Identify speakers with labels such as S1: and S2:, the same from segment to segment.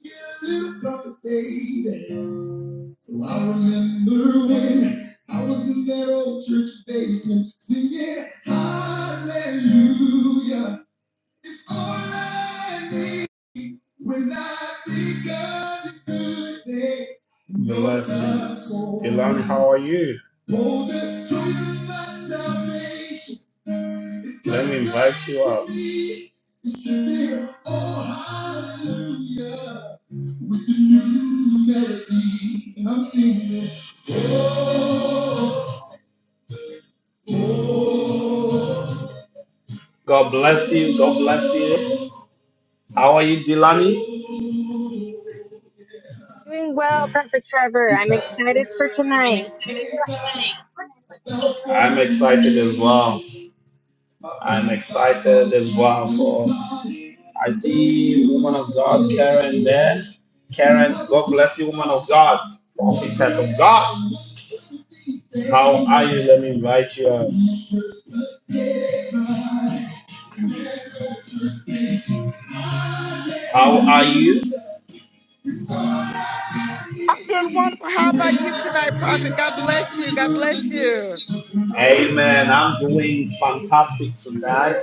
S1: Yeah, little baby. So I remember when I was in that old church basement singing Hallelujah. It's all I need when I think of the good days. Blessings. Delani, how are you? Hold the truth of my salvation. Let me invite you up. It's your dear, Oh, hallelujah. God bless you. God bless you. How are you, Delani?
S2: Doing well, Prophet Trevor. I'm excited for tonight.
S1: I'm excited as well. I'm excited as well. So I see woman of God, Karen there. Karen, God bless you, woman of God, prophetess of God. How are you? Let me invite you up. How are you?
S3: I'm doing wonderful. How about you tonight, Prophet? God bless you. God bless you.
S1: Amen. I'm doing fantastic tonight.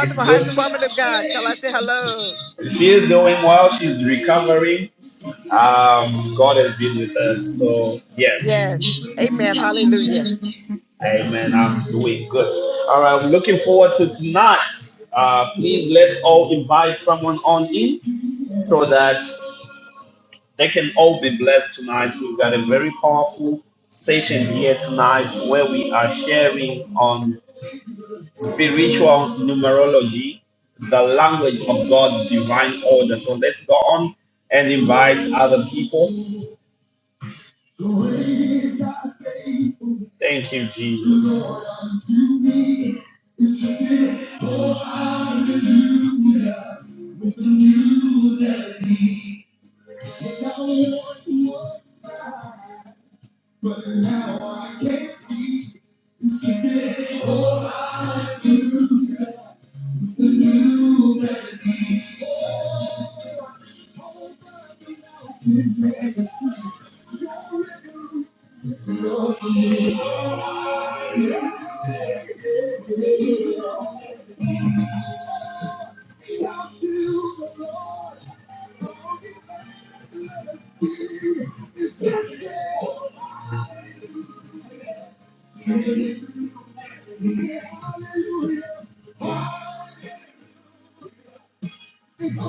S1: It's
S3: How's
S1: good.
S3: the woman of God? Tell her I say hello.
S1: She's doing well. She's recovering. Um, God has been with us. So yes.
S3: Yes. Amen. Hallelujah.
S1: Amen. I'm doing good. All right. I'm looking forward to tonight. Uh, please let's all invite someone on in so that They can all be blessed tonight. We've got a very powerful session here tonight where we are sharing on spiritual numerology, the language of God's divine order. So let's go on and invite other people. Thank you, Jesus. But now I can't see. It's just that all I do is hold on without you as a sin. Your record was Shout to the Lord. all the earth, let us sing. It's just that all I do. is Hallelujah. Hallelujah. Jesus.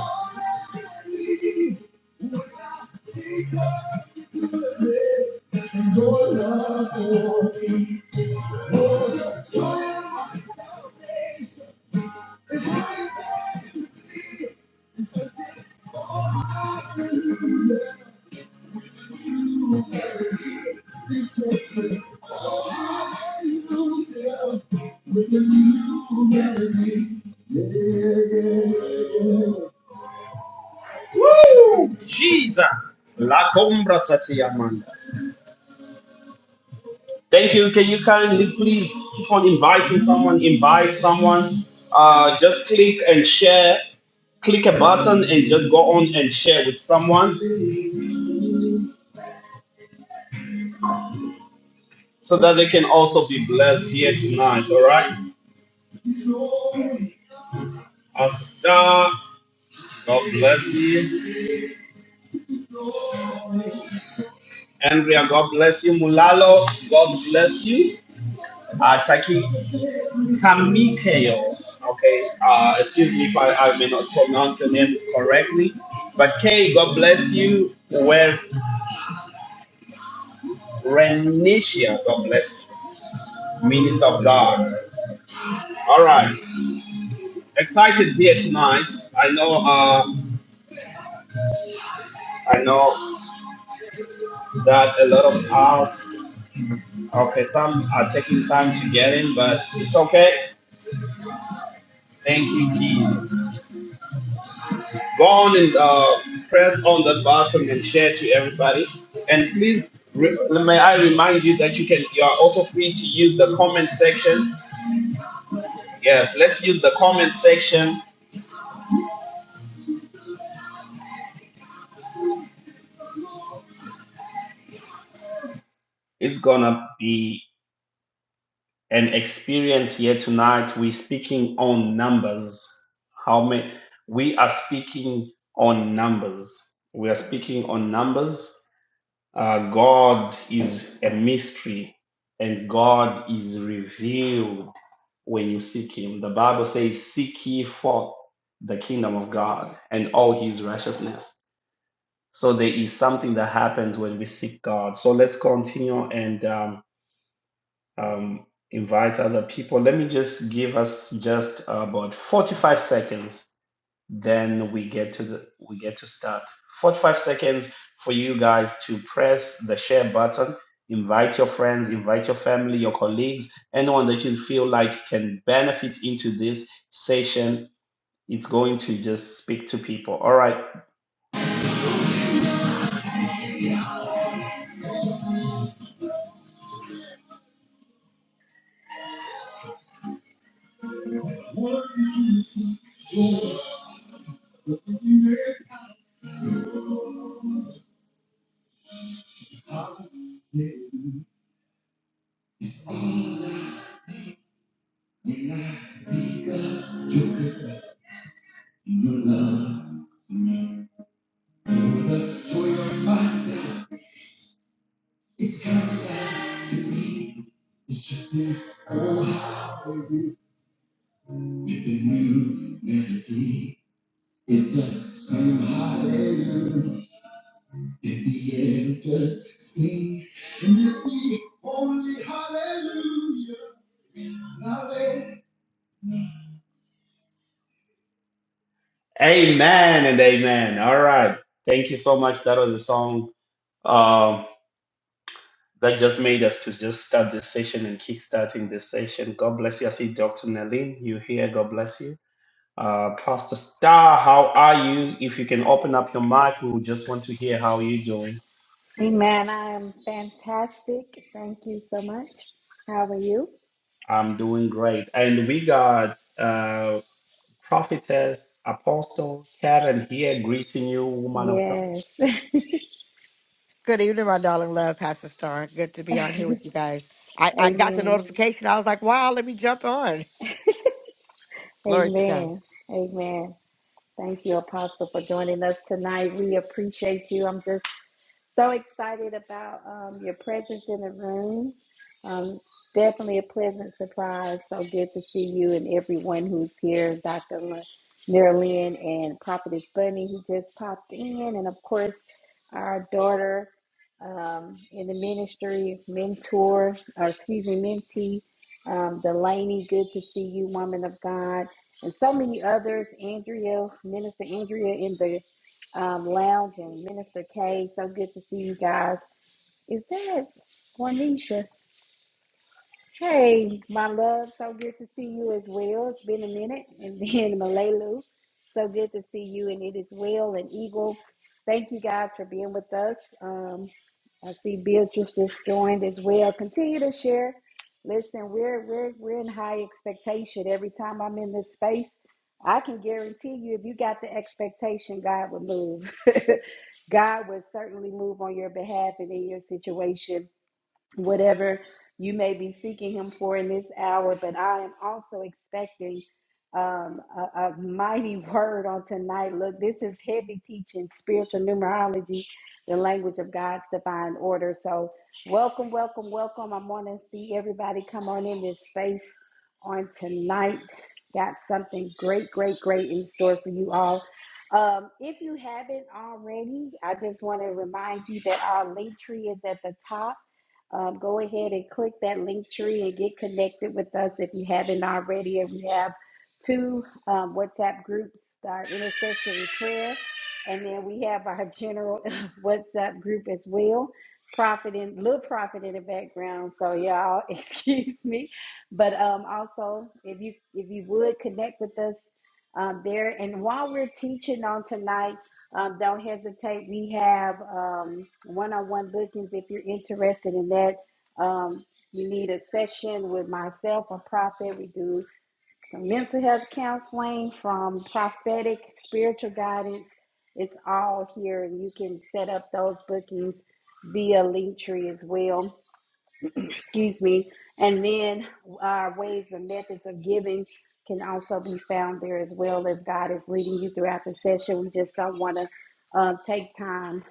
S1: La combra satya man. Thank you. Can you kindly please keep on inviting someone? Invite someone. Uh, just click and share. Click a button and just go on and share with someone so that they can also be blessed here tonight. All right. Our sister, God bless you. Andrea, God bless you. Mulalo, God bless you. Uh, Taki, Tamikeo. Okay, uh, excuse me if I, I may not pronounce your name correctly, but Kay, God bless you. Well, Renisha, God bless you, minister of God. All right, excited here tonight. I know, uh, I know that a lot of us, okay, some are taking time to get in, but it's okay. Thank you, Jesus. Go on and uh, press on that button and share to everybody. And please, re- may I remind you that you can. You are also free to use the comment section. Yes, let's use the comment section. It's gonna be an experience here tonight. We're speaking on numbers. How many? We are speaking on numbers. We are speaking on numbers Uh, God is a mystery and God is revealed when you seek Him. The Bible says, Seek ye forth the kingdom of God and all His righteousness. So there is something that happens when we seek God. So let's continue and um, um, invite other people. Let me just give us just about 45 seconds then we get to the we get to start. 45 seconds for you guys to press the share button. Invite your friends, invite your family, your colleagues, anyone that you feel like can benefit into this session. It's going to just speak to people. All right. It's just in oh, how with a new melody. It's the same hallelujah that the elders sing, and it's the only hallelujah. hallelujah. Amen and amen. All right. Thank you so much. That was a song um, that just made us to just start this session and kick starting this session. God bless you. I see Dr. Nalin. You here? God bless you. Uh, Pastor Star, how are you? If you can open up your mic, we would just want to hear how you're doing.
S4: Amen. I am fantastic. Thank you so much. How are you?
S1: I'm doing great. And we got uh, prophetess, apostle Karen here greeting you, woman of God.
S4: Yes.
S3: Good evening, my darling love, Pastor Star. Good to be on here with you guys. I, I got the
S4: Amen.
S3: notification. I was like, wow, let me jump on. Glory to God.
S4: Amen. Amen. Thank you, Apostle, for joining us tonight. We appreciate you. I'm just So excited about um, your presence in the room. Um, definitely a pleasant surprise. So good to see you and everyone who's here, Dr. Le- Marilyn and Prophetess Bunny, who just popped in, and of course, our daughter um, in the ministry, mentor, or excuse me, mentee, um, Delaney. Good to see you, woman of God, and so many others. Andrea, Minister Andrea, in the um, Lounge and Minister K. So good to see you guys. Is that Juanisha? Hey, my love, so good to see you as well. It's been a minute. And then Malalu, so good to see you. And it is well and Eagle. Thank you guys for being with us. Um, I see Beatrice just joined as well. Continue to share. Listen, we're we're we're in high expectation. Every time I'm in this space, I can guarantee you if you got the expectation, God will move. God will certainly move on your behalf and in your situation whatever you may be seeking him for in this hour, but I am also expecting um, a, a mighty word on tonight. Look, this is heavy teaching, spiritual numerology, the language of God's divine order. So, welcome, welcome, welcome. I am want to see everybody come on in this space on tonight. Got something great, great, great in store for you all. Um, if you haven't already, I just want to remind you that our link tree is at the top um, go ahead and click that link tree and get connected with us if you haven't already. And we have two um, WhatsApp groups our intercessory prayer, and then we have our general WhatsApp group as well. Prophet in little prophet in the background, so y'all excuse me. But um, also, if you if you would connect with us um, there, and while we're teaching on tonight. Um, don't hesitate. We have um, one-on-one bookings if you're interested in that. Um, you need a session with myself or prophet. We do some mental health counseling from prophetic spiritual guidance. It's all here, and you can set up those bookings via Linktree as well excuse me. And then our ways and methods of giving can also be found there as well as God is leading you throughout the session. We just don't want to um, take time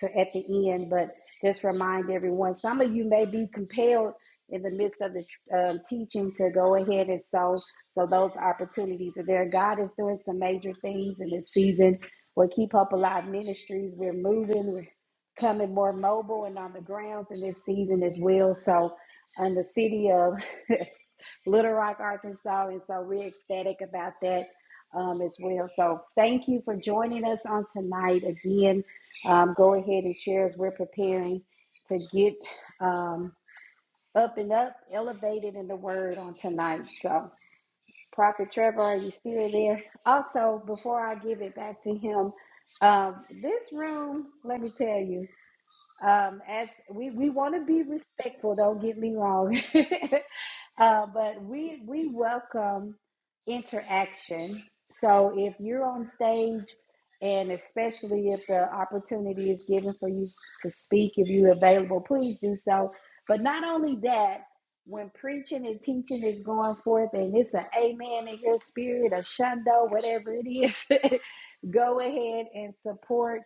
S4: to at the end, but just remind everyone. Some of you may be compelled in the midst of the um, teaching to go ahead and sow. So those opportunities are there. God is doing some major things in this season. We'll keep up a lot of ministries. We're moving. We're coming more mobile and on the grounds in this season as well. So and the city of Little Rock, Arkansas. And so we're ecstatic about that um, as well. So thank you for joining us on tonight. Again, um, go ahead and share as we're preparing to get um, up and up, elevated in the word on tonight. So, Prophet Trevor, are you still there? Also, before I give it back to him, um, this room, let me tell you, um, as we, we want to be respectful, don't get me wrong. Uh, but we we welcome interaction. So if you're on stage, and especially if the opportunity is given for you to speak, if you're available, please do so. But not only that, when preaching and teaching is going forth, and it's an amen in your spirit, a shundo, whatever it is, go ahead and support.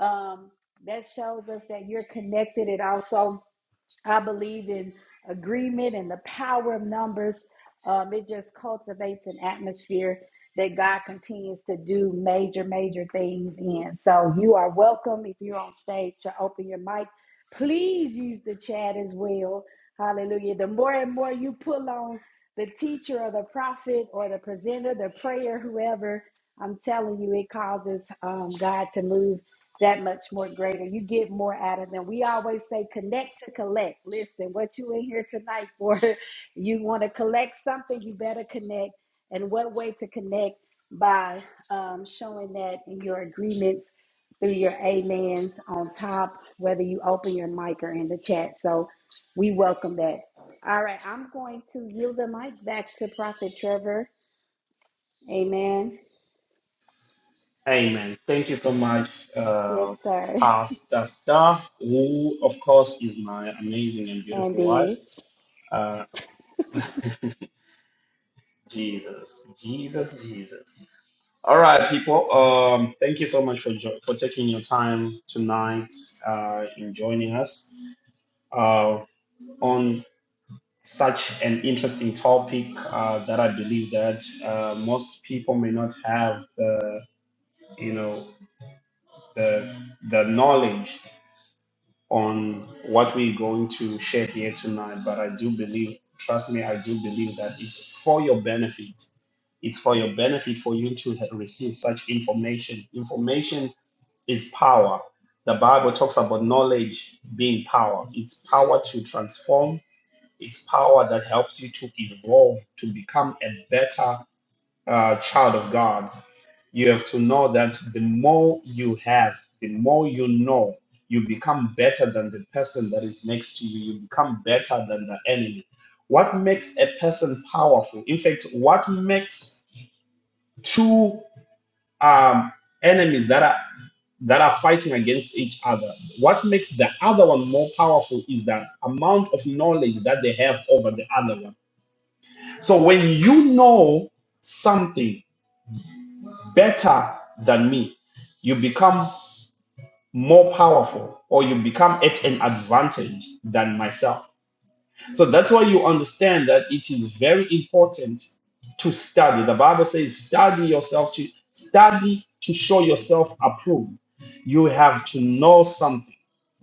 S4: Um, that shows us that you're connected. It also I believe in agreement and the power of numbers. Um, it just cultivates an atmosphere that God continues to do major, major things in. So you are welcome if you're on stage to open your mic. Please use the chat as well. Hallelujah. The more and more you pull on the teacher or the prophet or the presenter, the prayer, whoever, I'm telling you, it causes um, God to move that much more greater. You get more out of them. We always say connect to collect. Listen, what you in here tonight for? You want to collect something, you better connect. And what way to connect? By um, showing that in your agreements through your amens on top, whether you open your mic or in the chat. So we welcome that. All right, I'm going to yield the mic back to Prophet Trevor. Amen.
S1: Amen. Thank you so much,
S4: Yes,
S1: uh,
S4: sir.
S1: Pastor Star, who, of course, is my amazing and
S4: And
S1: beautiful
S4: is.
S1: wife. Uh, Jesus, Jesus, Jesus. All right, people. Um, thank you so much for jo- for taking your time tonight uh, in joining us uh, on such an interesting topic uh, that I believe that uh, most people may not have the you know the the knowledge on what we're going to share here tonight, but I do believe, trust me, I do believe that it's for your benefit. It's for your benefit for you to ha- receive such information. Information is power. The Bible talks about knowledge being power. It's power to transform, it's power that helps you to evolve, to become a better uh, child of God you have to know that the more you have, the more you know, you become better than the person that is next to you. You become better than the enemy. What makes a person powerful? In fact, what makes two um, enemies that are that are fighting against each other? What makes the other one more powerful is the amount of knowledge that they have over the other one. So when you know something better than me, you become more powerful or you become at an advantage than myself. So that's why you understand that it is very important to study. The Bible says, study yourself to study to show yourself approved. You have to know something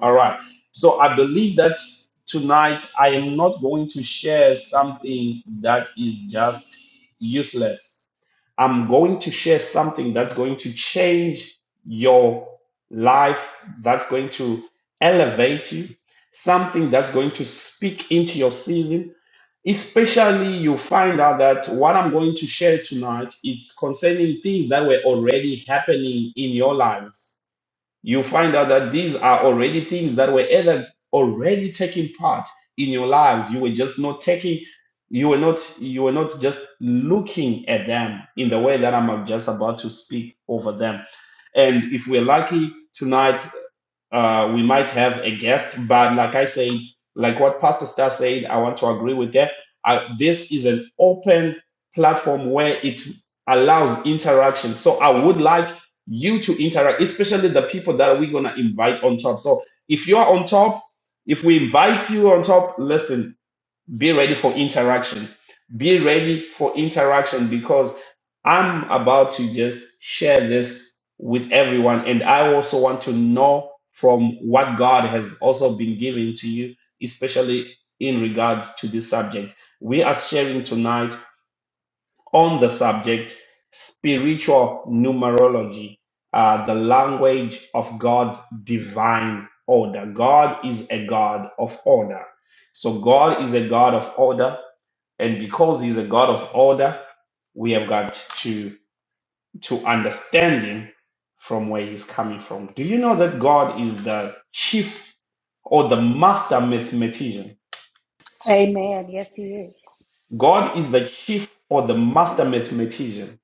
S1: all right. So I believe that tonight I am not going to share something that is just useless. I'm going to share something that's going to change your life, that's going to elevate you, something that's going to speak into your season. Especially, you find out that what I'm going to share tonight is concerning things that were already happening in your lives you find out that these are already things that were either already taking part in your lives you were just not taking you were not you were not just looking at them in the way that i'm just about to speak over them and if we're lucky tonight uh, we might have a guest, but like I say, like what Pastor Star said, I want to agree with that. I, this is an open platform where it allows interaction. So I would like you to interact, especially the people that we're gonna invite on top. So if you are on top, if we invite you on top, listen, be ready for interaction be ready for interaction because i'm about to just share this with everyone and i also want to know from what god has also been giving to you especially in regards to this subject we are sharing tonight on the subject spiritual numerology uh, the language of god's divine order god is a god of order so god is a god of order and because he's a God of order, we have got to to understand him from where he's coming from. Do you know that God is the chief or the master mathematician?
S4: Amen. Yes, he is.
S1: God is the chief or the master mathematician.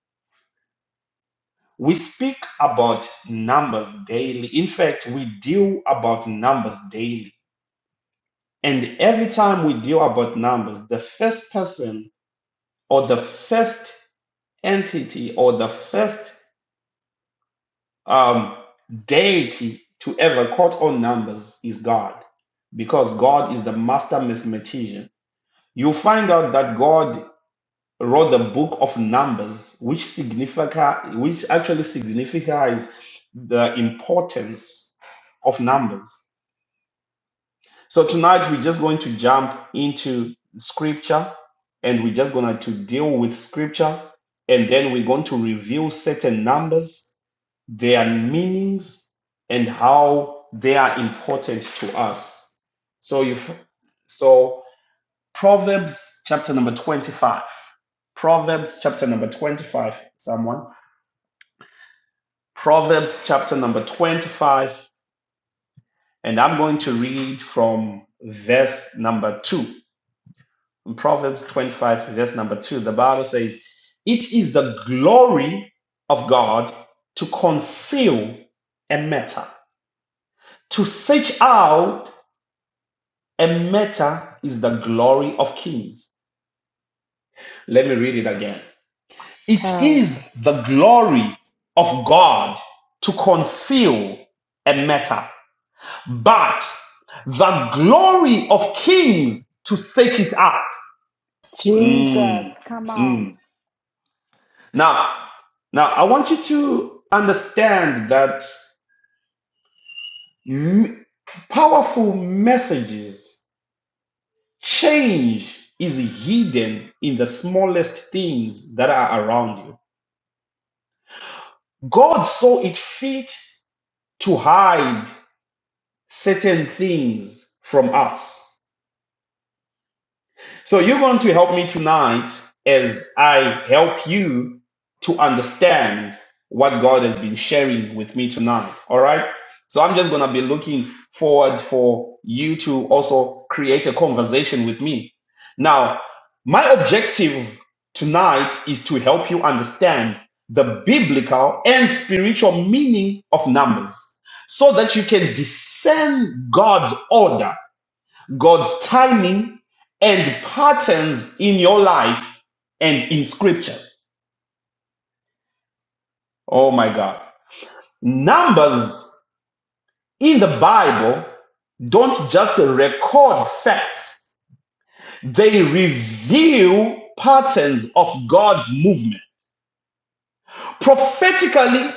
S1: We speak about numbers daily. In fact, we deal about numbers daily. And every time we deal about numbers, the first person or the first entity or the first um, deity to ever quote on numbers is God, because God is the master mathematician. You find out that God wrote the book of numbers, which significa, which actually signifies the importance of numbers. So tonight we're just going to jump into scripture and we're just going to deal with scripture and then we're going to review certain numbers, their meanings and how they are important to us. So you so Proverbs chapter number 25. Proverbs chapter number 25 someone. Proverbs chapter number 25 and I'm going to read from verse number 2. In Proverbs 25, verse number 2, the Bible says, It is the glory of God to conceal a matter. To search out a matter is the glory of kings. Let me read it again. It
S4: Powerful.
S1: is the glory of God to conceal a matter, but the glory of kings to search it out.
S4: Jesus,
S1: Mm,
S4: come
S1: mm.
S4: on.
S1: Now, now I want you to understand that m- powerful messages, change is hidden in the smallest things that are around you. God saw it fit to hide certain things from us. So you're going to help me tonight as I help you to understand what God has been sharing with me tonight. All right. So I'm just going to be looking forward for you to also create a conversation with me. Now, my objective tonight is to help you understand the biblical and spiritual meaning of numbers so that you can discern God's order God's timing and patterns in your life and in scripture. Oh my God. Numbers in the Bible don't just record facts, they reveal patterns of God's movement. Prophetically,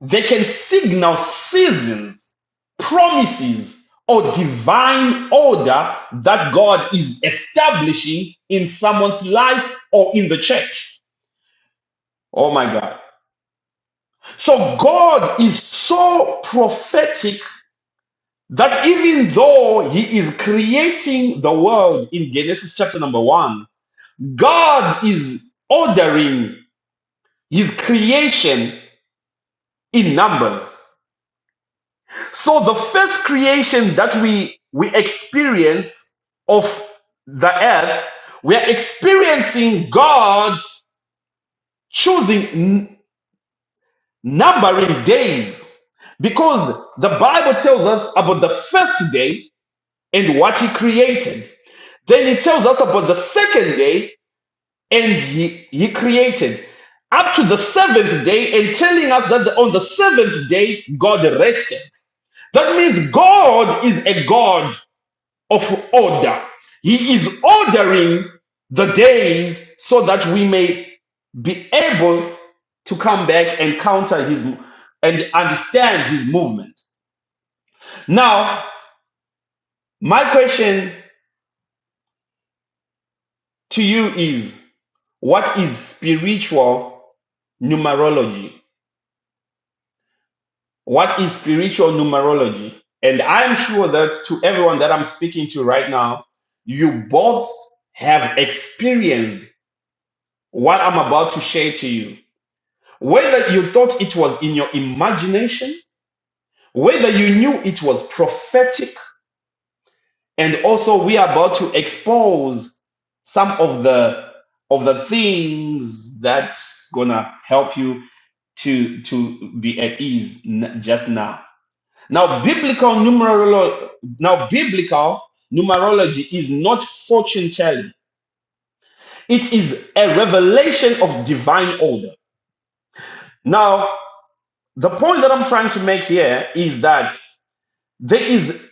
S1: they can signal seasons, promises, or divine order that God is establishing in someone's life or in the church. Oh my God. So God is so prophetic that even though He is creating the world in Genesis chapter number one, God is ordering His creation in numbers. So the first creation that we, we experience of the earth, we are experiencing God choosing numbering days because the Bible tells us about the first day and what he created. Then it tells us about the second day and he, he created up to the seventh day and telling us that on the seventh day God rested. That means God is a God of order. He is ordering the days so that we may be able to come back and counter his and understand his movement. Now, my question to you is what is spiritual numerology? What is spiritual numerology? And I'm sure that to everyone that I'm speaking to right now, you both have experienced what I'm about to share to you. Whether you thought it was in your imagination, whether you knew it was prophetic, and also we are about to expose some of the of the things that's gonna help you to to be at ease n- just now. Now biblical numerolo- now biblical numerology is not fortune telling. It is a revelation of divine order. Now, the point that I'm trying to make here is that There is,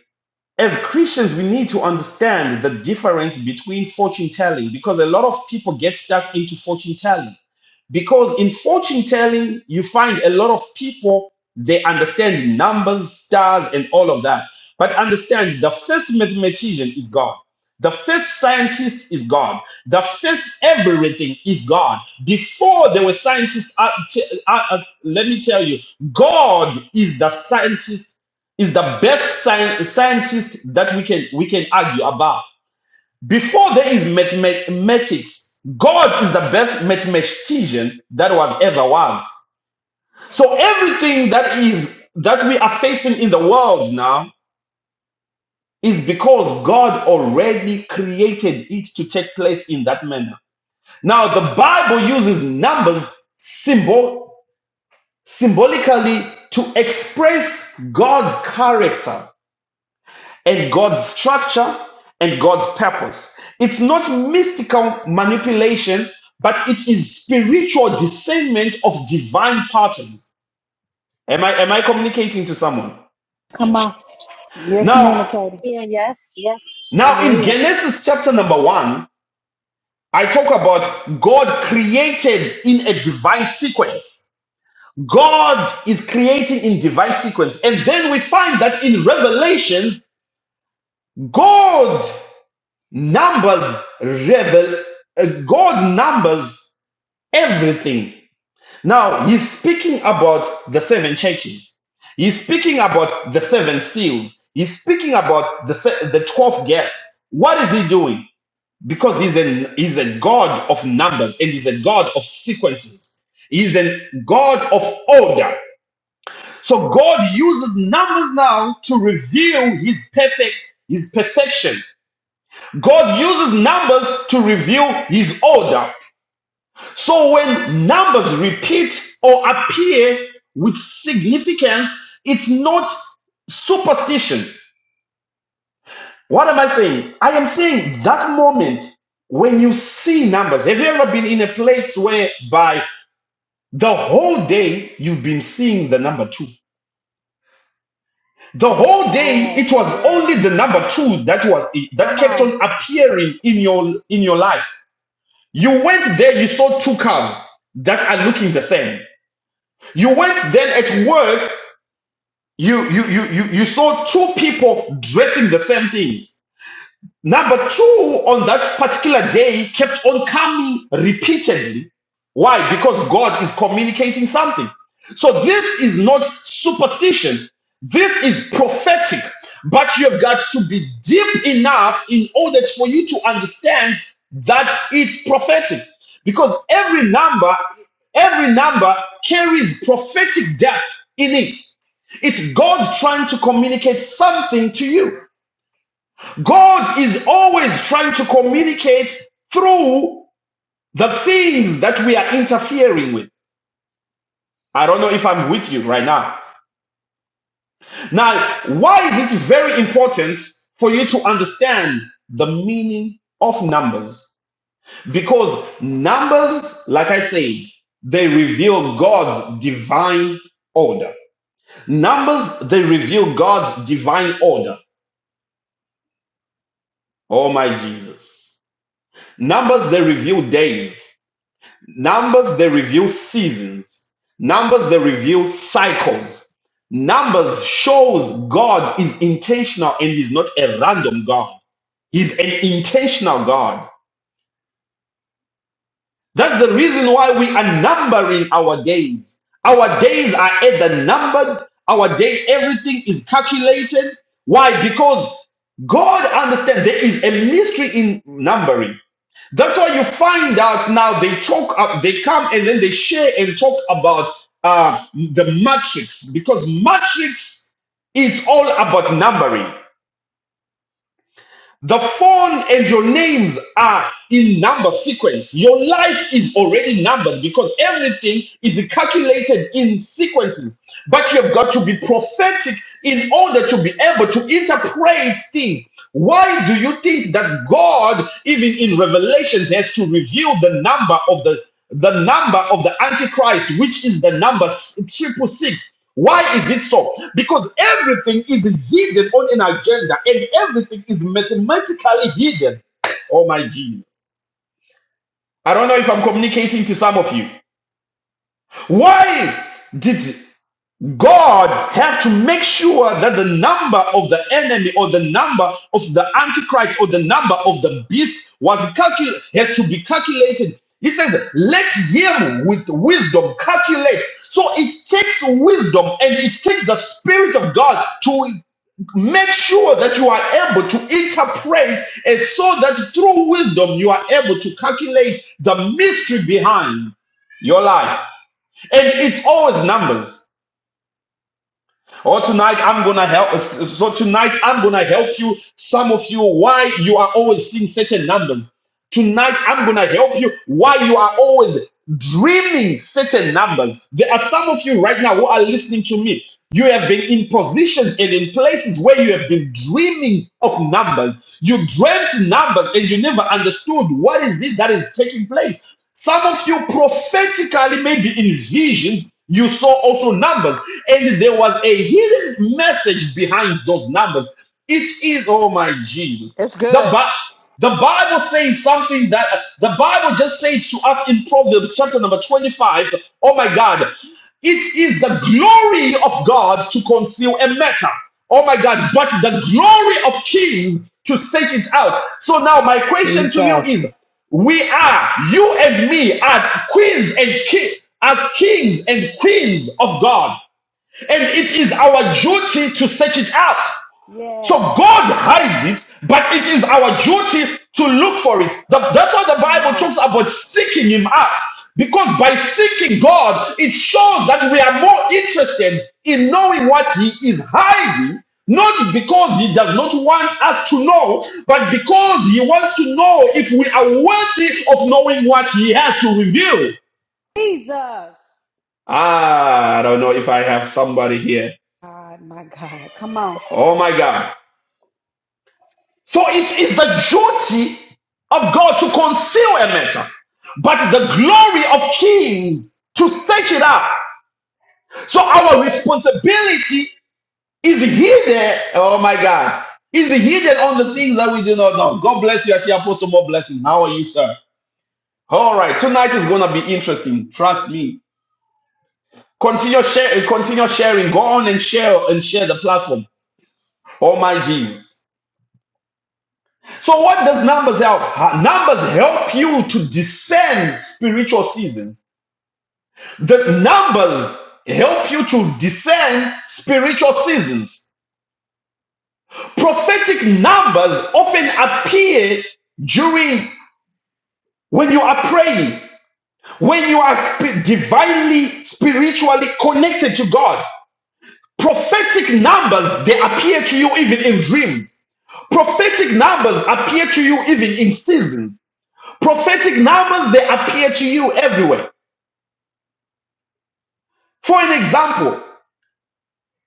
S1: as Christians, we need to understand the difference between fortune telling because a lot of people get stuck into fortune telling. Because in fortune telling, you find a lot of people, they understand numbers, stars, and all of that. But understand the first mathematician is God. The first scientist is God. The first everything is God. Before there were scientists, uh, t- uh, uh, let me tell you, God is the scientist, is the best sci- scientist that we can we can argue about. Before there is mathematics, God is the best mathematician that was ever was. So everything that is that we are facing in the world now is because God already created it to take place in that manner. Now the Bible uses numbers symbol symbolically to express God's character. and God's structure and God's purpose. It's not mystical manipulation, but it is spiritual discernment of divine patterns. Am I am I communicating to someone?
S4: Come on. You're
S1: Now,
S4: communicating.
S2: Yeah, yes, yes. I
S1: now
S2: hear
S1: in
S2: you.
S1: Genesis chapter number 1, I talk about God created in a divine sequence. God is creating in divine sequence. And then we find that in Revelations, God Numbers revel, uh, God numbers everything. Now, he's speaking about the seven churches. He's speaking about the seven seals. He's speaking about the, se- the 12 gates. What is he doing? Because he's, a he's a God of numbers and he's a God of sequences. He's a God of order. So God uses numbers now to reveal his perfect, his perfection. God uses numbers to reveal his order. So when numbers repeat or appear with significance, it's not superstition. What am I saying? I am saying that moment when you see numbers. Have you ever been in a place where by the whole day you've been seeing the number two? The
S4: Yes,
S1: whole day
S4: yes,
S1: it was
S4: yes.
S1: only the number two that was that
S4: Come
S1: kept
S4: on.
S1: on appearing in your in your life. You went there, you saw two cars that are looking the same. You went then at work, you you you you, you saw two people dressing the same things. Number two, on that particular day, kept on coming repeatedly. Why? Because God is communicating something. So this is not superstition. This is prophetic. But you've got to be deep enough in order for you to understand that it's prophetic. Because every number, every number carries prophetic depth in it. It's God trying to communicate something to you. God is always trying to communicate through the things that we are interfering with. I don't know if I'm with you right now. Now, why is it very important for you to understand the meaning of numbers? Because numbers, like I said, they reveal God's divine order. Numbers, they reveal God's divine order. Oh my Jesus. Numbers, they reveal days. Numbers, they reveal seasons. Numbers, they reveal cycles. Numbers shows God is intentional and He's not a random God. He's an intentional God. That's the reason why we are numbering our days. Our days are either numbered, our day, everything is calculated. Why? Because God understands there is a mystery in numbering. That's why you find out now they talk up, they come and then they share and talk about uh, the matrix because matrix is all about numbering. The phone and your names are in number sequence. Your life is already numbered because everything is calculated in sequences. But you've got to be prophetic in order to be able to interpret things. Why do you think that God, even in Revelations, has to reveal the number of the the number of the Antichrist, which is the number s- triple six? Why is it so? Because everything is hidden on an agenda and everything is mathematically hidden. Oh my Jesus. I don't know if I'm communicating to some of you. Why did God have to make sure that the number of the enemy or the number of the antichrist or the number of the beast was calculated has to be calculated. He says, "Let him with wisdom calculate." So it takes wisdom and it takes the spirit of God to make sure that you are able to interpret and so that through wisdom you are able to calculate the mystery behind your life. And it's always numbers. Or tonight I'm gonna help. So tonight I'm gonna help you. Some of you, why you are always seeing certain numbers. Tonight, I'm going to help you why you are always dreaming certain numbers. There are some of you right now who are listening to me. You have been in positions and in places where you have been dreaming of numbers. You dreamt numbers and you never understood what is it that is taking place. Some of you prophetically, maybe in visions, you saw also numbers, and there was a hidden message behind those numbers. It is, oh my Jesus.
S3: It's
S1: The,
S3: good.
S1: Bi- the Bible says something that the Bible just says to us in Proverbs chapter number 25. Oh my God. It is the glory of God to conceal a matter. Oh my God. But the glory of kings to search it out. So now my question to you is
S4: Jesus.
S1: we are, you and me are queens and ki- are kings and queens of God. And it is our duty to search it out.
S4: Yes.
S1: So God hides it, but it is our duty to look for it. The- that's why the
S4: Come
S1: Bible
S4: on.
S1: talks about seeking Him up. Because by seeking God, it shows that we are more interested in knowing what He is hiding, not because He does not want us to know, but because He wants to know if we are worthy of knowing what He has to reveal.
S4: Jesus.
S1: Ah, I don't know if I have somebody here.
S4: God, my God. Come on.
S1: Oh my God. So it is the duty of God to conceal a matter, but the glory of kings to search it out. So our responsibility is hidden. Oh my God. Is hidden on the things that we do not know. God bless you. I see Apostle more blessing. How are you, sir? All right. Tonight is gonna be interesting. Trust me. Continue share, continue sharing. Go on and share and share the platform. Oh my Jesus. So what does numbers help? Numbers help you to discern spiritual seasons. The numbers help you to discern spiritual seasons. Prophetic numbers often appear during when you are praying, when you are spi- divinely spiritually connected to God. Prophetic numbers they appear to you even in dreams. Prophetic numbers appear to you even in seasons. Prophetic numbers, they appear to you everywhere. For an example,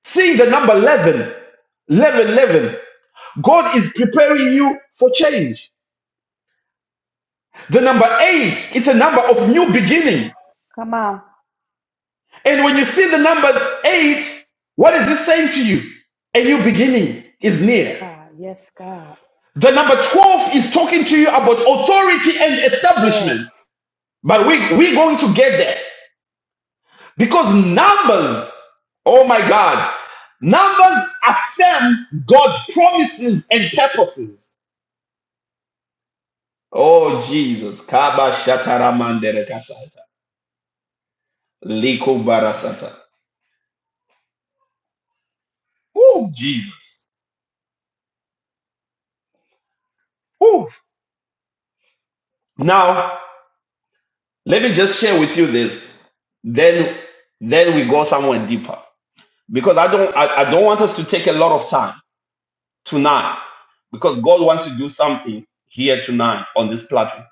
S1: seeing the number 11, 11, 11, God is preparing you for change. The number eight, it's a number of new beginning.
S4: Come on.
S1: And when you see the number eight, what is it saying to you? A new beginning is near.
S4: God. Yes, God.
S1: The number 12 is talking to you about authority and
S4: Yes.
S1: establishment. But we, we're going to get there. Because numbers, oh my God, numbers affirm God's promises and purposes. Oh Jesus. Kaba shatara mandere kasata. Liko barasata. Oh Jesus. Oh. Now, let me just share with you this. Then then we go somewhere deeper. Because I don't I, I don't want us to take a lot of time tonight. Because God wants to do something here tonight on this platform.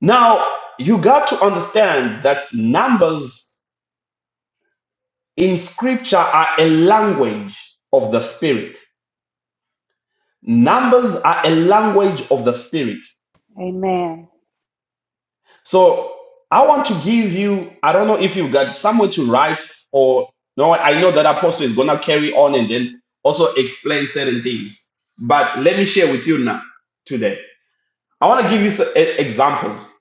S1: Now, you got to understand that numbers in scripture are a language of the spirit. Numbers are a language of the spirit.
S4: Amen.
S1: So I want to give you, I don't know if you've got somewhere to write or no, I know that apostle is gonna carry on and then also explain certain things. But let me share with you now today. I want to give you some e- examples,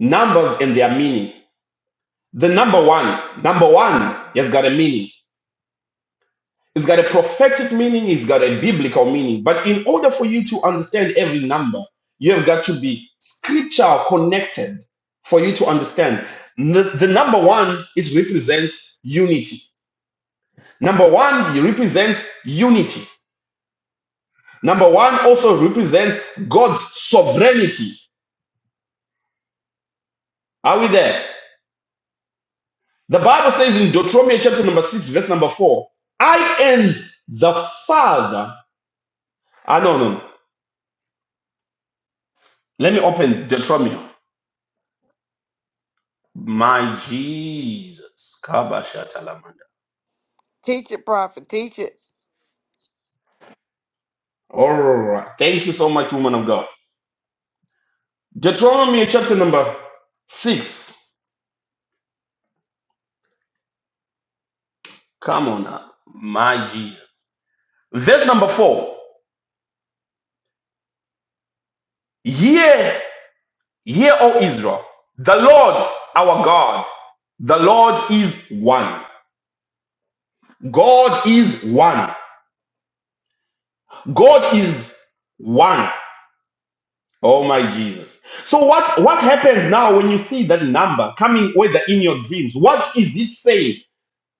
S1: numbers and their meaning. The number one, number one has got a meaning. It's got a prophetic meaning, it's got a biblical meaning. But in order for you to understand every number, you have got to be scripture connected for you to understand. The, the number one is represents unity. Number one represents unity. Number one also represents God's sovereignty. Are we there? The Bible says in Deuteronomy chapter number six, verse number four, I and the Father. Ah, no, no. Let me open Deuteronomy. My Jesus. Kabashatalamanda.
S3: Teach it, Prophet. Teach it.
S1: All right. Thank you so much, woman of God. Deuteronomy chapter number six. Come on now, My Jesus. Verse number four. Hear, hear, O Israel. The Lord our God. The Lord is one. God is one. God is one. Oh my Jesus. So what what happens now when you see that number coming whether in your dreams? What is it saying?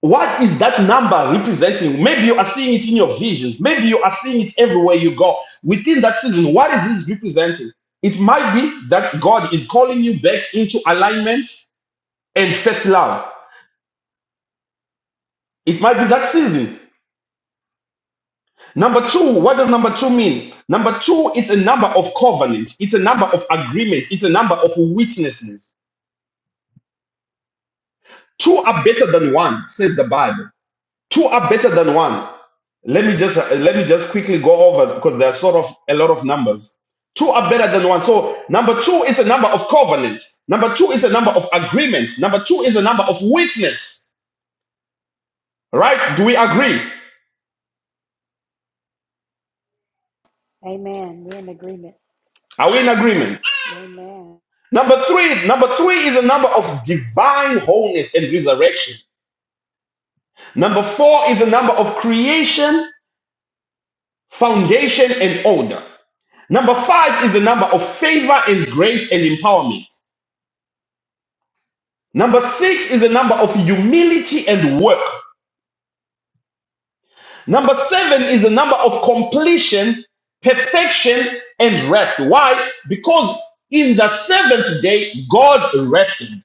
S1: What is that number representing? Maybe you are seeing it in your visions. Maybe you are seeing it everywhere you go. Within that season, what is this representing? It might be that God is calling you back into alignment and first love. It might be that season. Number two, what does number two mean? Number two, it's a number of covenant, it's a number of agreement, it's a number of witnesses. Two are better than one, says the Bible. Two are better than one. Let me just uh, let me just quickly go over because there are sort of a lot of numbers. Two are better than one. So number two is a number of covenant. Number two is a number of agreement. Number two is a number of witness. Right? Do we agree?
S4: Amen. We're in agreement.
S1: Are we in agreement?
S4: Amen.
S1: Number three, number three is a number of divine wholeness and resurrection. Number four is a number of creation, foundation, and order. Number five is a number of favor and grace and empowerment. Number six is the number of humility and work. Number seven is the number of completion, perfection, and rest. Why? Because in the seventh day, God rested.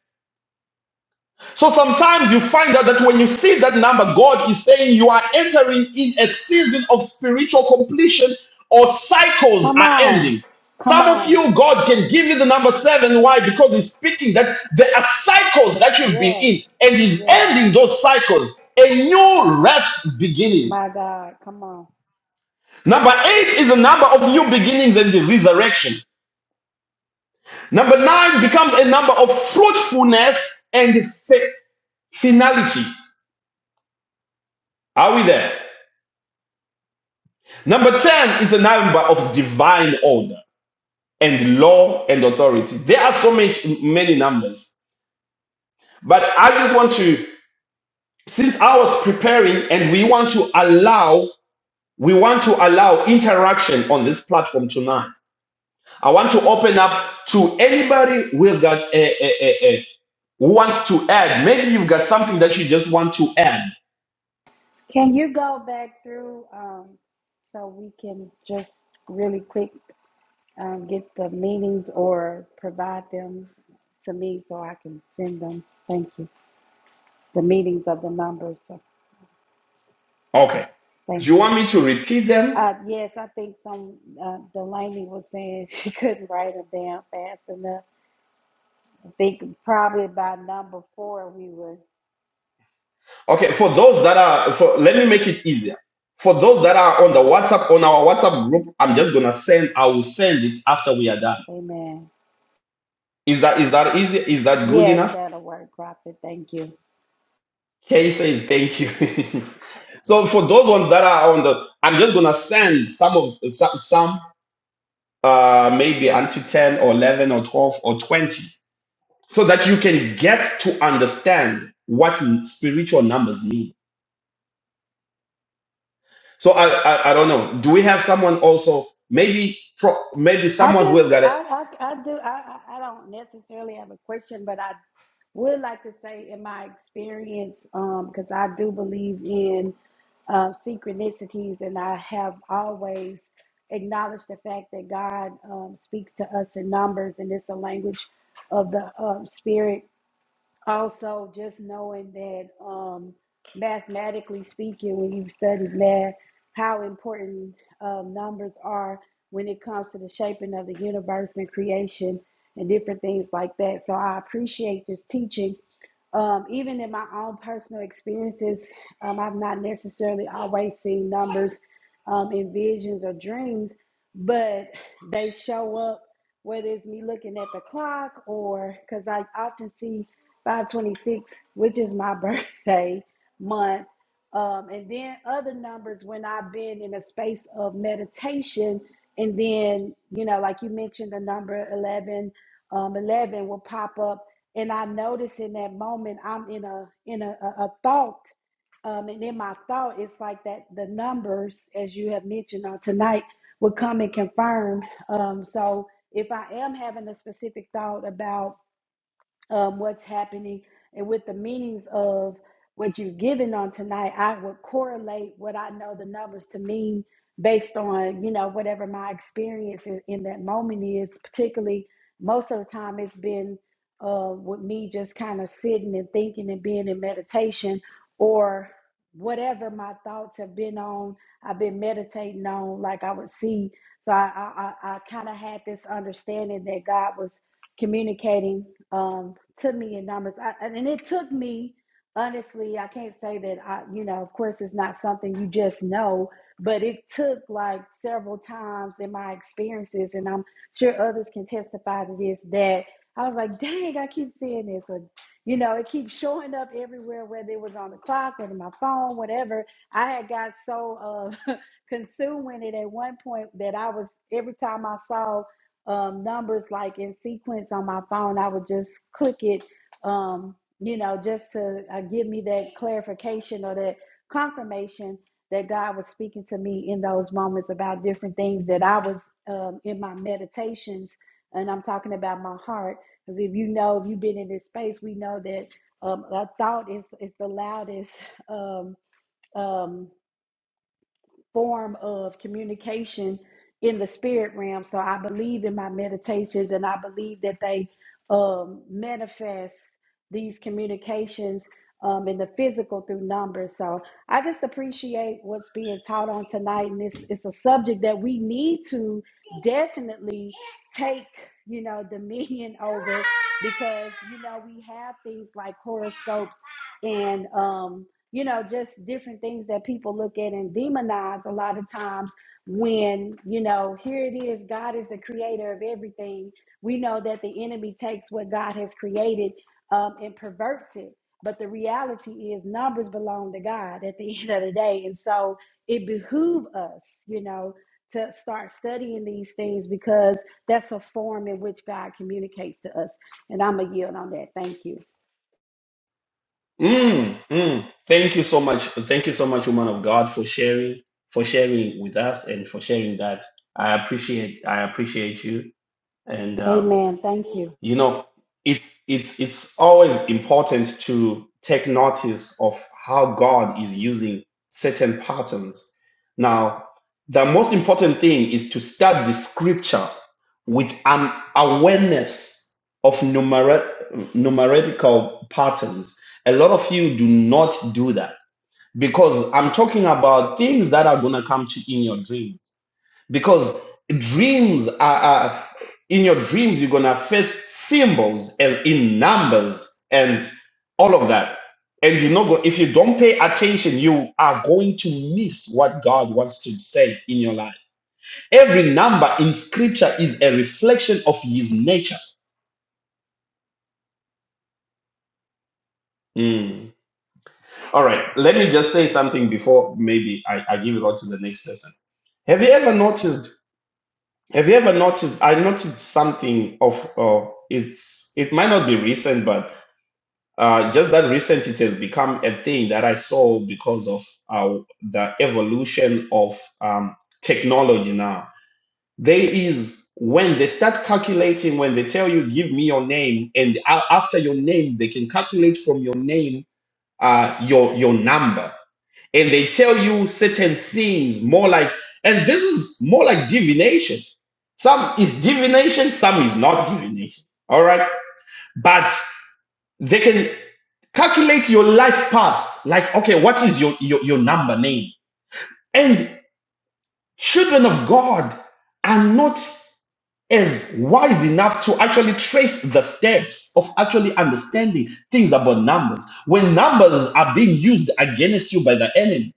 S1: So sometimes you find out that when you see that number, God is saying you are entering in a season of spiritual completion or cycles
S4: Come
S1: are
S4: on.
S1: ending.
S4: Come
S1: Some of
S4: on.
S1: you, God can give you the number seven. Why? Because He's speaking that there are cycles that you've been
S4: Yes.
S1: in, and He's
S4: Yes.
S1: ending those cycles. A new rest beginning.
S4: My God. Come on.
S1: Number eight is a number of new beginnings and the resurrection. Number nine becomes a number of fruitfulness and finality. Are we there? Number 10 is a number of divine order and law and authority. There are so many many numbers, but I just want to, since I was preparing and we want to allow, we want to allow interaction on this platform tonight. I want to open up to anybody who has got a, a, a, a who wants to add. Maybe you've got something that you just want to add.
S4: Can you go back through um, so we can just really quick um, get the meetings or provide them to me so I can send them? Thank you. The meetings of the numbers. So
S1: Okay. Do
S4: thank
S1: you
S4: you.
S1: want me to repeat them?
S4: Uh, yes, I think some uh, Delaney was saying she couldn't write them down fast enough. I think probably by number four we were.
S1: Okay, for those that are, for, let me make it easier. For those that are on the WhatsApp, on our WhatsApp group, I'm just gonna send. I will send it after we are done.
S4: Amen.
S1: Is that is that easy? Is that good
S4: Yes,
S1: enough?
S4: that'll work, Prophet. Thank you.
S1: Kay says thank you. so for those ones that are on the, I'm just gonna send some of some, some uh, maybe until ten or eleven or twelve or twenty, so that you can get to understand what spiritual numbers mean So I, I I don't know. Do we have someone also? Maybe pro, maybe
S4: I
S1: someone who
S4: just,
S1: has got it.
S4: I, I, I do, I, I I don't necessarily have a question, but I would like to say, in my experience, um, because I do believe in uh, synchronicities, and I have always acknowledged the fact that God um, speaks to us in numbers, and it's a language of the um, spirit. Also, just knowing that um, mathematically speaking, when you've studied math, how important um, numbers are when it comes to the shaping of the universe and creation and different things like that. So, I appreciate this teaching. Um, even in my own personal experiences, um, I've not necessarily always seen numbers um, in visions or dreams, but they show up, whether it's me looking at the clock or because I often see 526, which is my birthday month. Um, and then other numbers when I've been in a space of meditation. And then, you know, like you mentioned, the number 11, um, 11 will pop up. And I notice in that moment, I'm in a, in a, a, a thought. Um, and in my thought, it's like that the numbers, as you have mentioned on tonight, would come and confirm. Um, so if I am having a specific thought about um, what's happening and with the meanings of what you've given on tonight, I would correlate what I know the numbers to mean based on, you know, whatever my experience in, in that moment is. Particularly, most of the time it's been uh, with me just kind of sitting and thinking and being in meditation or whatever my thoughts have been on, I've been meditating on, like I would see. So I, I, I kind of had this understanding that God was communicating. um, to me in numbers. I, and it took me, honestly, I can't say that I, you know, of course, it's not something you just know, but it took like several times in my experiences, and I'm sure others can testify to this, that I was like, dang, I keep seeing this. Or, you know, it keeps showing up everywhere, whether it was on the clock or in my phone, whatever. I had got so uh, consumed with it at one point that I was, every time I saw, um, numbers like in sequence on my phone. I would just click it, um, you know, just to uh, give me that clarification or that confirmation that God was speaking to me in those moments about different things that I was um, in my meditations. And I'm talking about my heart. Because if you know, if you've been in this space, we know that um, a thought is, is the loudest. Um, um, form of communication in the spirit realm. So I believe in my meditations and I believe that they um, manifest these communications um, in the physical through numbers. So I just appreciate what's being taught on tonight. And it's, it's a subject that we need to definitely take, you know, dominion over because, you know, we have things like horoscopes and, um, you know, just different things that people look at and demonize a lot of times when, you know, here it is, God is the creator of everything. We know that the enemy takes what God has created um, and perverts it. But the reality is, numbers belong to God at the end of the day. And so it behooves us, you know, to start studying these things because that's a form in which God communicates to us. And I'm going to yield on that. Thank you.
S1: Mm, mm. Thank you so much. Thank you so much, woman of God, for sharing for sharing with us and for sharing that. I appreciate I appreciate you. And um,
S4: Amen. Thank you.
S1: You know, it's it's it's always important to take notice of how God is using certain patterns. Now, the most important thing is to start the scripture with an awareness of numer- numerical patterns. A lot of you do not do that because I'm talking about things that are going to come to you in your dreams because dreams are, are in your dreams you're gonna face symbols as in numbers and all of that and you know go- if you don't pay attention you are going to miss what god wants to say in your life every number in scripture is a reflection of his nature Mm. all right let me just say something before maybe i, I give it on to the next person have you ever noticed Have you ever noticed? I noticed something of uh, it's. It might not be recent, but uh, just that recent, it has become a thing that I saw because of uh, the evolution of um, technology. Now there is when they start calculating, when they tell you, "Give me your name," and a- after your name, they can calculate from your name uh, your your number and they tell you certain things more like and this is more like divination some is divination some is not divination all right but they can calculate your life path like okay what is your your, your number name and children of god are not as wise enough to actually trace the steps of actually understanding things about numbers when numbers are being used against you by the enemy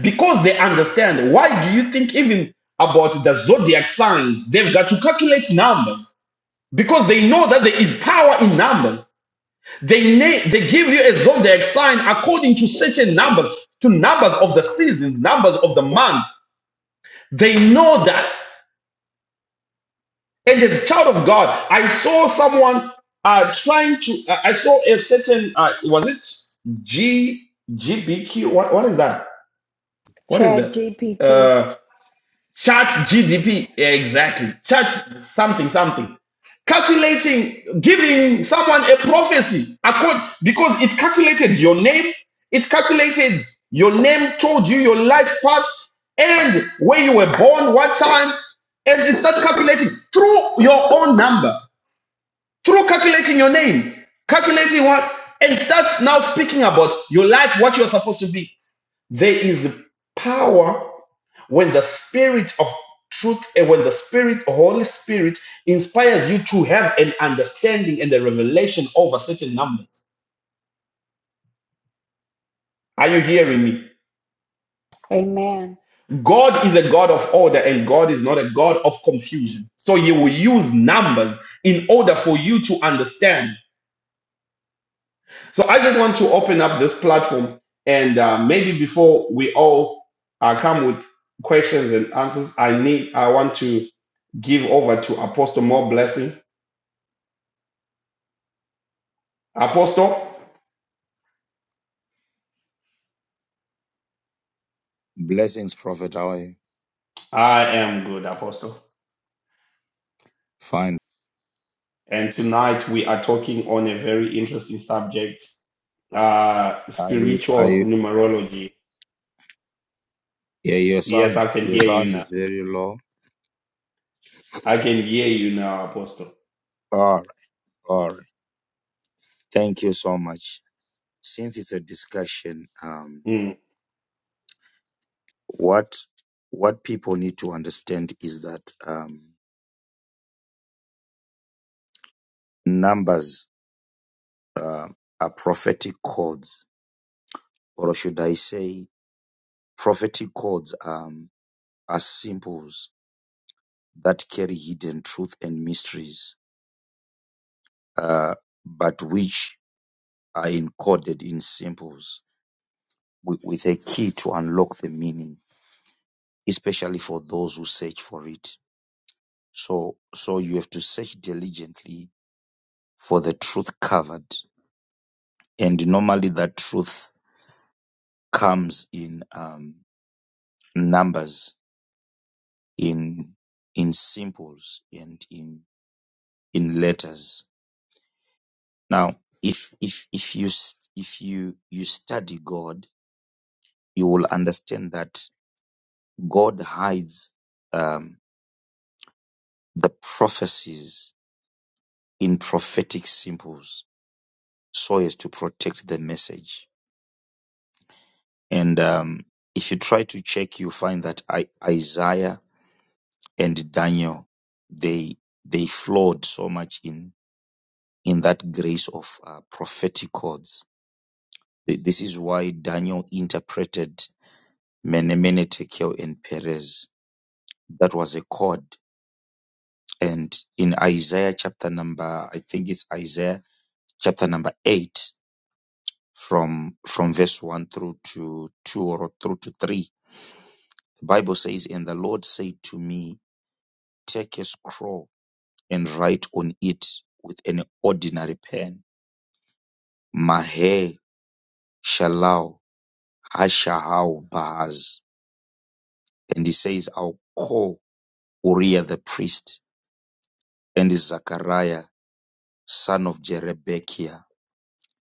S1: because they understand. Why do you think even about the zodiac signs? They've got to calculate numbers because they know that there is power in numbers. They na- they give you a zodiac sign according to certain numbers, to numbers of the seasons, numbers of the month. They know that. And as a child of God, I saw someone uh, trying to. Uh, I saw a certain. Uh, was it G G B Q? What what is that? What is
S4: Chat
S1: that?
S4: GPT.
S1: Uh, Chat GDP, yeah, exactly. Chat something, something. Calculating, giving someone a prophecy accord because it calculated your name, it calculated your name, told you your life path, and where you were born, what time, and it started calculating through your own number, through calculating your name, calculating what, and starts now speaking about your life, what you're supposed to be. There is power when the spirit of truth and when the spirit holy spirit inspires you to have an understanding and a revelation over certain numbers are you hearing me
S4: Amen.
S1: god is a god of order and god is not a god of confusion so He will use numbers in order for you to understand So I just want to open up this platform, and uh, maybe before we all uh, come with questions and answers, I need I want to give over to Apostle more blessing. Apostle,
S5: Blessings, Prophet. How are you?
S1: I am good, Apostle.
S5: Fine.
S1: And tonight we are talking on a very interesting subject, uh,
S5: Are you? Are
S1: spiritual
S5: you?
S1: numerology.
S5: Yeah, your
S1: Yes,
S5: sound,
S1: I can
S5: your
S1: hear you
S5: sound
S1: now.
S5: is very low.
S1: I can hear you now, Apostle.
S5: All right, all right. Thank you so much. Since it's a discussion, um,
S1: Mm.
S5: what what people need to understand is that um, numbers uh, are prophetic codes, or should I say, prophetic codes um, are symbols that carry hidden truth and mysteries, uh, but which are encoded in symbols with, with a key to unlock the meaning, especially for those who search for it. So, so you have to search diligently for the truth covered. And normally that truth comes in um, numbers, in, in symbols and in, in letters. Now, if, if, if you, s- if you, you study God, you will understand that God hides, um, the prophecies in prophetic symbols so as to protect the message. And um, if you try to check, you find that I, Isaiah and Daniel they they flowed so much in in that grace of uh, prophetic chords. Th- This is why Daniel interpreted Menemene, Tekel, and Perez. That was a chord. And in Isaiah chapter number, I think it's Isaiah chapter number eight, from from verse one through to two or through to three The Bible says, And the Lord said to me, Take a scroll and write on it with an ordinary pen, Mahe Shalal Hashahal Vaz. And he says, I'll call Uriah the priest and Zachariah, son of Jerebekiah,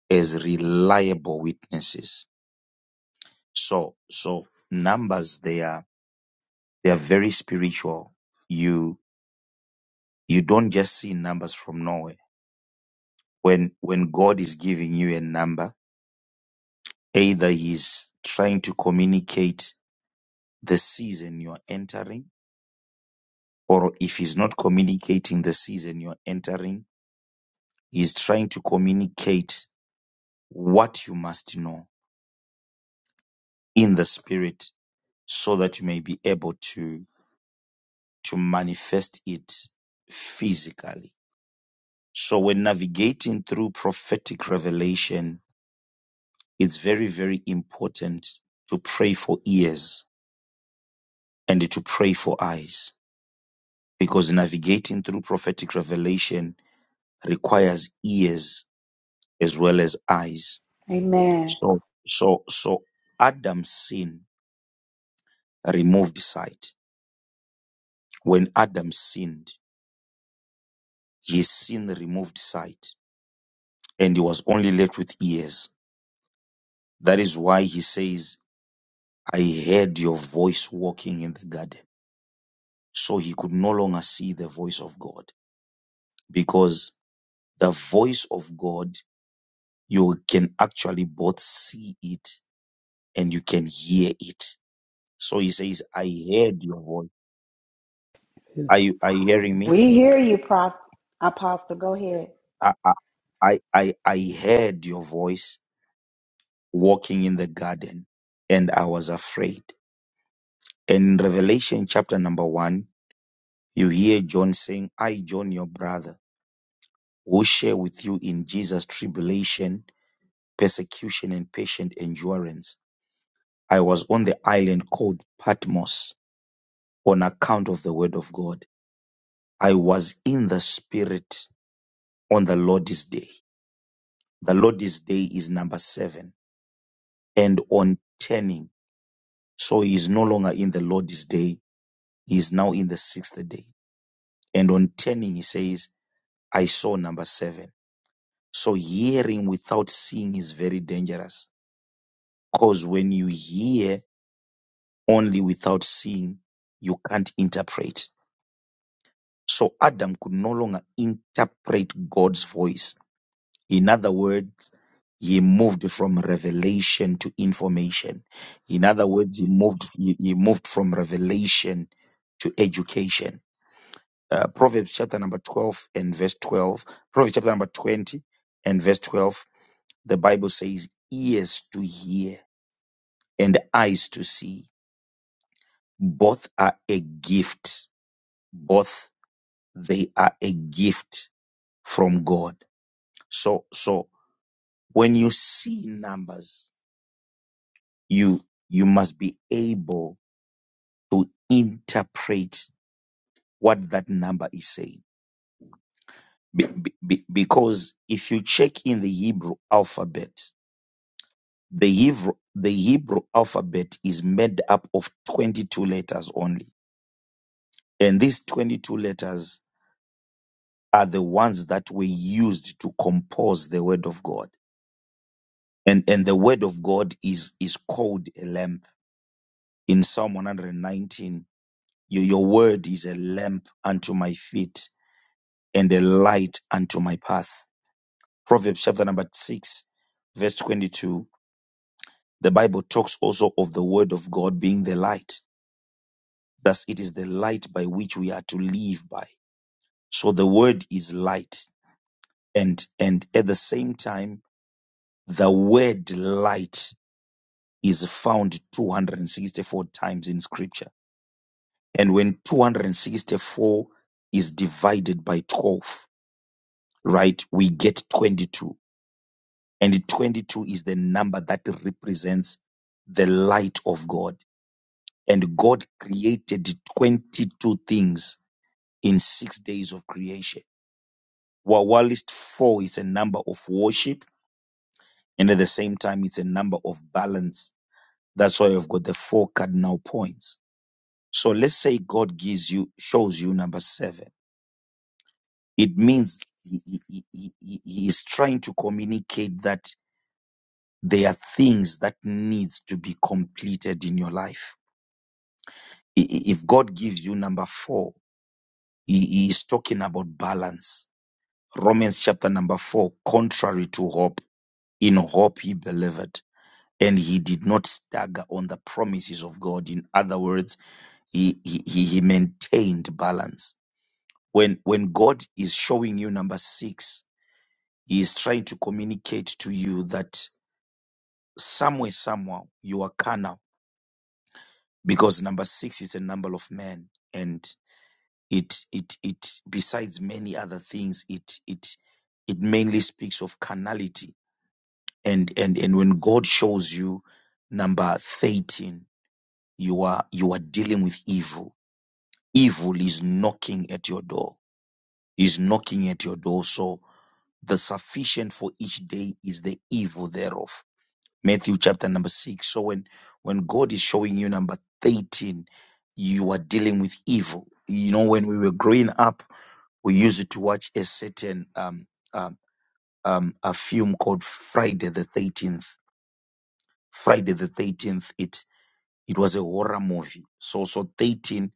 S5: as reliable witnesses. So, so numbers, they are, they are very spiritual. You, you don't just see numbers from nowhere. When, when God is giving you a number, Either he's trying to communicate the season you're entering, or if he's not communicating the season you're entering, he's trying to communicate what you must know in the spirit so that you may be able to, to manifest it physically. So when navigating through prophetic revelation, it's very, very important to pray for ears and to pray for eyes because navigating through prophetic revelation requires ears as well as eyes.
S4: Amen.
S5: So, so, so Adam's sin removed sight. When Adam sinned, his sin removed sight and he was only left with ears. That is why he says, I heard your voice walking in the garden. So he could no longer see the voice of God because the voice of God, you can actually both see it and you can hear it. So he says, I heard your voice. Are you, are you hearing me?
S4: We hear you, Prof. Apostle. Go ahead.
S5: I, I, I, I I heard your voice walking in the garden and I was afraid. And in Revelation chapter number one, you hear John saying, I, John, your brother, will share with you in Jesus' tribulation, persecution, and patient endurance. I was on the island called Patmos on account of the word of God. I was in the spirit on the Lord's day. The Lord's day is number seven. And on turning, so he is no longer in the Lord's day. He is now in the sixth day. And on turning, he says, I saw number seven. So hearing without seeing is very dangerous. Cause when you hear only without seeing, you can't interpret. So Adam could no longer interpret God's voice In other words, he moved from revelation to information. In other words, he moved he, he moved from revelation to education. Uh, Proverbs chapter number 12 and verse 12. Proverbs chapter number 20 and verse 12. The Bible says, ears to hear and eyes to see. Both are a gift. Both they are a gift from God. So so when you see numbers you you must be able to interpret what that number is saying be, be- be- because if you check in the hebrew alphabet the hebrew the hebrew alphabet is made up of 22 letters only and these 22 letters are the ones that were used to compose the word of god and and the word of god is is called a lamp in psalm 119 your, your word is a lamp unto my feet and a light unto my path. Proverbs chapter number 6, verse 22. The Bible talks also of the word of God being the light. Thus, it is the light by which we are to live by. So the word is light. And, and at the same time, the word light is found 264 times in scripture. And when 264 is divided by 12, right, we get 22 And 22 is the number that represents the light of God. And God created 22 things in six days of creation. While while list four is a number of worship, and at the same time, it's a number of balance. That's why I've got the four cardinal points. So let's say God gives you, shows you number seven. It means he, he, he, he he- he is trying to communicate that there are things that needs to be completed in your life I- i- If God gives you number four, he he is talking about balance. Romans chapter number four, contrary to hope, in hope he believed and he did not stagger on the promises of God. In other words, he, he, he he maintained balance. When, when God is showing you number six, he is trying to communicate to you that somewhere, somehow, you are carnal because number six is a number of men It it it besides many other things, it it it mainly speaks of carnality. And and and when God shows you number 13, you are you are dealing with evil. Evil is knocking at your door. Is knocking at your door. So the sufficient for each day is the evil thereof. Matthew chapter number six. So when when God is showing you number 13, you are dealing with evil. You know, when we were growing up, we used to watch a certain um, um, um, a film called Friday the Thirteenth. Friday the Thirteenth. It it was a horror movie. So so thirteen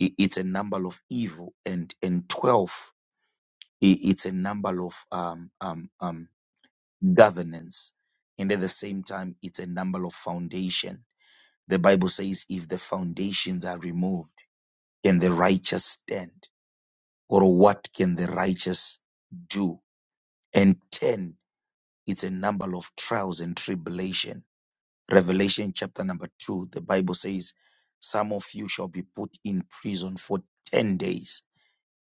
S5: i- it's a number of evil, and and twelve i- it's a number of um, um, um, governance, and at the same time it's a number of foundation. The Bible says, if the foundations are removed, can the righteous stand? Or what can the righteous do? And ten It's a number of trials and tribulation. Revelation chapter number two, the Bible says, Some of you shall be put in prison for 10 days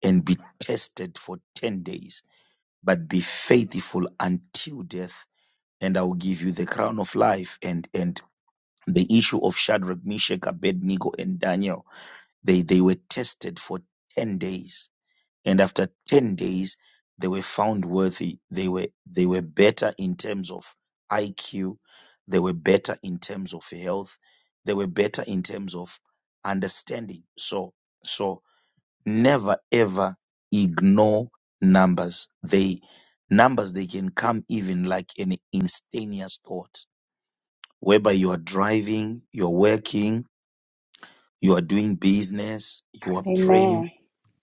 S5: and be tested for 10 days, but be faithful until death, and I will give you the crown of life. And, and the issue of Shadrach, Meshach, Abednego, and Daniel, they, they were tested for 10 days and after 10 days they were found worthy they were they were better in terms of IQ they were better in terms of health they were better in terms of understanding so so never ever ignore numbers they numbers they can come even like an instantaneous thought whereby you are driving you're working you are doing business you are praying
S4: Amen.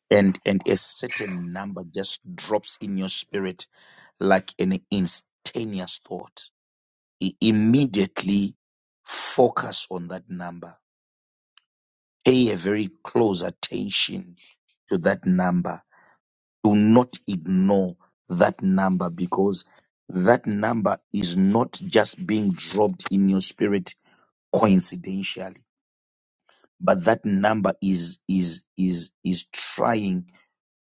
S5: and and a certain number just drops in your spirit like an instantaneous thought I- immediately focus on that number pay a very close attention to that number do not ignore that number because that number is not just being dropped in your spirit coincidentally but that number is is is is trying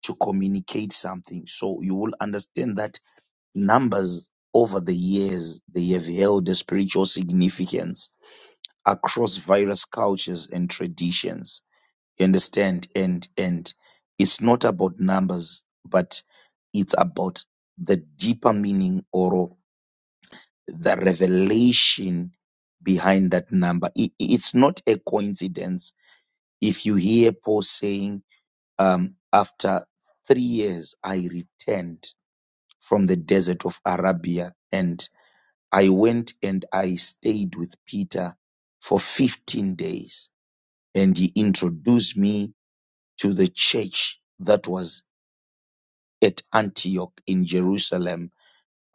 S5: to communicate something so you will understand that Numbers over the years, they have held a spiritual significance across various cultures and traditions. You understand? And and it's not about numbers, but it's about the deeper meaning or the revelation behind that number. I- i- it's not a coincidence. If you hear Paul saying, um, after three years I returned from the desert of Arabia and. I went and I stayed with Peter for 15 days, and he introduced me to the church that was at Antioch in Jerusalem.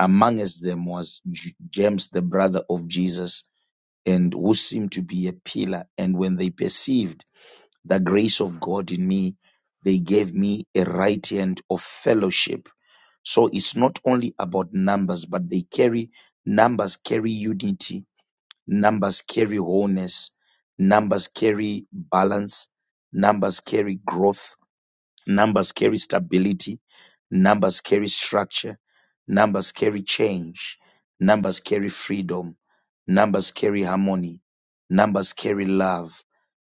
S5: Amongst them was J- James, the brother of Jesus, and who seemed to be a pillar. And when they perceived the grace of God in me, they gave me a right hand of fellowship. So it's not only about numbers, but they carry numbers, carry unity, Numbers carry wholeness. Numbers carry balance. Numbers carry growth. Numbers carry stability. Numbers carry structure. Numbers carry change. Numbers carry freedom. Numbers carry harmony. Numbers carry love.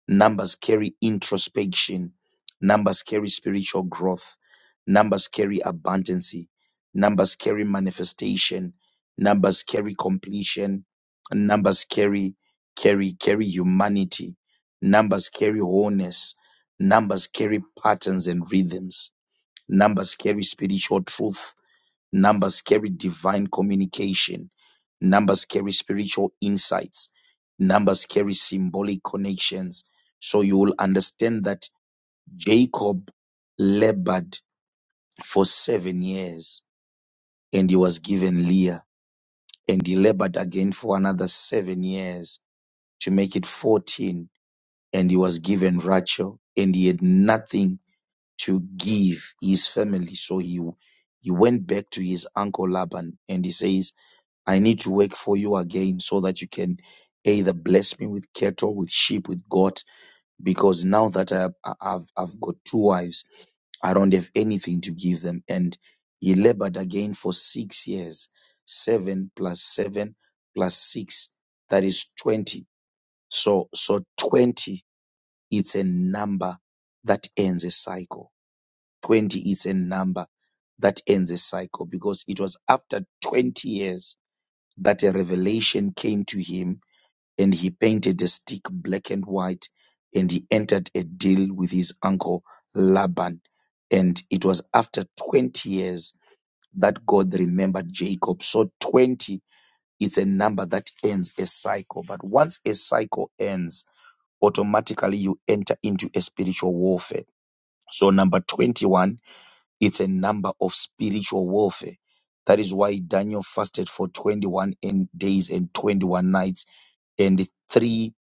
S5: Numbers carry introspection. Numbers carry spiritual growth. Numbers carry abundancy. Numbers carry manifestation. Numbers carry completion. Numbers carry, carry, carry humanity. Numbers carry wholeness. Numbers carry patterns and rhythms. Numbers carry spiritual truth Numbers carry divine communication. Numbers carry spiritual insights. Numbers carry symbolic connections. So you will understand that Jacob labored for seven years and he was given Leah. And he labored again for another seven years to make it 14. And he was given Rachel and he had nothing to give his family. So he, he went back to his uncle Laban and he says, I need to work for you again so that you can either bless me with cattle, with sheep, with goat, because now that I, I- I've, I've got two wives, I don't have anything to give them. And he labored again for six years, seven plus seven plus six, that is 20. So, so 20, it's a number that ends a cycle. 20 is a number that ends a cycle because it was after 20 years that a revelation came to him, and he painted a stick black and white, and he entered a deal with his uncle Laban. And it was after 20 years that God remembered Jacob. So 20 is a number that ends a cycle. But once a cycle ends, automatically you enter into a spiritual warfare. So number 21 it's a number of spiritual warfare. That is why Daniel fasted for 21 and days and 21 nights, and the three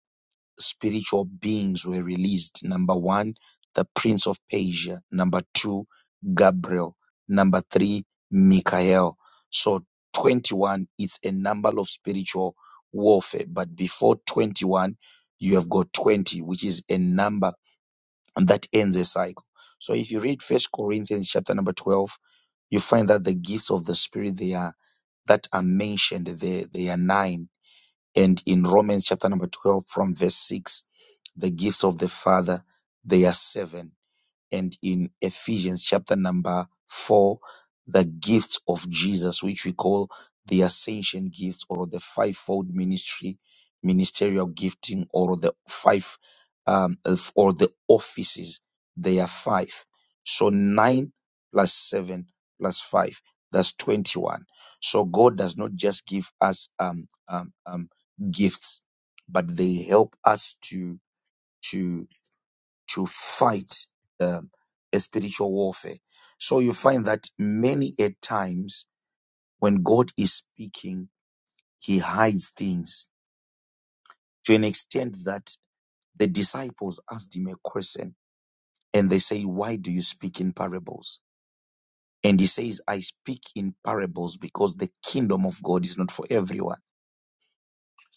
S5: spiritual beings were released. Number one, the Prince of Persia. Number two, Gabriel. Number three, Michael. So 21, it's a number of spiritual warfare. But before 21, you have got 20, which is a number and that ends a cycle. So if you read First Corinthians chapter number twelve, you find that the gifts of the Spirit they are that are mentioned there they are nine, and in Romans chapter number twelve from verse six, the gifts of the Father they are seven and in Ephesians chapter number 4, the gifts of Jesus, which we call the ascension gifts or the fivefold ministry, ministerial gifting, or the five, um, of- or the offices. They are five. So nine plus seven plus five, that's 21. So God does not just give us um, um, um, gifts, but they help us to to fight um, a spiritual warfare. So you find that many a times when God is speaking, he hides things to an extent that the disciples asked him a question and they say, Why do you speak in parables? And he says, I speak in parables because the kingdom of God is not for everyone.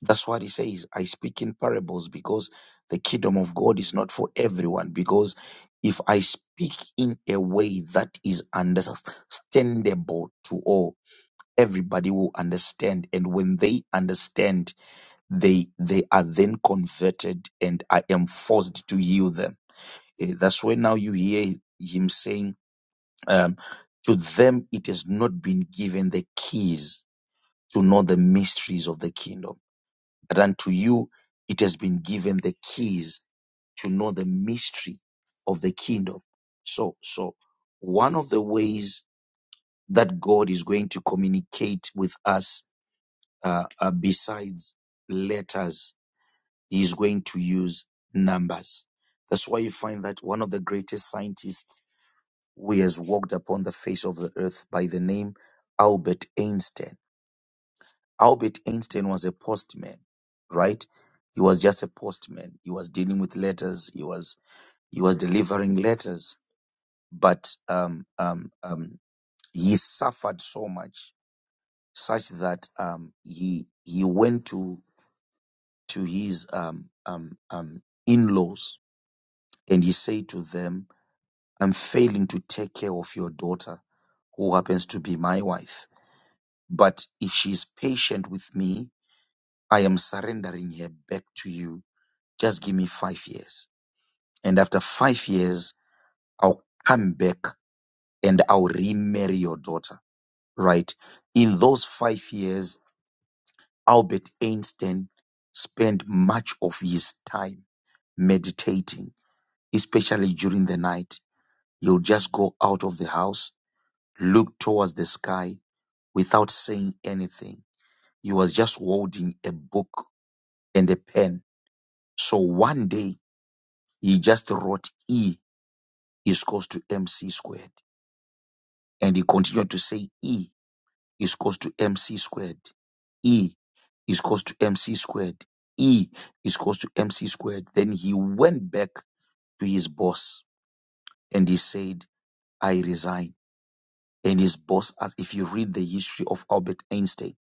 S5: That's what he says. I speak in parables because the kingdom of God is not for everyone. Because if I speak in a way that is understandable to all, everybody will understand. And when they understand, they they are then converted, and I am forced to heal them. Eh, That's why now you hear him saying, um, "To them it has not been given the keys to know the mysteries of the kingdom." that unto you it has been given the keys to know the mystery of the kingdom. So, so one of the ways that God is going to communicate with us, uh, uh, besides letters, He is going to use numbers. That's why you find that one of the greatest scientists who has walked upon the face of the earth by the name Albert Einstein Albert Einstein was a postman, right? He was just a postman. He was dealing with letters. He was he was delivering letters, but um, um, um, he suffered so much, such that um, he he went to to his um, um, um, in-laws and he said to them, "I'm failing to take care of your daughter, who happens to be my wife. But if she is patient with me, I am surrendering her back to you." Just give me five years. And after five years, I'll come back and I'll remarry your daughter, right? In those five years, Albert Einstein spent much of his time meditating, especially during the night. He'll just go out of the house, look towards the sky without saying anything. He was just holding a book and a pen. So one day he just wrote E is equals to MC squared. And he continued to say E is equals to MC squared. E is equals to MC squared. E is equals to MC squared. Then he went back to his boss and he said, I resign. And his boss asked, if you read the history of Albert Einstein,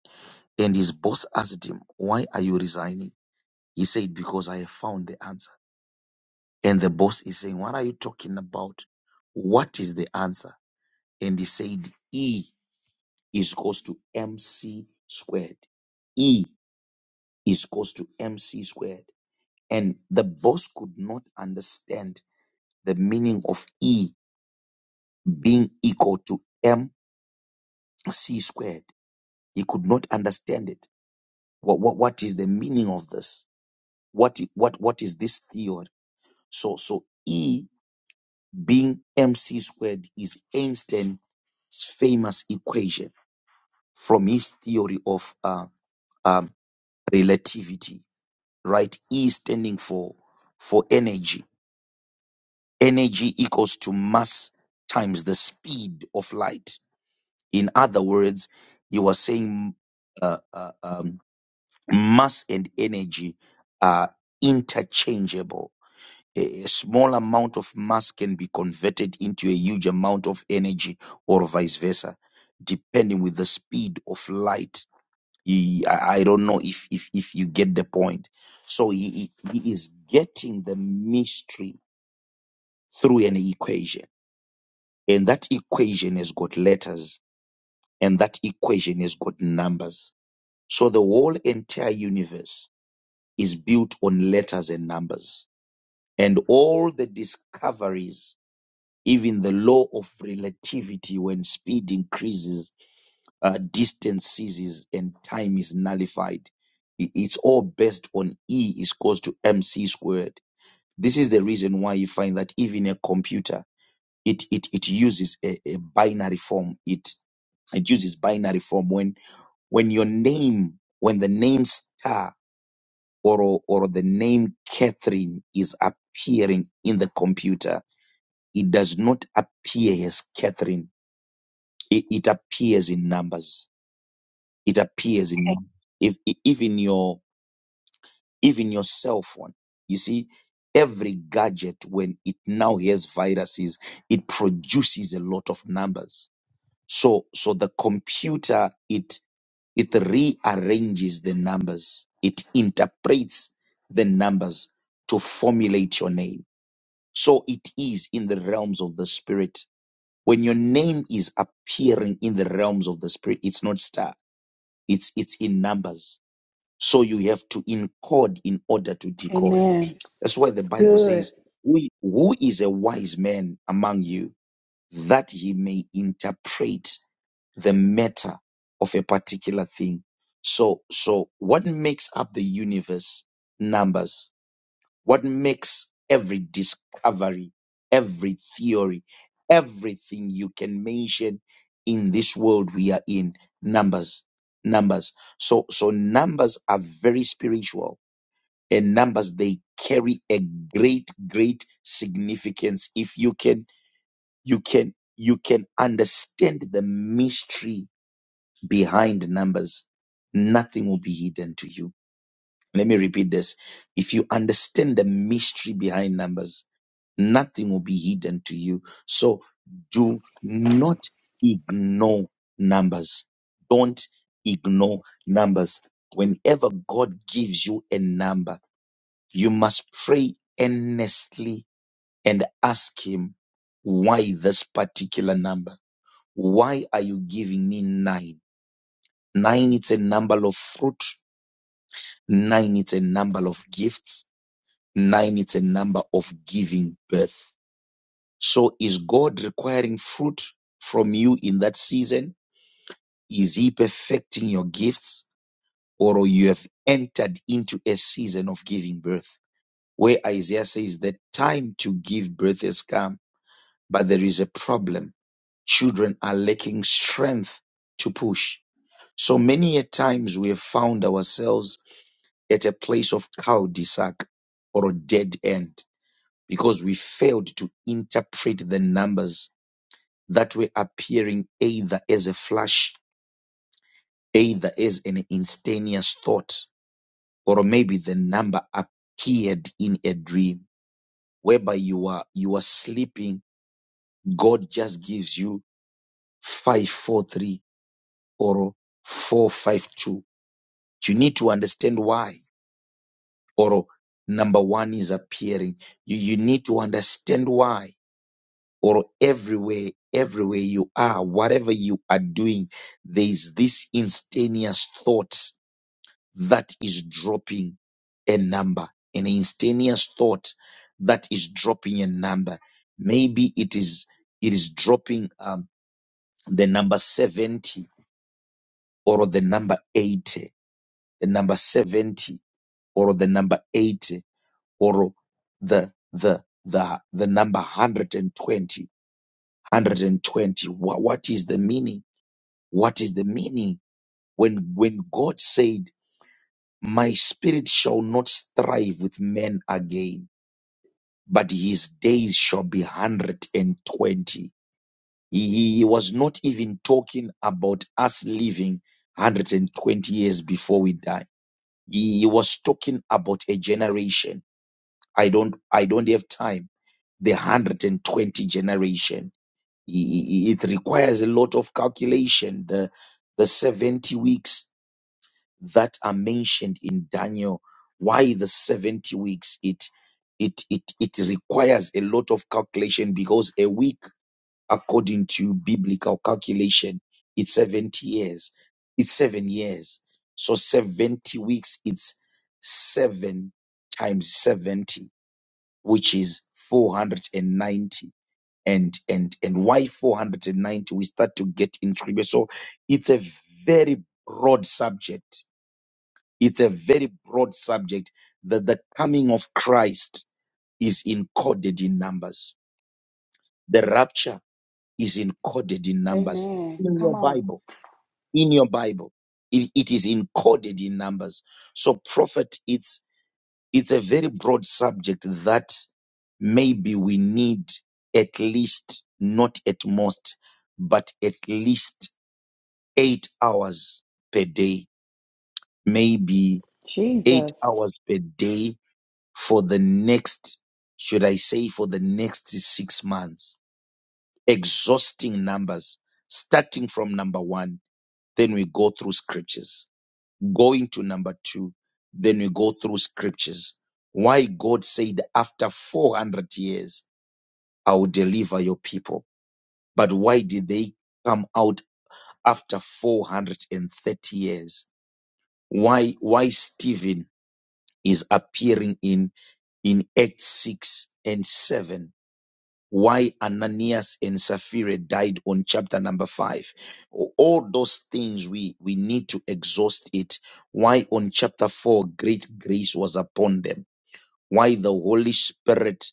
S5: and his boss asked him, Why are you resigning? He said, Because I have found the answer. And the boss is saying, What are you talking about? What is the answer? And he said, E. is equals to mc squared. E is equals to mc squared. And the boss could not understand the meaning of E being equal to mc squared. He could not understand it. What, what, what is the meaning of this? What, i- what, what is this theory? So, so E being mc squared is Einstein's famous equation from his theory of uh, um, relativity right? E standing for for energy. Energy equals to mass times the speed of light. In other words, you are saying uh, uh, um, mass and energy are interchangeable. A a small amount of mass can be converted into a huge amount of energy, or vice versa, depending with the speed of light he- I I don't know if if if you get the point. So he he he is getting the mystery through an equation, and that equation has got letters, and that equation has got numbers. So the whole entire universe is built on letters and numbers, and all the discoveries, even the law of relativity, when speed increases. uh, distance ceases and time is nullified. I- It's all based on E is equals to MC squared. This is the reason why you find that even a computer, it, it, it uses a, a binary form. It, it uses binary form when, when your name, when the name star or, or the name Catherine is appearing in the computer, it does not appear as Catherine. It, it appears in numbers it appears in you. if i- even your even your cell phone you see every gadget when it now has viruses it produces a lot of numbers so so the computer it it rearranges the numbers it interprets the numbers to formulate your name so it is in the realms of the spirit when your name is appearing in the realms of the spirit it's not star it's it's in numbers So you have to encode in order to decode.
S4: Amen.
S5: That's why the
S4: It's
S5: Bible
S4: good.
S5: says, who who is a wise man among you that he may interpret the matter of a particular thing? So, so what makes up the universe? Numbers. What makes every discovery, every theory, everything you can mention in this world we are in? Numbers, numbers. So, so numbers are very spiritual and numbers, they carry a great, great significance. If you can, you can, you can understand the mystery behind numbers. Nothing will be hidden to you. Let me repeat this. If you understand the mystery behind numbers, Nothing will be hidden to you. So do not ignore numbers. Don't ignore numbers. Whenever God gives you a number, you must pray earnestly and ask Him, why this particular number? Why are you giving me nine? Nine, it's a number of fruit. Nine, it's a number of gifts. Nine, it's a number of giving birth So is God requiring fruit from you in that season? Is he perfecting your gifts or you have entered into a season of giving birth? Where Isaiah says the time to give birth has come, but there is a problem. Children are lacking strength to push. So many a times we have found ourselves at a place of cow de sac or a dead end because we failed to interpret the numbers that were appearing either as a flash, either as an instantaneous thought, or maybe the number appeared in a dream, whereby you are you are sleeping, God just gives you five four three or four five two. You need to understand why, or number one is appearing. You you need to understand why, or everywhere, everywhere you are, whatever you are doing, there is this instantaneous thought that is dropping a number, an instantaneous thought that is dropping a number. Maybe it is it is dropping um, the number 70 or the number 80, the number 70 or the number 80 or the the the the number 120 what, what is the meaning what is the meaning when when god said my spirit shall not strive with men again but his days shall be 120. He he was not even talking about us living 120 years before we die. He he was talking about a generation. I don't, I don't have time. The 120 generation. He- he- It requires a lot of calculation. The, the 70 weeks that are mentioned in Daniel. Why the 70 weeks? It it it it requires a lot of calculation because a week, according to biblical calculation, it's 70 years. It's seven years. So 70 weeks, it's seven times 70, which is 490. And ninety. and and and why 490? We start to get intrigued. So it's a very broad subject it's a very broad subject that the coming of Christ is encoded in numbers. The rapture is encoded in numbers
S4: Amen.
S5: in
S4: Come
S5: your
S4: on.
S5: Bible. In your Bible, it, it is encoded in numbers. So, prophet, it's it's a very broad subject that maybe we need at least, not at most, but at least eight hours per day, maybe eight
S4: Jesus.
S5: hours per day for the next, should I say, for the next six months, exhausting numbers, starting from number one, then we go through scriptures, going to number two, then we go through scriptures. Why God said, after 400 years, I will deliver your people. But why did they come out after 430 years? Why, why Stephen is appearing in, in Acts 6 and 7? why Ananias and Sapphira died on chapter number five. All those things we, we need to exhaust it. Why on chapter four, great grace was upon them. Why the Holy Spirit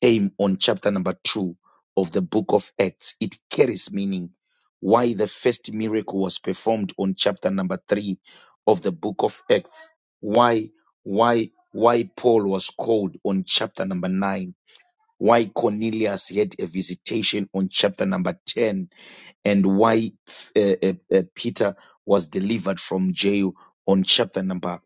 S5: came on chapter number two of the book of Acts. It carries meaning. Why the first miracle was performed on chapter number three of the book of Acts. Why, why, why Paul was called on chapter number nine why Cornelius had a visitation on chapter number 10 and why uh, uh, uh, Peter was delivered from jail on chapter number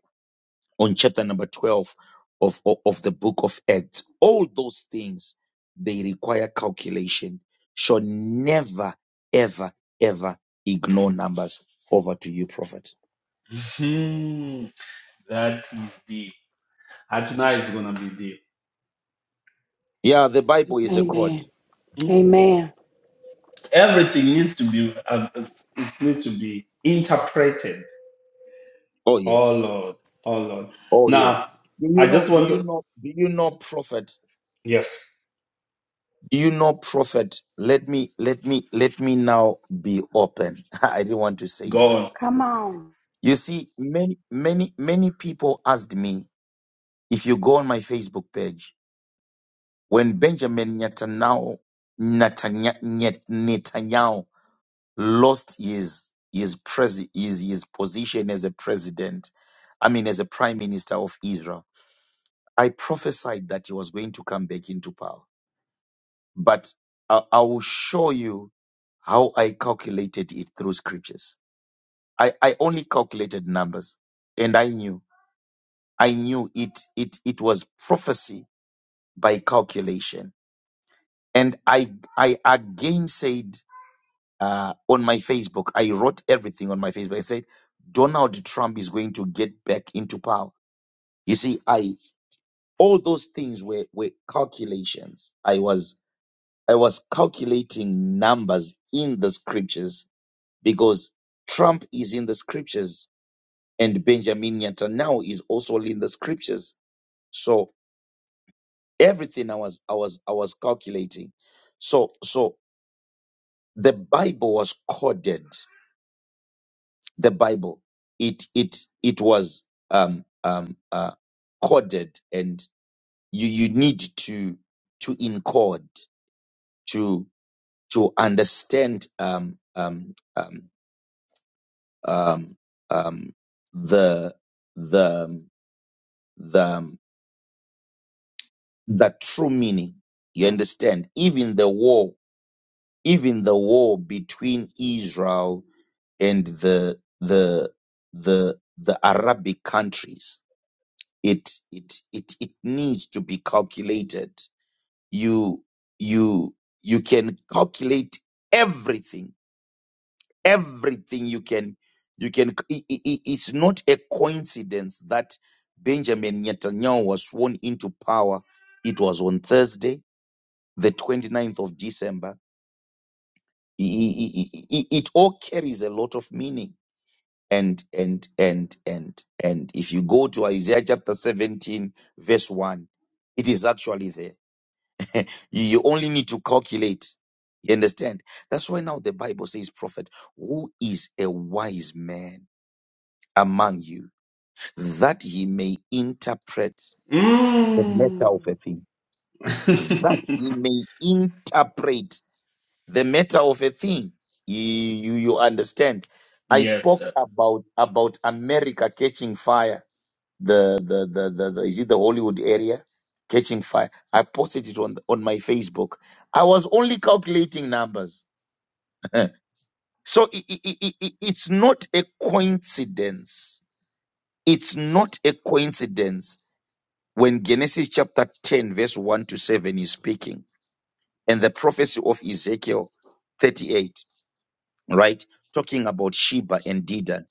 S5: on chapter number 12 of, of of the book of Acts all those things they require calculation should never ever ever ignore numbers over to you prophet
S1: Hmm, That is deep. And tonight is gonna be
S5: yeah the bible is a code
S4: Amen.
S1: deep.
S4: Amen.
S1: everything needs to be uh, it needs to be interpreted
S5: oh
S1: oh
S5: yes
S1: lord oh lord
S5: oh yes
S1: now
S5: do you
S1: i
S5: know
S1: just
S5: do
S1: want
S5: you
S1: to
S5: know do you know prophet
S1: yes
S5: you know prophet let me let me let me now be open i didn't want to say
S1: go
S5: this
S4: Come on.
S5: you see many many many people asked me if you go on my facebook page when benjamin netanyahu Netanya- Net- netanyahu lost his his pres his, his position as a president i mean as a prime minister of israel i prophesied that he was going to come back into power but I, I will show you how I calculated it through scriptures. I, I only calculated numbers and I knew, I knew it, it, it was prophecy by calculation. And I, I again said, uh, on my Facebook, I wrote everything on my Facebook. I said, Donald Trump is going to get back into power. You see, I, all those things were, were calculations. I was, I was calculating numbers in the scriptures because Trump is in the scriptures and Benjamin Netanyahu is also in the scriptures. So everything I was I was I was calculating. So so the Bible was coded. The Bible it it it was um um uh coded and you you need to to encode to to understand um um um um um the the the the true meaning. You understand? Even the war, even the war between Israel and the the the the Arabic countries, it it it it needs to be calculated. You you you can calculate everything, everything you can you can. i i i- it's not a coincidence that Benjamin Netanyahu was sworn into power. It was on Thursday the twenty ninth of December, it all carries a lot of meaning. And, and, and, and, and if you go to Isaiah chapter 17, verse 1, it is actually there. you you only need to calculate. You understand? That's why now the Bible says, prophet, who is a wise man among you that he may interpret the matter
S1: on
S5: of a thing? That
S1: mm.
S5: he may interpret the matter of a thing you, you understand i
S1: yes
S5: spoke
S1: sir.
S5: about about america catching fire the the, the the the is it the hollywood area catching fire i posted it on on my facebook i was only calculating numbers so i i i i- i- it's not a coincidence it's not a coincidence when genesis chapter 10 verse 1 to 7 is speaking and the prophecy of ezekiel 38 right? Talking about Sheba and Dedan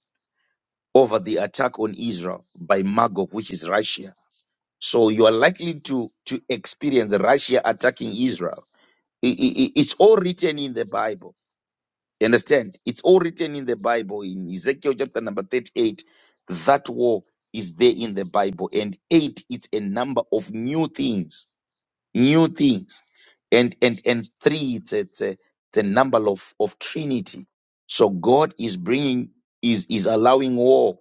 S5: over the attack on Israel by Magog, which is Russia. So you are likely to to experience Russia attacking Israel. I- I- I- it's all written in the Bible. You understand? It's all written in the Bible in Ezekiel chapter number 38. That war is there in the Bible. And eight, it's a number of new things new things and and and three it's it's a, it's a number of of trinity so god is bringing is is allowing war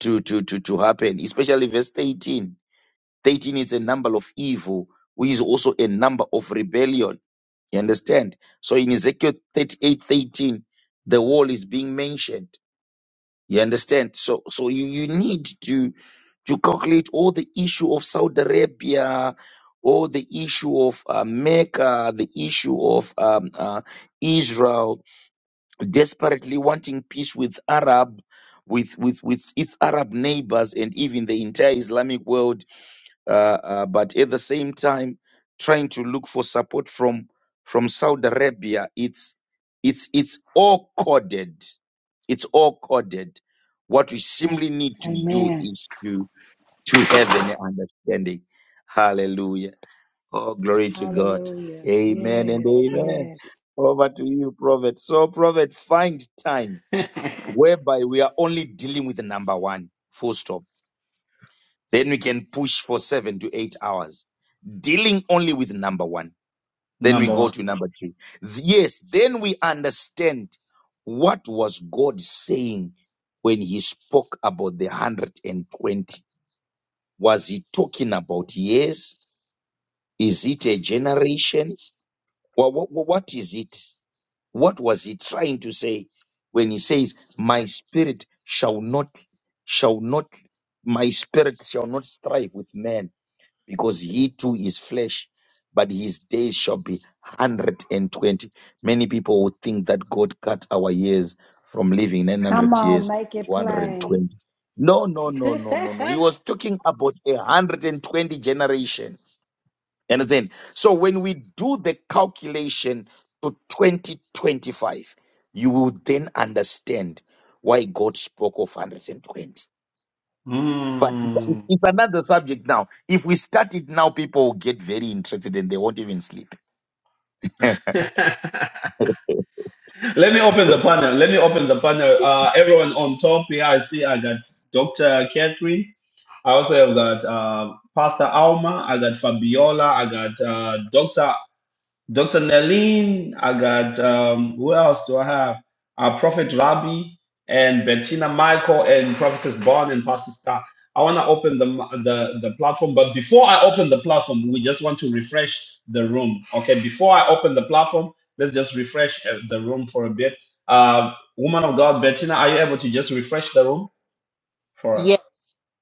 S5: to to to to happen especially verse 13 13 is a number of evil which is also a number of rebellion you understand so in ezekiel 38 13, the wall is being mentioned you understand? So so you, you need to to calculate all the issue of Saudi Arabia, all the issue of uh, Mecca, the issue of um, uh, Israel desperately wanting peace with Arab, with with with its Arab neighbors, and even the entire Islamic world uh, uh, but at the same time trying to look for support from from Saudi Arabia. It's it's it's all coded. It's all coded. What we simply need to do
S4: Amen.
S5: is to to have an understanding. Hallelujah. Oh, glory to God.
S4: Hallelujah.
S5: Amen and
S4: Yes.
S5: amen.
S4: Yes.
S5: Over to you, Prophet. So, Prophet, find time whereby we are only dealing with the number one, full stop. Then we can push for seven to eight hours dealing only with number one. Then we
S1: number
S5: go
S1: one
S5: to number three. Yes, then we understand what was God saying when he spoke about the 120. Was he talking about years? Is it a generation? What, what what is it? What was he trying to say when he says, My spirit shall not, shall not, my spirit shall not strive with man? because he too is flesh, but his days shall be 120. Many people would think that God cut our years from living
S4: Come
S5: 900
S4: on.
S5: years to
S4: Make it plain.
S5: 120. No, no, no, no, no, no. He was talking about a 120 generation. You Understand? So when we do the calculation to 2025, you will then understand why God spoke of 120. But it's
S1: mm.
S5: it's another subject now. If we start it now, people will get very interested and they won't even sleep. Eh,
S1: let me open the panel let me open the panel uh everyone on top here i see i got dr catherine I also have got uh, Pastor Alma, I got Fabiola, I got uh, Dr. Dr. Nerlin, I got, um, who else do I have? Uh, Prophet Rabbi and Bettina Michael and Prophetess Bond and Pastor Star. I want to open the, the, the platform, but before I open the platform, we just want to refresh the room. Okay, before I open the platform, let's just refresh uh, the room for a bit. Uh, woman of God, Bettina, are you able to just refresh the room for
S6: Yeah,
S1: us?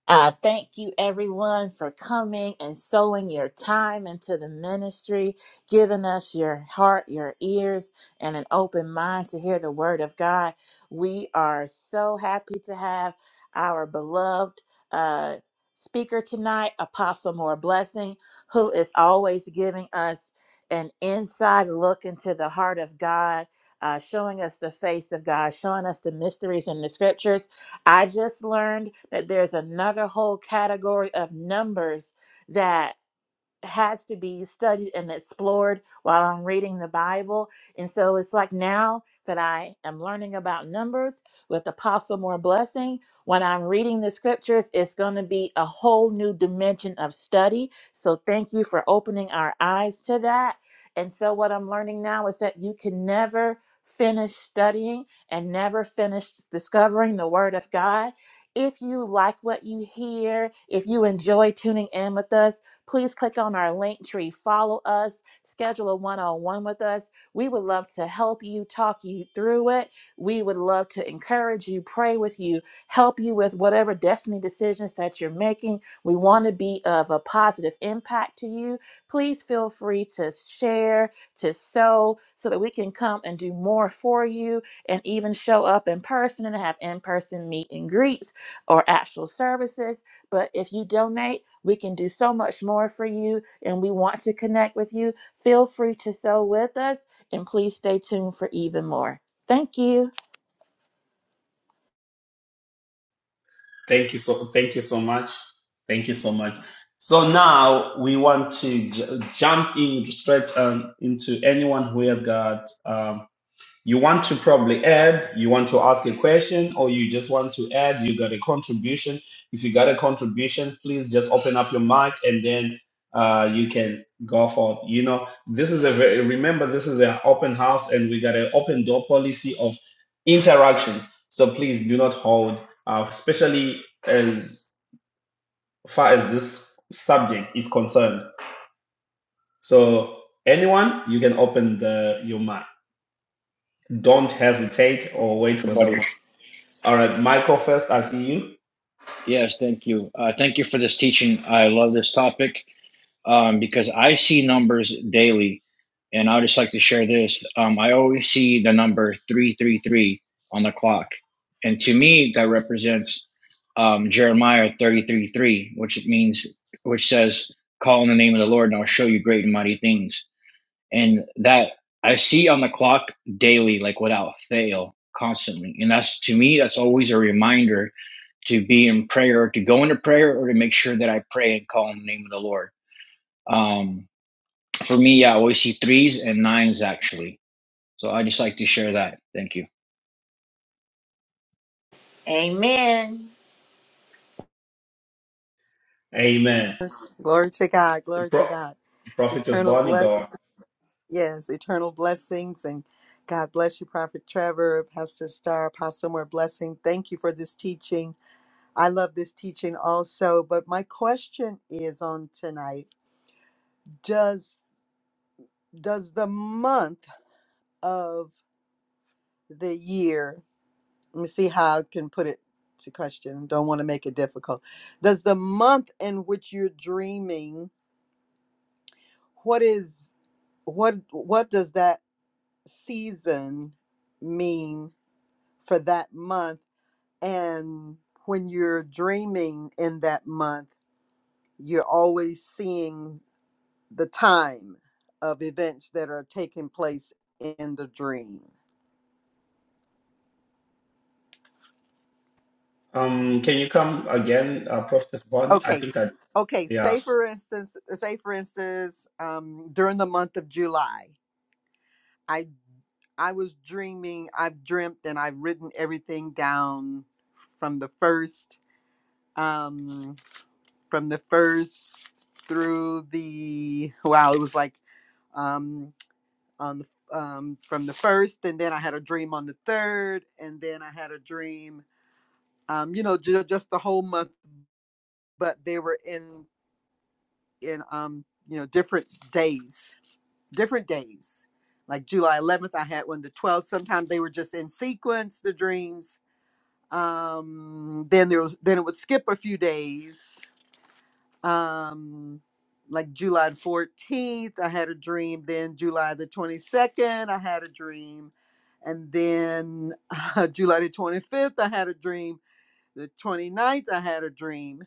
S6: uh, thank you everyone for coming and sowing your time into the ministry, giving us your heart, your ears, and an open mind to hear the word of God. We are so happy to have our beloved uh, speaker tonight, Apostle More Blessing, who is always giving us an inside look into the heart of God, uh, showing us the face of God, showing us the mysteries in the scriptures. I just learned that there's another whole category of numbers that has to be studied and explored while I'm reading the Bible. And so it's like now that I am learning about numbers with Apostle More Blessing, when I'm reading the scriptures, it's going to be a whole new dimension of study. So thank you for opening our eyes to that. And so what I'm learning now is that you can never finish studying and never finish discovering the Word of God. If you like what you hear, if you enjoy tuning in with us, Please click on our link tree, follow us, schedule a one on one with us. We would love to help you, talk you through it. We would love to encourage you, pray with you, help you with whatever destiny decisions that you're making. We want to be of a positive impact to you. Please feel free to share, to sow, so that we can come and do more for you and even show up in person and have in person meet and greets or actual services. But if you donate, we can do so much more for you, and we want to connect with you. Feel free to sew with us, and please stay tuned for even more. Thank you.
S1: Thank you so thank you so much. Thank you so much. So now we want to j- jump in straight um, into anyone who has got um, you want to probably add, you want to ask a question, or you just want to add, you got a contribution. If you got a contribution, please just open up your mic and then uh, you can go forth. You know, this is a very, remember, this is an open house and we got an open door policy of interaction. So please do not hold, uh, especially as far as this subject is concerned. So anyone, you can open the your mic. Don't hesitate or wait for someone.
S7: everybody.
S1: All right, Michael first, I see you.
S7: Yes, thank you. Uh, thank you for this teaching. I love this topic um, because I see numbers daily, and I would just like to share this. Um, I always see the number three three three on the clock, and to me that represents um, Jeremiah thirty three three, which means which says, "Call on the name of the Lord, and I'll show you great and mighty things." and that I see on the clock daily, like without fail, constantly. And that's to me, that's always a reminder to be in prayer, to go into prayer, or to make sure that I pray and call on the name of the Lord. Um, for me, yeah, I always see threes and nines actually. So I just like to share that. Thank you.
S6: Amen.
S1: Amen.
S8: Glory to God. Glory to
S1: Pro-
S8: God.
S1: Prophetess
S8: Eternal
S1: Bonnie,
S8: bless.
S1: go on.
S8: Yes, eternal blessings. And God bless you, Prophet Trevor, Pastor Star, Apostle More Blessing. Thank you for this teaching. I love this teaching also. But my question is on tonight Does does the month of the year, let me see how I can put it to question. Don't want to make it difficult. Does the month in which you're dreaming, what is what what does that season mean for that month? And when you're dreaming in that month, you're always seeing the time of events that are taking place in the dream.
S1: Um, can you come again, uh, Prophetess Bonnie? I
S8: Okay.
S1: think I,
S8: Okay.
S1: yeah.
S8: Say for instance, say for instance, um, during the month of July, I I was dreaming. I've dreamt and I've written everything down from the first. Um, from the first through the wow it was like um on the um from the first and then i had a dream on the third and then i had a dream um you know ju- just the whole month but they were in in um you know different days different days like july 11th i had one the 12th sometimes they were just in sequence the dreams um then there was then it would skip a few days um like July the 14th I had a dream then July the 22nd I had a dream and then uh, July the 25th I had a dream the 29th I had a dream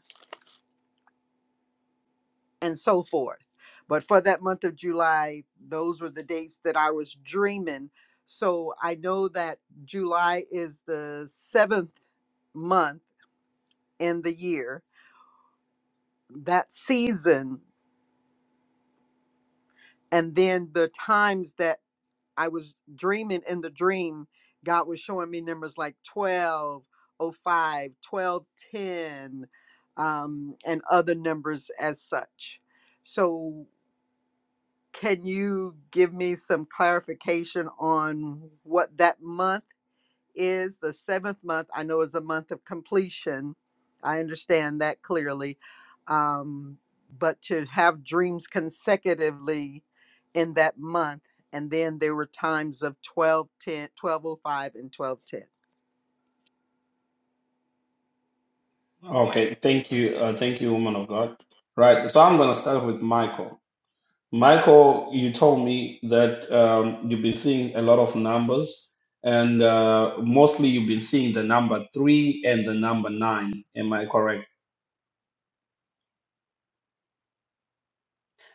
S8: and so forth but for that month of July those were the dates that I was dreaming so I know that July is the 7th month in the year that season and then the times that I was dreaming in the dream, God was showing me numbers like 12 oh five, twelve ten, um, and other numbers as such. So, can you give me some clarification on what that month? is the seventh month. I know is a month of completion. I understand that clearly. Um, but to have dreams consecutively in that month, and then there were times of twelve ten, twelve o five,
S1: Okay, thank you. Uh, thank you, woman of God. Right, so I'm going to start with Michael. Michael, you told me that um, you've been seeing a lot of numbers, and uh, mostly you've been seeing the number three and the number nine. Am I correct?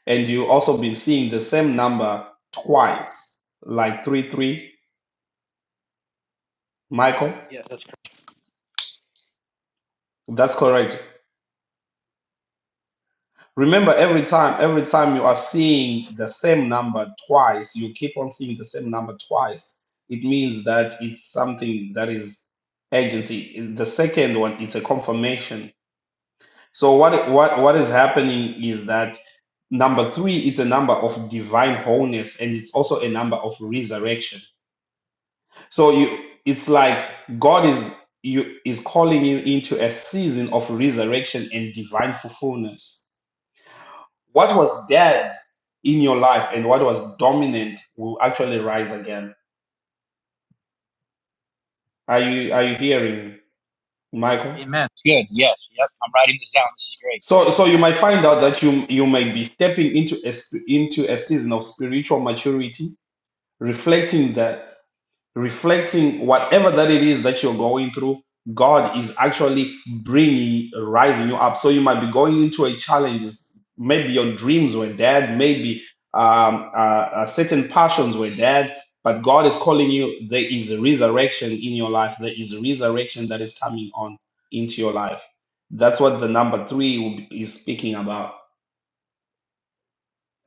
S1: And you also been seeing the same number twice, like three, three, Michael? That's correct. Remember, every time, every time you are seeing the same number twice, you keep on seeing the same number twice. It means that it's something that is agency. The second one, it's a confirmation. So what what what is happening is that number three, it's a number of divine wholeness, and it's also a number of resurrection. So you, it's like God is you is calling you into a season of resurrection and divine fulfillment What was dead in your life and what was dominant will actually rise again. Are you are you hearing, Michael?
S7: Amen. Good. Yes. Yep. I'm writing this down. This is great.
S1: So so you might find out that you you might be stepping into a sp- into a season of spiritual maturity, reflecting that. reflecting whatever that it is that you're going through god is actually bringing rising you up so you might be going into a challenge maybe your dreams were dead maybe um, uh, uh, certain passions were dead but god is calling you there is a resurrection in your life there is a resurrection that is coming on into your life that's what the number three will be- is speaking about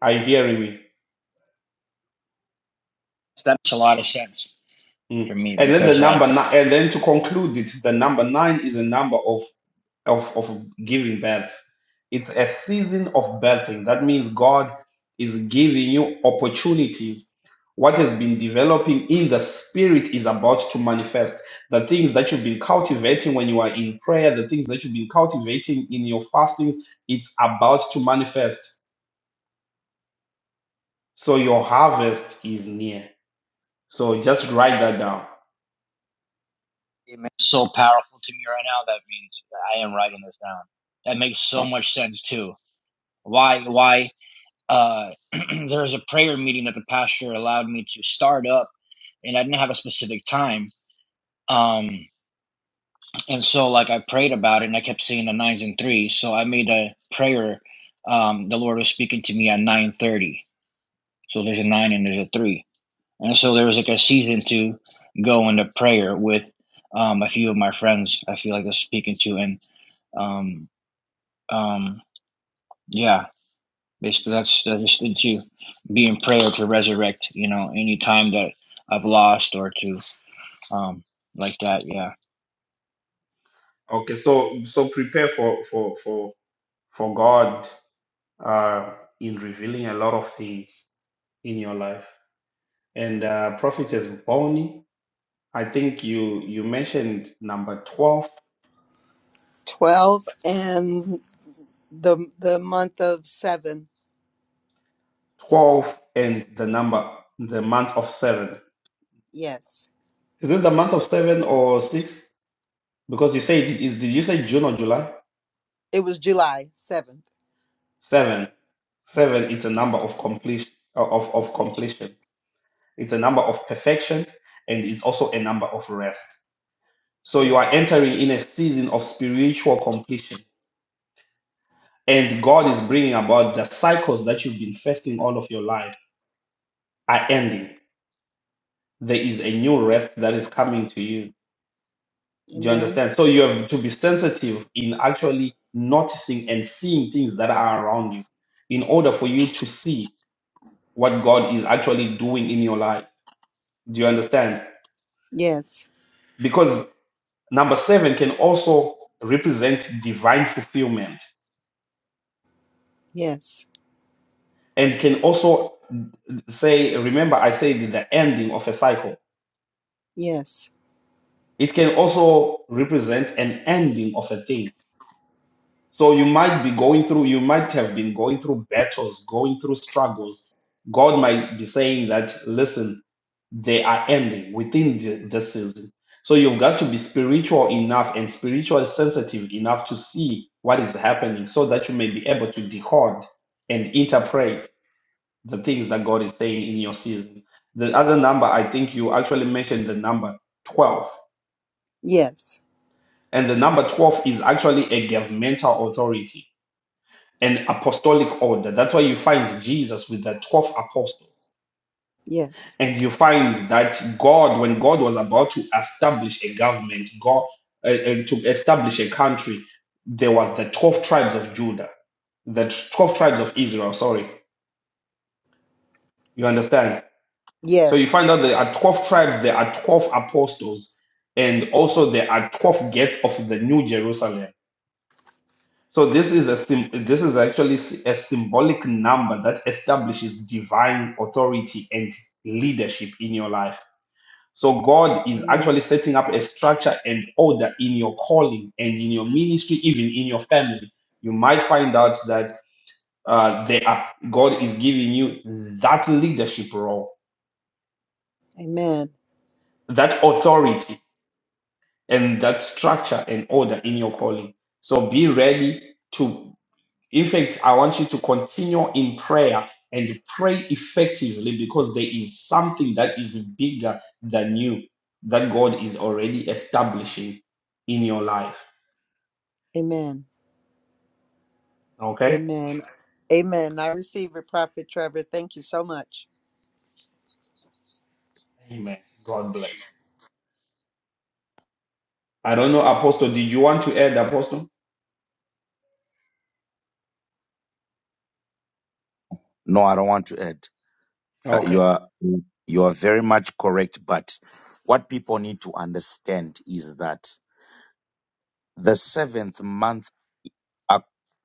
S1: are you hearing me
S7: That makes a lot of sense
S1: Mm.
S7: for me
S1: and then the
S7: because like
S1: number nine and then to conclude it the number nine is a number of of, of giving birth. It's a season of birthing. That means God is giving you opportunities. What has been developing in the spirit is about to manifest. The things that you've been cultivating when you are in prayer, the things that you've been cultivating in your fastings, it's about to manifest. So your harvest is near. So just write that down.
S7: Amen. so powerful to me right now. That means that I am writing this down. That makes so
S1: Uh,
S7: much sense too why why uh there was a prayer meeting that the pastor allowed me to start up and I didn't have a specific time. Um, and so like I prayed about it and I kept seeing the nines and threes. So I made a prayer. Um, the Lord was speaking to me at nine thirty. So there's a nine and there's a three. And so there was like a season to go into prayer with um a few of my friends I feel like I was speaking to and um um yeah Basically, that's that's just to be in prayer to resurrect. You know, any time that I've lost or to um like that. Yeah.
S1: Okay, so so prepare for for for for God uh, in revealing a lot of things in your life. And uh, Prophetess Bonnie, I think you you mentioned number twelve,
S8: and 1210. 12 and the the month of 7.
S1: twelve, and the number the month of seven.
S8: Yes.
S1: Is it the month of seven or six? Because you said is did you say June or July?
S8: It was July 7th.
S1: Seven. Seven it's a
S8: Yes.
S1: number of completion uh, of, of
S8: Completion.
S1: completion. It's a number of perfection and it's also a number of rest. So you are
S8: Yes.
S1: entering in a season of spiritual completion and God is bringing about the cycles that you've been facing all of your life are ending. There is a new rest that is coming to you. Do you
S8: Amen.
S1: understand? So you have to be sensitive in actually noticing and seeing things that are around you in order for you to see what God is actually doing in your life. Do you understand?
S8: Yes.
S1: Because number seven can also represent divine fulfillment
S8: Yes.
S1: and can also say, remember, I said the ending of a cycle
S8: Yes.
S1: It can also represent an ending of a thing. So you might be going through, you might have been going through battles, going through struggles. God might be saying that, listen, they are ending within the, the season. So you've got to be spiritual enough and spiritually sensitive enough to see what is happening so that you may be able to decode and interpret the things that God is saying in your season. The other number, I think you actually mentioned the number 12.
S8: Yes.
S1: And the number 12 is actually a governmental authority, an apostolic order. That's why you find Jesus with the 12 apostles.
S8: Yes.
S1: And you find that God, when God was about to establish a government, God, uh, uh, to establish a country, there was the 12 tribes of Judah, the 12 tribes of Israel, sorry. You understand? So
S8: Yes.
S1: you find out there are 12 tribes, there are 12 apostles, and also there are 12 gates of the New Jerusalem So this is a sym this is actually s- a symbolic number that establishes divine authority and leadership in your life. So God is
S8: Amen.
S1: actually setting up a structure and order in your calling and in your ministry, even in your family. You might find out that uh, they are God is giving you that leadership role,
S8: Amen.
S1: that authority, and that structure and order in your calling. So be ready to. In fact, I want you to continue in prayer and pray effectively because there is something that is bigger than you that God is already establishing in your life.
S8: Amen.
S1: Okay?
S8: Amen. Amen. I receive it, Prophet Trevor. Thank you so much.
S1: Amen. God bless. I don't know, Apostle, do you want to add, Apostle?
S5: no, I don't want to add. Uh, you
S1: Okay.
S5: are you are very much correct, but what people need to understand is that the seventh month, uh,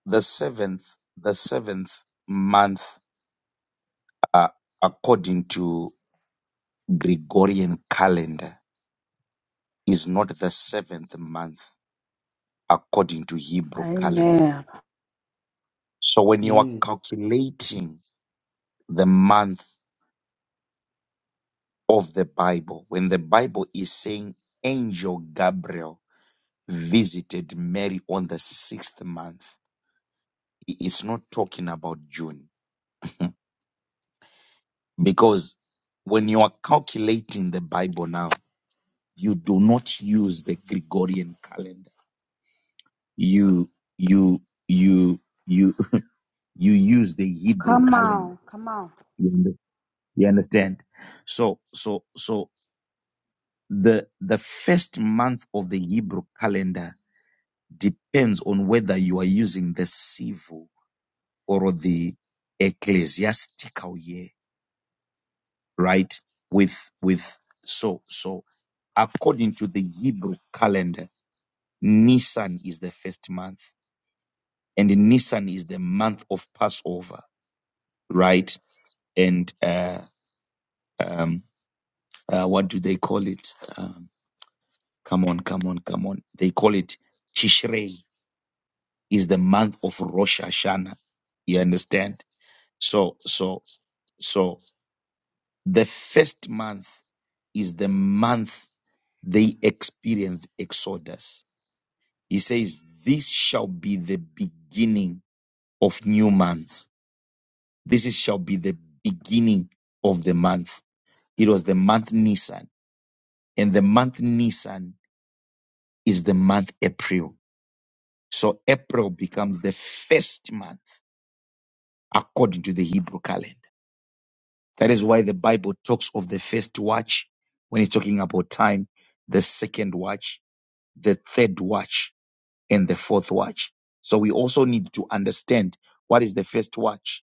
S5: the seventh, the seventh month, uh, according to Gregorian calendar, is not the seventh month according to Hebrew calendar.
S4: Amen.
S5: So when you are
S1: Mm.
S5: calculating the month of the Bible, when the Bible is saying angel Gabriel visited Mary on the sixth month, i- it's not talking about June. Because when you are calculating the Bible now, you do not use the Gregorian calendar. You, you, you, you, you use the Hebrew
S4: Come
S5: calendar.
S4: on. Come on.
S5: You under- you understand? So, so, so the, the first month of the Hebrew calendar depends on whether you are using the civil or the ecclesiastical year, right? With with so so according to the Hebrew calendar, Nisan is the first month, and Nisan is the month of Passover, right? And uh, um, uh, what do they call it? Um, come on, come on, come on! They call it Tishrei is the month of Rosh Hashanah. You understand? So so so The first month is the month they experienced Exodus. He says, This shall be the beginning of new months. This is, shall be the beginning of the month. It was the month Nisan. And the month Nisan is the month April. So April becomes the first month according to the Hebrew calendar. That is why the Bible talks of the first watch when it's talking about time, the second watch the third watch and the fourth watch. So we also need to understand what is the first watch?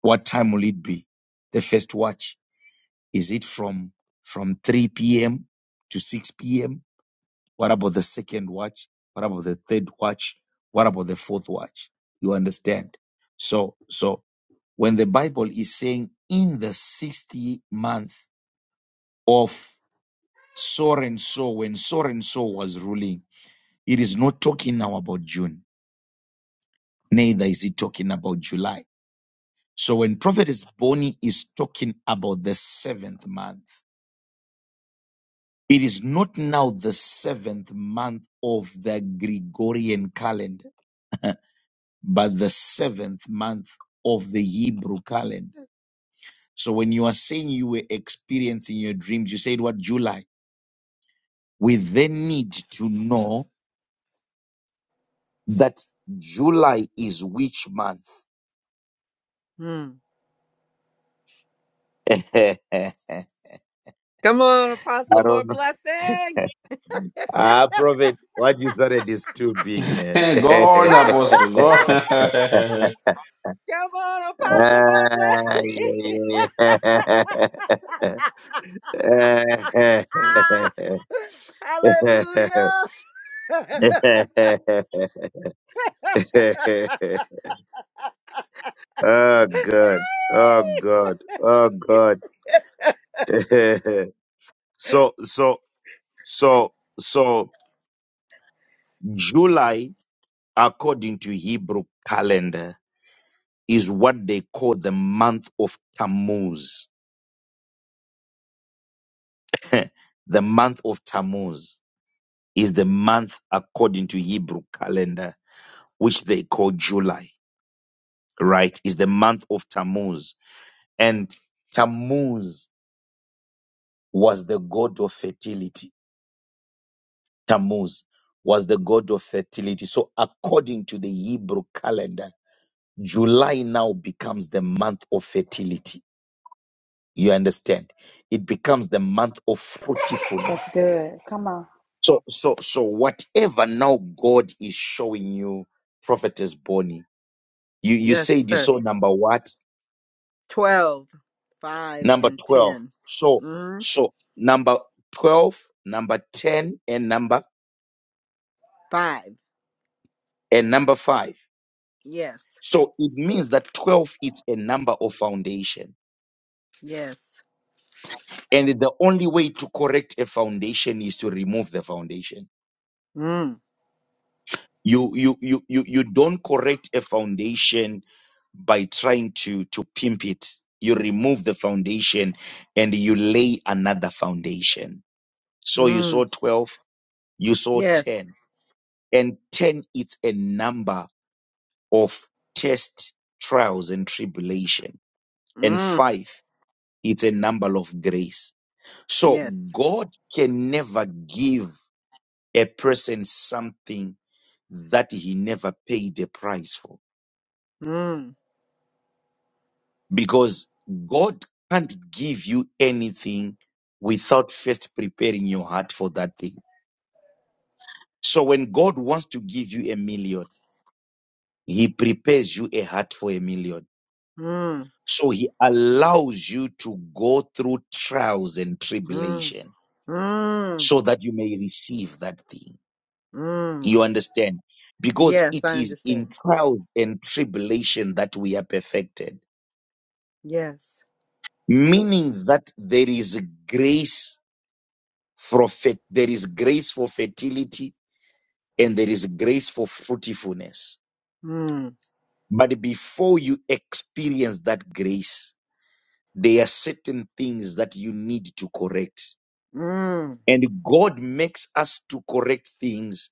S5: What time will it be? The first watch, is it from, from 3 p.m. to 6 p.m.? What about the second watch? What about the third watch? What about the fourth watch? You understand? So, so when the Bible is saying in the sixth month of so and so, when so and so was ruling, it is not talking now about June Neither is he talking about July. So when Prophet is is talking about the seventh month. It is not now the seventh month of the Gregorian calendar, but the seventh month of the Hebrew calendar. So when you are saying you were experiencing your dreams, you said what July. We then need to know that July is which month?
S8: Hmm.
S5: I
S8: Come on, Apostle, more
S5: don't know.
S8: blessing.
S5: Ah, Prophet, what you started is too big, man.
S1: go on, Apostle. Go
S8: Come on, Apostle, more
S5: Ah,
S8: blessing.
S5: yeah, yeah. yeah.
S8: Hallelujah.
S5: oh God, oh God, oh God. so, so, so, so, July, according to Hebrew calendar, is what they call the month of Tammuz the month of Tammuz is the month according to Hebrew calendar, which they call July, right? Is the month of Tammuz. And Tammuz was the god of fertility. Tammuz was the god of fertility. So according to the Hebrew calendar, July now becomes the month of fertility. You understand? It becomes the month of fruitfulness
S4: That's good. Come on.
S5: So, so, so, whatever now God is showing you, prophetess Bonnie, you, you
S8: Yes,
S5: said you
S8: sir.
S5: saw number what?
S8: 12, 5,
S5: Number
S8: and
S5: 12.
S8: 10.
S5: So,
S8: Mm,
S5: so number 12, number 10, and number,
S8: 5.
S5: and number five.
S8: Yes.
S5: So it means that 12 is a number of foundation.
S8: Yes.
S5: And the only way to correct a foundation is to remove the foundation.
S8: Mm,
S5: You you you you you don't correct a foundation by trying to to pimp it. You remove the foundation and you lay another foundation. So you saw
S8: mm,
S5: 12, you saw
S8: yes.
S5: 10. And 10 is a number of test, trials, and tribulation. And
S8: Mm,
S5: five, it's a number of grace. So
S8: yes.
S5: God can never give a person something that he never paid a price for.
S8: Mm,
S5: because God can't give you anything without first preparing your heart for that thing. So when God wants to give you a million, he prepares you a heart for a million.
S8: mm,
S5: So he allows you to go through trials and
S8: mm,
S5: tribulation
S8: mm,
S5: so that you may receive that thing.
S8: mm.
S5: You understand? Because
S8: Yes,
S5: it
S8: I
S5: is
S8: understand.
S5: in trials and tribulation that we are perfected,
S8: Yes.
S5: meaning that there is grace For fe- there is grace for fertility and there is grace for fruitfulness.
S8: Mm,
S5: But before you experience that grace, there are certain things that you need to correct.
S8: mm.
S5: And God makes us to correct things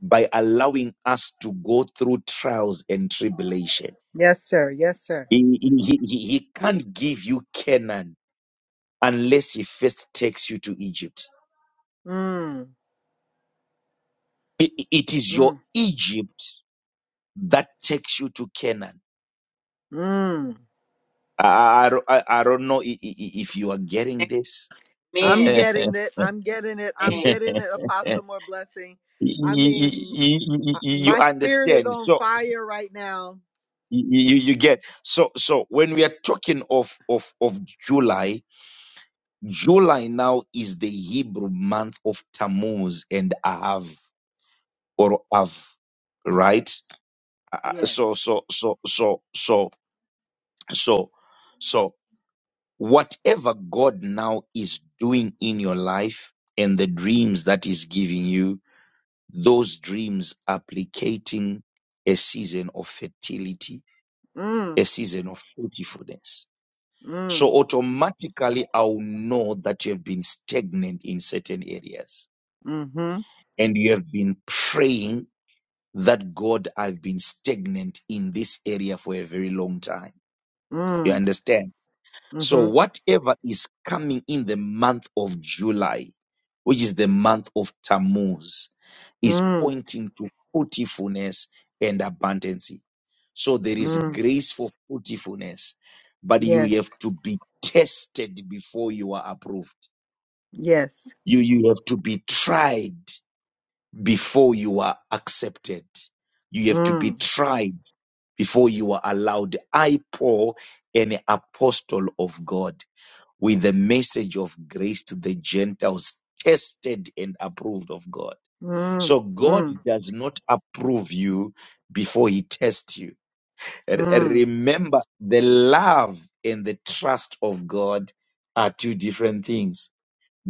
S5: by allowing us to go through trials and tribulation.
S8: Yes, sir. Yes, sir.
S5: He, he, he, he can't give you Canaan unless he first takes you to Egypt.
S8: Mm,
S5: I- it is your
S8: mm,
S5: Egypt that takes you to Canaan.
S8: mm.
S5: I, I, don't- I I don't know i- i- i- if you are getting this.
S8: I'm
S6: Amen.
S8: getting it. I'm getting it. I'm getting it. Apostle more blessing.
S5: Y-
S8: I
S5: y-
S8: mean,
S5: y- y-
S8: m-
S5: y- you
S8: my spirit is
S5: understand.
S8: on
S5: So
S8: fire right now.
S5: y- you, you get. So so when we are talking of, of, of July, July now is the Hebrew month of Tammuz and Av or Av, right? Uh, uh, So
S8: Yes.
S5: so so so so so so whatever God now is doing in your life and the dreams that is giving you those dreams applicating a season of fertility,
S8: Mm,
S5: a season of fruitfulness.
S8: mm,
S5: So automatically I'll know that you have been stagnant in certain areas
S8: mm-hmm,
S5: and you have been praying that God, I've been stagnant in this area for a very long time. You
S8: mm,
S5: understand? So
S8: mm-hmm,
S5: whatever is coming in the month of July, which is the month of Tammuz, is
S8: mm,
S5: pointing to fruitfulness and abundance. So there is
S8: mm.
S5: grace for fruitfulness, but you
S8: Yes.
S5: have to be tested before you are approved.
S8: Yes.
S5: You, you have to be tried before you are accepted. You have to
S8: Mm.
S5: be tried before you are allowed. I, Paul, an apostle of God with the message of grace to the Gentiles, tested and approved of God.
S8: Mm,
S5: So God
S8: mm,
S5: does not approve you before he tests you. R-
S8: mm,
S5: Remember, the love and the trust of God are two different things.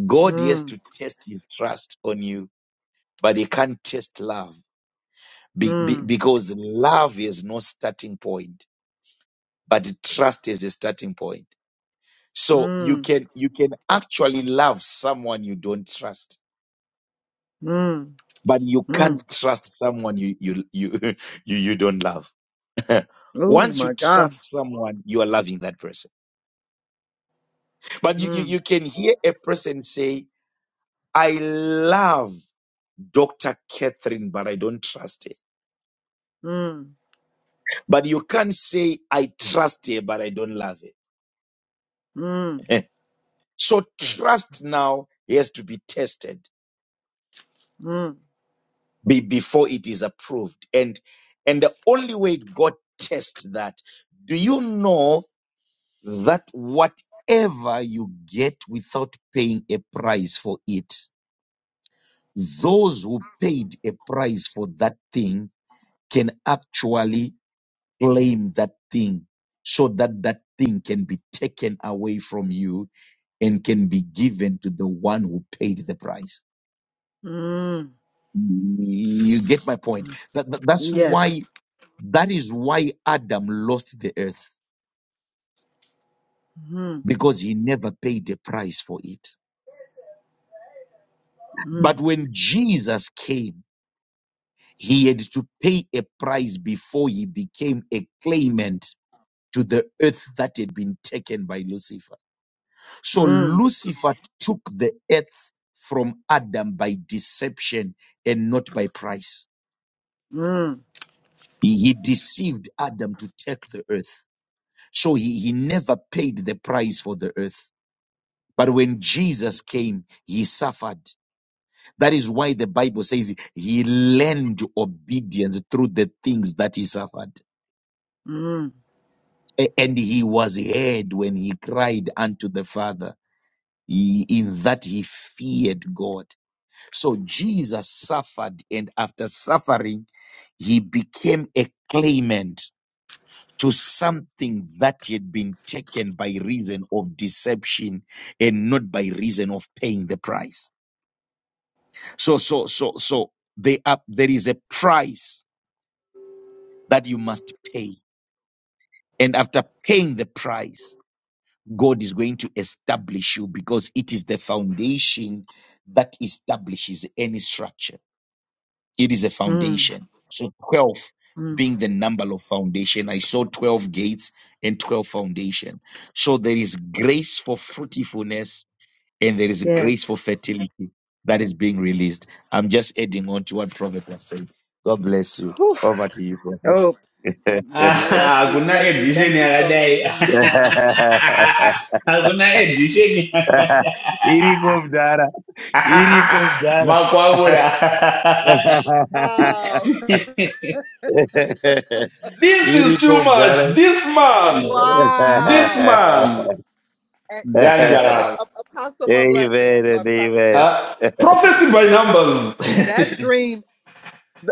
S5: God has
S8: mm,
S5: to test his trust on you, but he can't test love be, be-
S8: mm,
S5: because love is no starting point, but trust is a starting point. So you
S8: mm,
S5: can you can actually love someone you don't trust,
S8: mm,
S5: but you can't
S8: mm.
S5: trust someone you you you you, you don't love.
S8: Oh
S5: Once you
S8: my God.
S5: trust someone, you are loving that person. But you, you,
S8: Mm,
S5: you can hear a person say, I love Dr. Catherine, but I don't trust her.
S8: mm,
S5: But you can't say, I trust her, but I don't love
S8: mm,
S5: her. so trust now has to be tested
S8: mm,
S5: be, before it is approved. And and the only way God tests that, do you know that whatever you get without paying a price for it, those who paid a price for that thing can actually claim that thing so that that thing can be taken away from you and can be given to the one who paid the price.
S8: mm.
S5: You get my point. That, that- that's
S8: Yes.
S5: why That is why Adam lost the earth
S8: Mm,
S5: because he never paid a price for it. But
S8: mm,
S5: when Jesus came, he had to pay a price before he became a claimant to the earth that had been taken by Lucifer. So
S8: mm,
S5: Lucifer took the earth from Adam by deception and not by price.
S8: mm,
S5: He, he deceived Adam to take the earth. So he, he never paid the price for the earth. But when Jesus came, he suffered. That is why the Bible says he learned obedience through the things that he suffered.
S8: mm,
S5: A- And he was heard when he cried unto the Father. He- in that he feared God. So Jesus suffered, and after suffering, he became a claimant to something that had been taken by reason of deception and not by reason of paying the price. So, so, so, so they are, there is a price that you must pay. And after paying the price, God is going to establish you because it is the foundation that establishes any structure. It is a
S8: mm,
S5: foundation. So 12
S8: mm.
S5: being the number of foundation. I saw 12 gates and 12 foundation. So there is grace for fruitfulness and there is grace
S8: Yes.
S5: for fertility that is being released. I'm just adding on to what Prophet was saying. God bless you.
S8: Whew.
S5: Over to you, Prophet.
S8: Oh, bless
S1: I
S8: you,
S1: could not
S8: bless
S1: add
S8: you.
S1: this
S8: Thank
S1: any
S8: you
S1: other
S8: so much.
S1: day.
S8: Oh my God.
S1: I Hakuna not add this any.
S5: iriko mdara iriko mdara
S1: Makwabura.
S8: Wow.
S1: This is too
S5: iriko
S1: much.
S5: mdara
S1: This man, this
S8: Wow.
S1: man,
S8: And, and you know, a
S1: Dangerous.
S8: Apostle, more blessing,
S5: amen and
S8: Prophet
S5: amen
S8: Trevor.
S1: uh, prophecy by
S8: that
S1: numbers.
S8: dream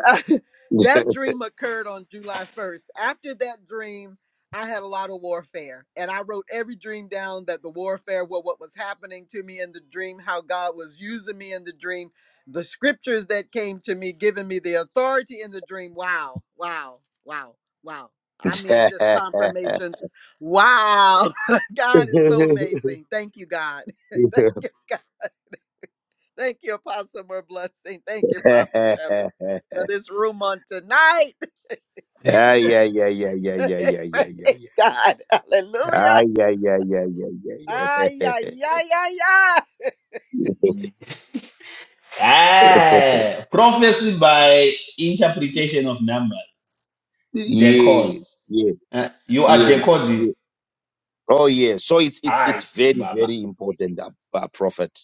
S8: that dream occurred on july 1st after that dream i had a lot of warfare and i wrote every dream down that the warfare what what was happening to me in the dream how god was using me in the dream the scriptures that came to me giving me the authority in the dream wow wow wow wow i mean just confirmation wow god is so amazing thank you god thank you Thank you, Apostle More Blessing. Thank you, Prophet Trevor, for this room on tonight.
S5: Ah, yeah, yeah, yeah, yeah, yeah, yeah, yeah, yeah,
S8: Praise
S5: yeah.
S8: God.
S5: Ah,
S8: Hallelujah.
S5: yeah, yeah, yeah, yeah,
S8: Ay,
S5: yeah,
S8: ay, ay, ay, ay.
S5: yeah.
S1: ah, prophecy by interpretation of numbers. Decode.
S5: yes, yes,
S1: Uh, you are
S5: yes,
S1: decoding.
S5: yes. Oh, yes. So it's it's
S1: Aye,
S5: it's very
S1: Baba.
S5: very important, uh, uh, Prophet,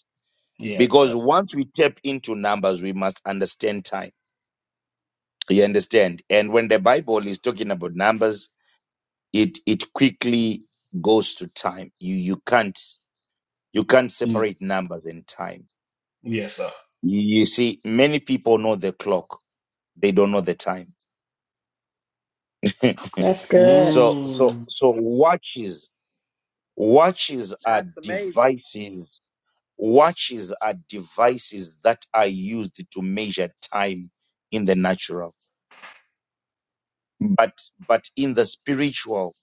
S1: Yes,
S5: because
S1: sir.
S5: once we tap into numbers, we must understand time. You understand? And when the Bible is talking about numbers, it it quickly goes to time. You you can't you can't
S1: Mm.
S5: separate numbers and time.
S1: Yes, sir.
S5: you see, many people know the clock They don't know the time.
S4: That's good.
S5: so so
S1: Mm,
S5: so watches watches are
S8: That's amazing.
S5: devices watches are devices that are used to measure time in the natural but but in the spiritual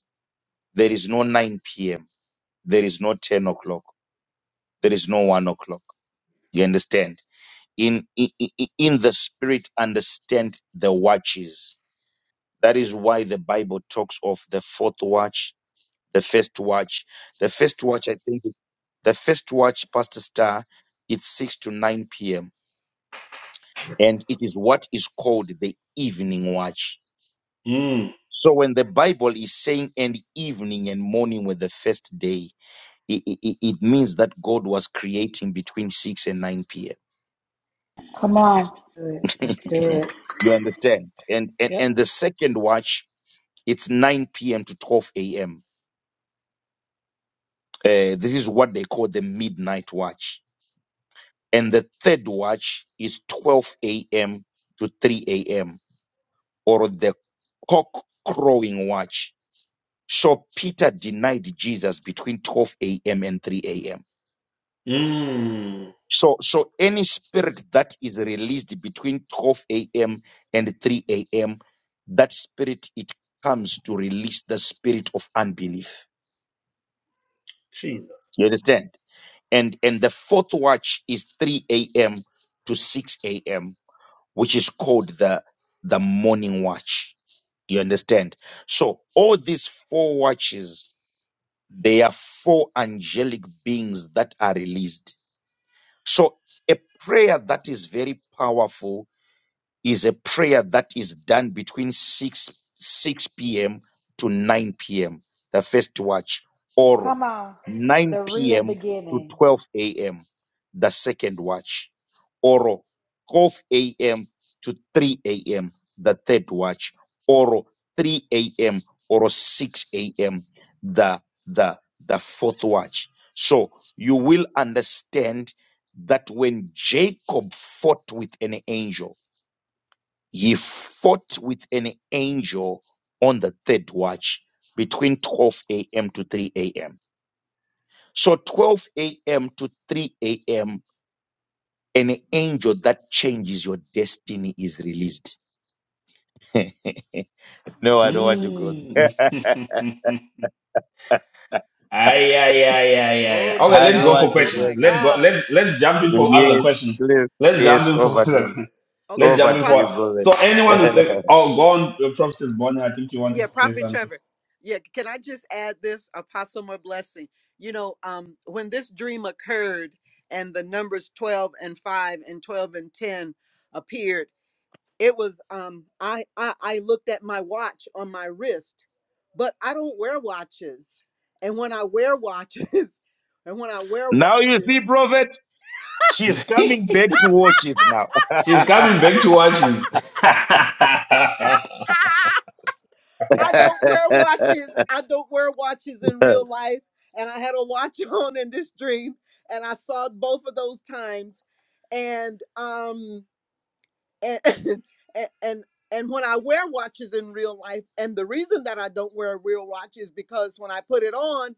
S5: there is no 9 p.m there is no 10 o'clock there is no 1 o'clock you understand in in, in in the spirit understand the watches that is why the bible talks of the fourth watch the first watch. The first watch, I think, the first watch, Pastor Star, it's 6 to 9 p.m. And it is what is called the evening watch.
S1: mm,
S5: So when the Bible is saying and evening and morning were the first day, it, it, it means that God was creating between 6 and 9 p.m.
S4: Come on. Good. That's good.
S5: you understand? And, and
S4: Yep.
S5: and the second watch, it's 9 p.m. to 12 a.m. Uh, this is what they call the midnight watch and the third watch is 12 a.m. to 3 a.m. or the cock crowing watch. So Peter denied Jesus between 12 a.m. and 3 a.m.
S1: mm.
S5: So, so any spirit that is released between 12 a.m. and 3 a.m., that spirit, it comes to release the spirit of unbelief.
S1: Jesus.
S5: You understand? And, and the fourth watch is 3 a.m. to 6 a.m which is called the the morning watch. You understand? So all these four watches, they are four angelic beings that are released. So a prayer that is very powerful is a prayer that is done between 6 6 p.m. to 9 p.m. the first watch oro
S4: Come on,
S5: 9
S4: the real
S5: p.m. to
S4: beginning.
S5: 12 a.m. the second watch oro 12 a.m. to 3 a.m. the third watch oro 3 a.m. or 6 a.m. the the the fourth watch so you will understand that when Jacob fought with an angel Ye fought with an angel on the third watch between 12 a.m. to 3 a.m. So 12 a.m. to 3 a.m., an angel that changes your destiny is released. no, I don't want to go there.
S1: Mm. Aye, aye, aye, aye, aye. aye.
S8: Oh
S1: Okay,
S8: my
S5: I
S1: let's
S5: don't
S1: go for
S5: want
S8: God.
S5: to
S8: Oh
S5: go
S1: questions.
S8: my
S5: there.
S1: Let's go.
S8: God.
S1: Let's let's jump in for other
S5: Yes,
S1: questions.
S5: please.
S1: Let's jump
S5: Yes,
S1: in for
S5: over to you.
S1: other.
S8: Okay.
S1: let's
S5: Over
S1: jump in
S8: Apo-
S5: to you,
S1: for.
S5: brother.
S1: So anyone who think, oh, go on, uh, Prophetess Bonnie. I think you wanted
S8: Yeah,
S1: to say
S8: Prophet
S1: something.
S8: Trevor. Yeah, can I just add this apostle more blessing? You know, um, when this dream occurred and the numbers 12 and 5 and 12 and 10 appeared, it was um I I, I looked at my watch on my wrist, but I don't wear watches. And when I wear watches, and when I wear
S5: now you
S8: watches,
S5: see, prophet, she's coming back to watches now.
S1: she's coming back to what
S8: I don't wear watches. I don't wear watches in real life. And I had a watch on in this dream, and I saw both of those times. And um and and and, and when I wear watches in real life, and the reason that I don't wear a real watch is because when I put it on,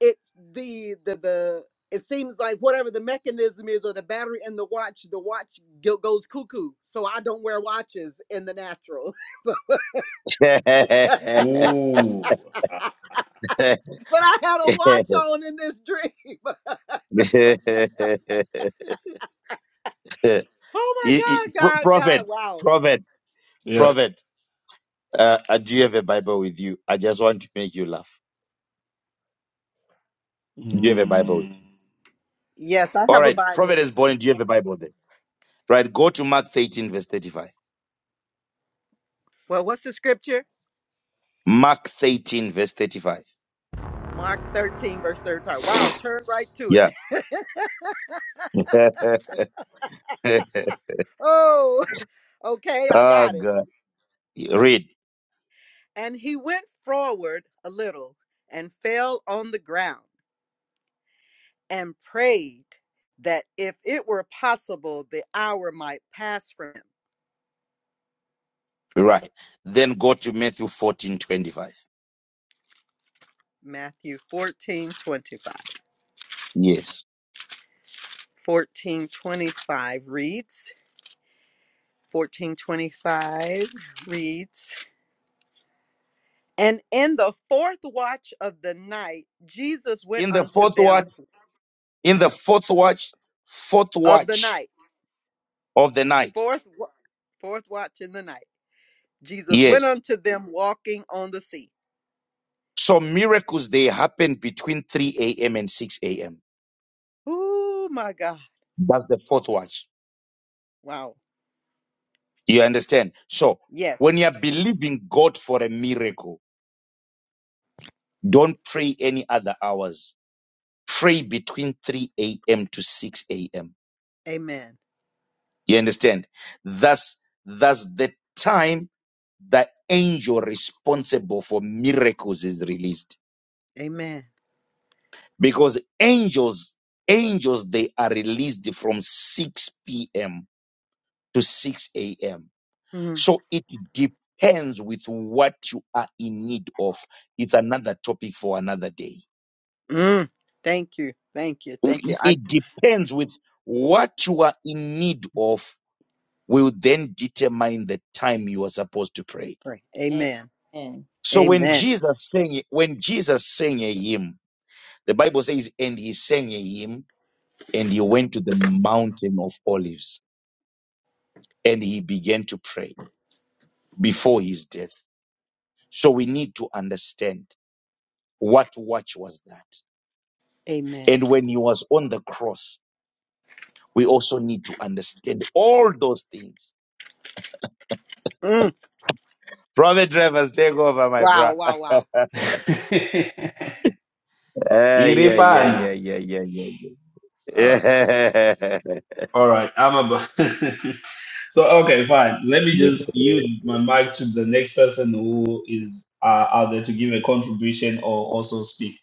S8: it's the the the it seems like whatever the mechanism is or the battery in the watch, the watch go- goes cuckoo. So I don't wear watches in the natural. so
S1: Ooh,
S8: but I had a watch on in this dream. oh
S5: You- you-
S8: my God,
S5: Pro-
S8: God,
S5: prophet,
S8: God, wow.
S5: prophet,
S1: yes.
S5: prophet. Uh, uh, do you have a Bible with you? I just want to make you laugh. Do you have a Bible with
S1: Mm.
S5: you?
S8: Yes, I
S5: All
S8: have a
S5: right.
S8: Bible.
S5: Prophet is born. Do you have a Bible then? Right. Go to Mark 13, verse 35.
S8: Well, what's the scripture?
S5: Mark 13, verse 35.
S8: Mark 13, verse 35. Wow, turn right to
S5: Yeah.
S8: it. oh, okay, I
S5: oh,
S8: got it.
S5: God. Read.
S8: And he went forward a little and fell on the ground and prayed that if it were possible, the hour might pass from him.
S5: Right. Then go to Matthew fourteen twenty-five.
S8: Matthew fourteen twenty-five.
S5: Yes.
S8: Fourteen twenty-five reads, 1425 reads, And in the fourth watch of the night, Jesus went
S5: In the
S8: unto
S5: fourth watch,
S8: them
S5: in the fourth watch, fourth
S8: of the
S5: watch
S8: night.
S5: of the night.
S8: Fourth, wa- fourth watch in the night. Jesus went
S5: Yes
S8: unto them walking on the sea.
S5: So miracles they happen between 3 a.m. and 6 a.m.
S8: Oh my God.
S5: That's the fourth watch.
S8: Wow.
S5: You understand? So
S8: Yes.
S5: when you are believing God for a miracle, don't pray any other hours. Pray between 3 a.m. to 6 a.m.
S8: Amen.
S5: You understand? That's that's the time the angel responsible for miracles is released.
S8: Amen.
S5: Because angels, angels, they are released from 6 p.m. to 6 a.m
S8: Mm.
S5: So it depends with what you are in need of. It's another topic for another day.
S8: Mm. Thank you. Thank you. Thank you. I
S5: It depends with what you are in need of will then determine the time you are supposed to pray.
S8: pray. Amen.
S6: Amen.
S5: So when
S8: Amen.
S5: Jesus sang, when Jesus sang a hymn, the Bible says, and he sang a hymn and he went to the mountain of olives and he began to pray before his death. So we need to understand what watch was that?
S8: Amen.
S5: And when he was on the cross, we also need to understand all those things.
S8: Mm.
S5: Private drivers, take over, my
S8: Wow.
S5: bra. Ah,
S8: Wow. Wow.
S5: yeah, yeah, yeah,
S1: Tiripano.
S5: yeah, yeah, yeah,
S1: Uh,
S5: Yeah.
S1: all right, I'm about. So okay, fine. Let me
S5: yeah.
S1: just yield my mic to the next person who is uh, out there to give a contribution or also speak.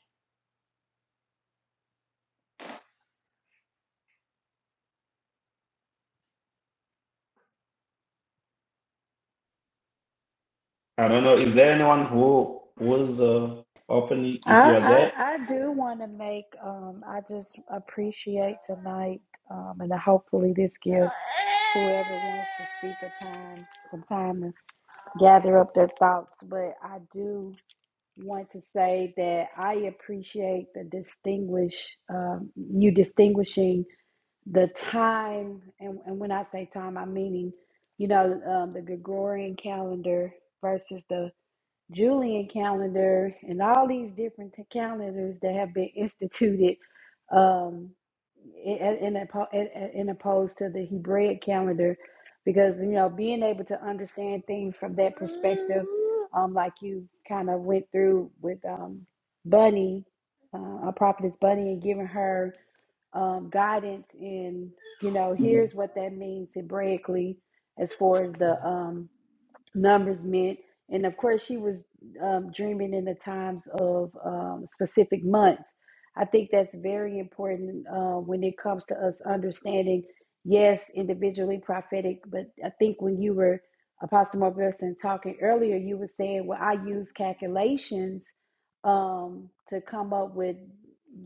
S1: I don't know. Is there anyone who was uh, open?
S4: I
S1: If you are there,
S4: I, I do want to make. Um, I just appreciate tonight, um, and hopefully this gives whoever wants to speak a time, some time to gather up their thoughts. But I do want to say that I appreciate the distinguish um, you distinguishing the time, and, and when I say time, I'm meaning you know um, the Gregorian calendar versus the Julian calendar, and all these different t- calendars that have been instituted um, in, in, oppo- in, in opposed to the Hebraic calendar, because you know being able to understand things from that perspective, um, like you kind of went through with um, Bunny, uh, a prophetess Bunny, and giving her um, guidance in you know here's what that means Hebraically as far as the um numbers meant. And of course, she was um, dreaming in the times of um, specific months. I think that's very important uh, when it comes to us understanding, yes, individually prophetic, but I think when you were Apostle Mark Wilson talking earlier, you were saying, well, I use calculations um, to come up with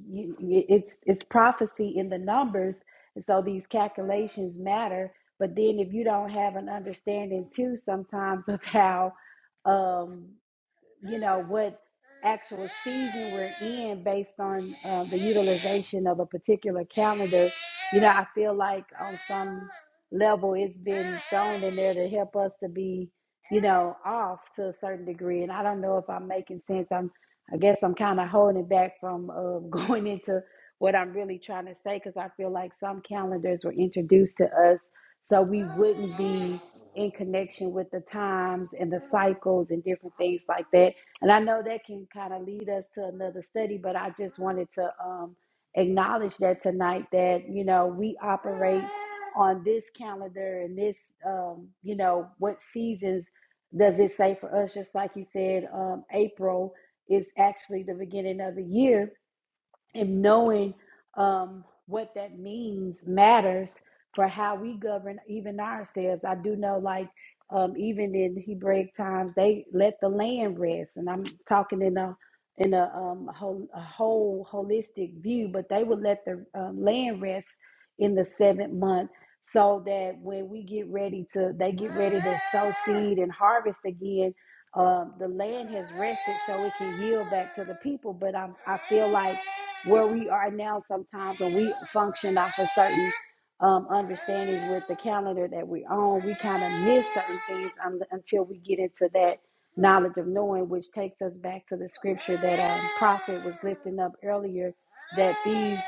S4: you, it's it's prophecy in the numbers, and so these calculations matter but then if you don't have an understanding too sometimes of how um you know, what actual season we're in based on uh, the utilization of a particular calendar. You know, I feel like on some level it's been thrown in there to help us to be, you know, off to a certain degree. And I don't know if I'm making sense. I'm, I guess I'm kind of holding back from uh, going into what I'm really trying to say because I feel like some calendars were introduced to us so we wouldn't be in connection with the times and the cycles and different things like that. And I know that can kind of lead us to another study, but I just wanted to um, acknowledge that tonight that, you know, we operate on this calendar and this, um, you know, what seasons does it say for us? Just like you said, um, April is actually the beginning of the year and knowing um, what that means matters for how we govern even ourselves. I do know, like, um, even in Hebraic times, they let the land rest, and I'm talking in a in a, um, whole, a whole holistic view, but they would let the um, land rest in the seventh month, so that when we get ready to, they get ready to sow seed and harvest again. Um, the land has rested, so it can yield back to the people. But I, I feel like where we are now sometimes when we function off of certain um, understandings with the calendar that we own, we kind of miss certain things un- until we get into that knowledge of knowing, which takes us back to the scripture that um, Prophet was lifting up earlier that these,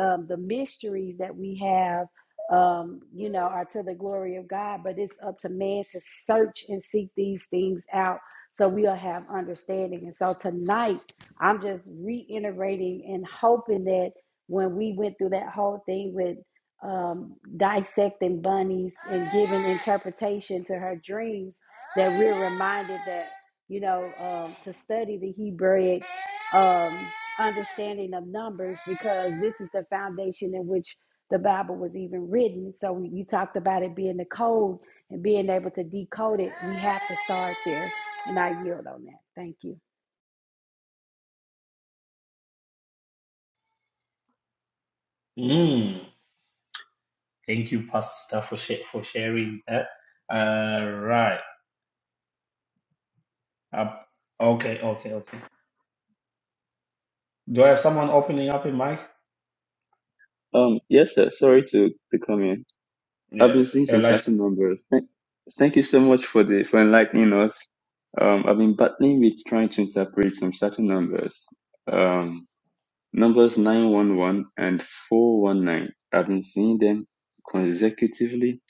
S4: um, the mysteries that we have, um, you know, are to the glory of God, but it's up to man to search and seek these things out so we'll have understanding. And so tonight, I'm just reiterating and hoping that when we went through that whole thing with um, dissecting bunnies and giving interpretation to her dreams, that we're reminded that, you know, um, to study the Hebraic um, understanding of numbers because this is the foundation in which the Bible was even written. So when you talked about it being the code and being able to decode it. We have to start there. And I yield on that. Thank you.
S1: mm, thank you, Pastor, Star, for sh- for sharing that. Uh, right. Up. okay. Okay. Okay. Do I have someone opening up a mic?
S9: Um, yes, sir. Sorry to to come in. I've been
S1: Yes,
S9: seeing some
S1: Elisha.
S9: certain numbers. Thank, thank you so much for the for enlightening us. Um, I've been battling with trying to interpret some certain numbers. Um, numbers nine one one and four one nine. I've been seeing them consecutively,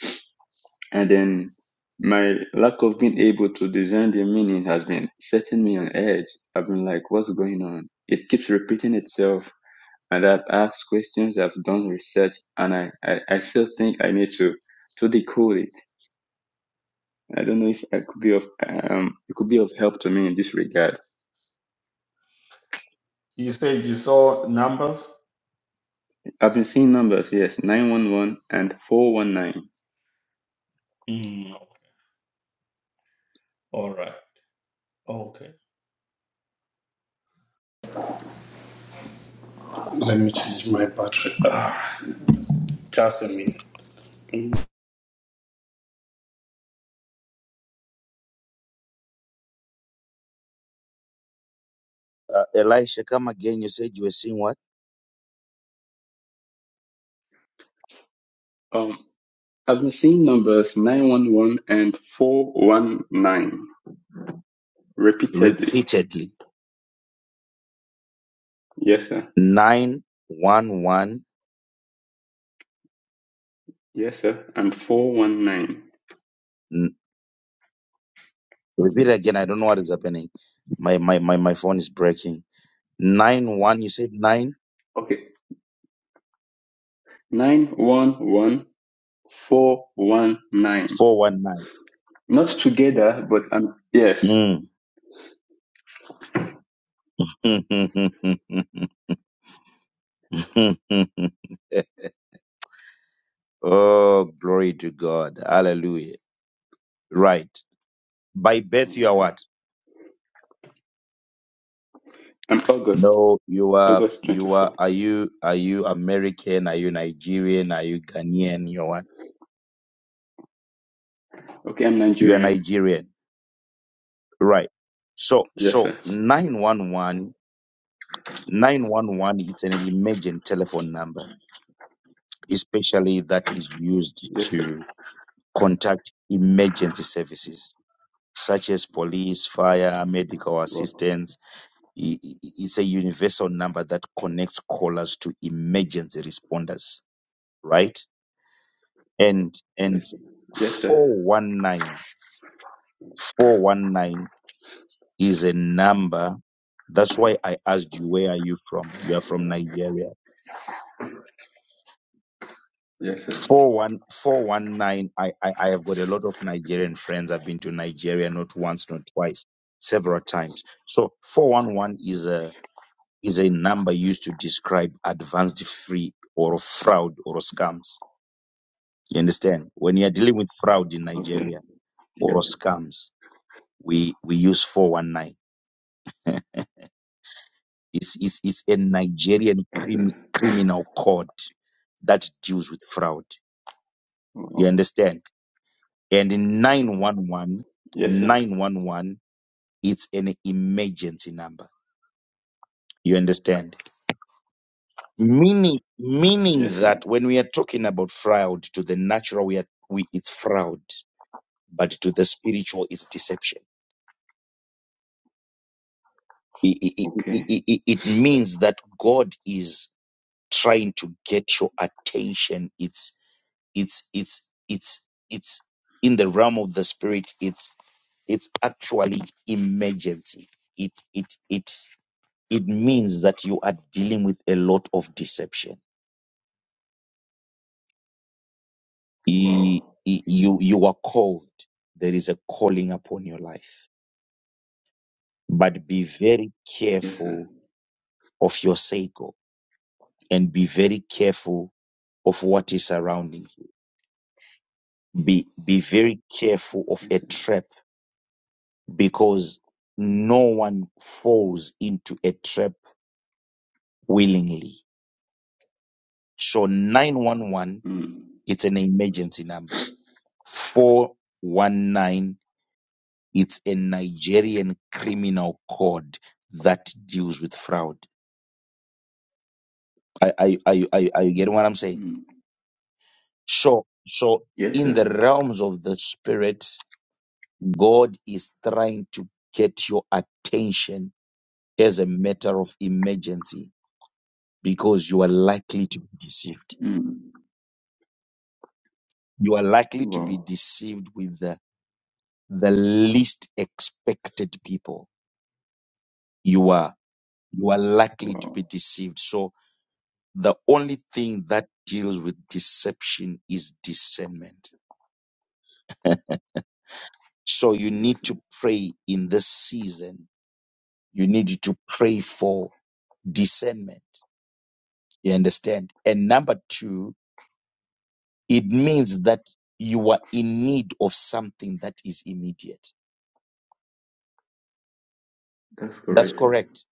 S9: and then my lack of being able to discern the meaning has been setting me on edge. I've been like, what's going on? It keeps repeating itself and I've asked questions, I've done research, and I, I, I still think I need to to decode it. I don't know if I could be of um it could be of help to me in this regard.
S1: You said you saw numbers.
S9: I've been seeing numbers, yes, nine one one and four one nine.
S1: Mm, all right. Okay. Let me change my battery. Ah, just a minute.
S5: Uh, Elisha, come again. You said you were seeing what?
S9: Um, I've been seeing numbers nine one one and four one nine repeatedly.
S5: Repeatedly.
S9: Yes, sir.
S5: 911.
S9: Yes, sir. And four one nine.
S5: N- Repeat again. I don't know what is happening. My, my, my, my phone is breaking. Nine one. You said
S9: Okay. Nine one one four one nine.
S5: 9419.
S9: Not together, but um yes.
S5: Mm. Oh, glory to God. Hallelujah. Right. By birth you are
S9: Yeah.
S5: what?
S9: I'm August,
S5: No, you are
S9: August
S5: you are
S9: 24th.
S5: are you are you American? Are you Nigerian? Are you Ghanaian? You are what?
S9: Okay, I'm
S5: You are
S9: Nigerian.
S5: Nigerian. Right. So
S9: Yes,
S5: so
S9: sir.
S5: nine one one nine one one. 911 is an emergent telephone number, especially that is used
S9: Yes, sir.
S5: to contact emergency services such as police, fire, medical
S9: Wow.
S5: assistance, I- i- It's a universal number that connects callers to emergency responders, right? And and
S9: Yes, sir. Yes,
S5: four
S9: sir.
S5: one nine 419 is a number. That's why I asked you, where are you from? You are from Nigeria.
S9: Yes, sir.
S5: Four one four one nine. I, I, I have got a lot of Nigerian friends. I've been to Nigeria not once, not twice, several times. So 411 is a is a number used to describe advanced free or fraud or scams You understand? When you are dealing with fraud in
S9: Okay.
S5: Nigeria or
S9: Yes,
S5: scams, we we use 419. It's it's, it's a Nigerian
S9: yes,
S5: crim,
S9: sir.
S5: criminal code that deals with fraud. You
S9: Wow.
S5: understand? And in 911,
S9: Yes, sir.
S5: it's an emergency number. You understand? Meaning meaning
S9: Yes, sir.
S5: that when we are talking about fraud to the natural we are we it's fraud, but to the spiritual it's deception. it, it, it,
S9: Okay.
S5: it it- means that God is trying to get your attention. It's it's it's it's it's in the realm of the spirit. It's it's actually emergency. It it it it means that you are dealing with a lot of deception. E-
S9: Wow.
S5: e- You you are called. There is a calling upon your life, but be very
S9: Yes, sir.
S5: careful of your sake. and be very careful of what is surrounding you. Be, be very careful of
S9: Yes,
S5: a
S9: sir.
S5: trap because no one falls into a trap willingly. So 911,
S9: Mm.
S5: it's an emergency number. 419, it's a Nigerian criminal code that deals with fraud. Are, are, are, you- are, you- are you getting what I'm saying?
S9: Mm.
S5: So, so
S9: Yes,
S5: in
S9: sir.
S5: the realms of the spirit, God is trying to get your attention as a matter of emergency because you are likely to be deceived.
S9: Mm.
S5: You are likely to be
S9: Wow.
S5: deceived with the, the least expected people. You are, you are likely to be
S9: Wow.
S5: deceived. So the only thing that deals with deception is discernment. So you
S9: Yes,
S5: need
S9: sir.
S5: to pray in this season. You need to pray for discernment. You understand? And number two, it means that you are in need of something that is immediate.
S9: That's
S5: That's
S9: correct, sir.
S5: correct.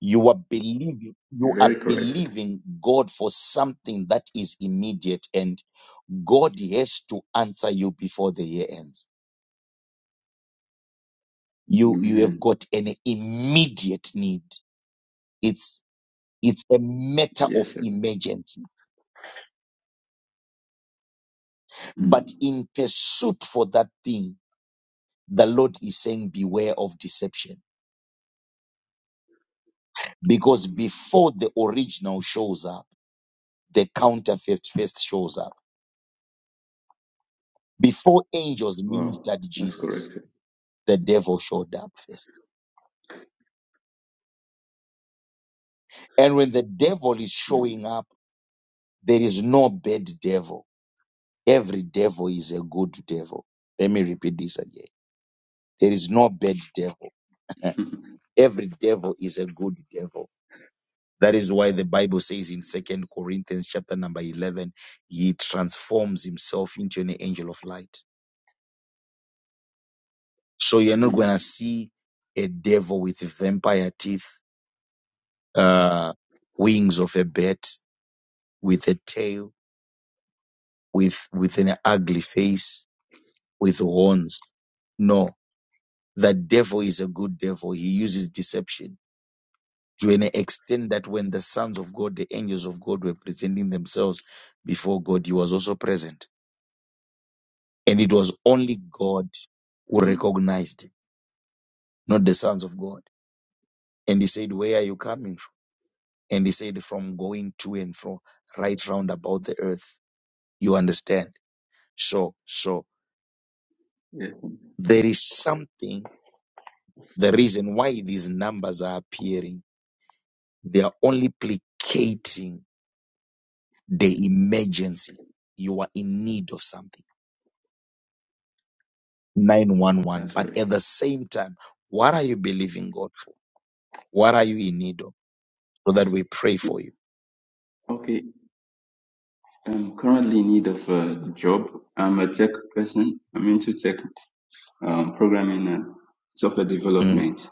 S5: You are believing, you are
S9: Very correct, sir.
S5: believing God for something that is immediate and God has to answer you before the year ends. You, you have
S9: Amen.
S5: got an immediate need. It's, it's a matter
S9: Yes,
S5: of
S9: sir.
S5: emergency. But
S9: Mm.
S5: in pursuit for that thing, the Lord is saying beware of deception because
S9: Mm.
S5: before the original shows up, the counterfeit first shows up. Before angels
S9: Wow.
S5: ministered
S9: That's
S5: Jesus,
S9: correct, sir.
S5: the devil showed up first. And when the devil is showing up, there is no bad devil. Every devil is a good devil. Let me repeat this again. There is no bad devil.
S9: Mm.
S5: Every devil is a good devil. That is why the Bible says in Second Corinthians chapter number 11, he transforms himself into an angel of light. So you're not going
S9: Mm.
S5: to see a devil with vampire teeth uh, wings of a bat, with a tail, with, with an ugly face, with horns. No, the devil is a good devil. He uses deception to an extent that when the sons of God, the angels of God were presenting themselves before God, he was also present. And it was only God who
S9: Mm.
S5: recognized him, not the sons of God. And he said, where are you coming from? And he said, from going to and fro, right round about the earth. You understand? So, so
S9: Yes.
S5: There is something, the reason why these numbers are appearing. They are only placating the emergency. You are in need of something. 911.
S9: That's
S5: But
S9: right.
S5: at the same time, what are you believing God for? What are you in need of? So that we pray for you.
S9: Okay, I'm currently in need of a job. I'm a tech person. I'm into tech um, programming and software
S5: Mm.
S9: development.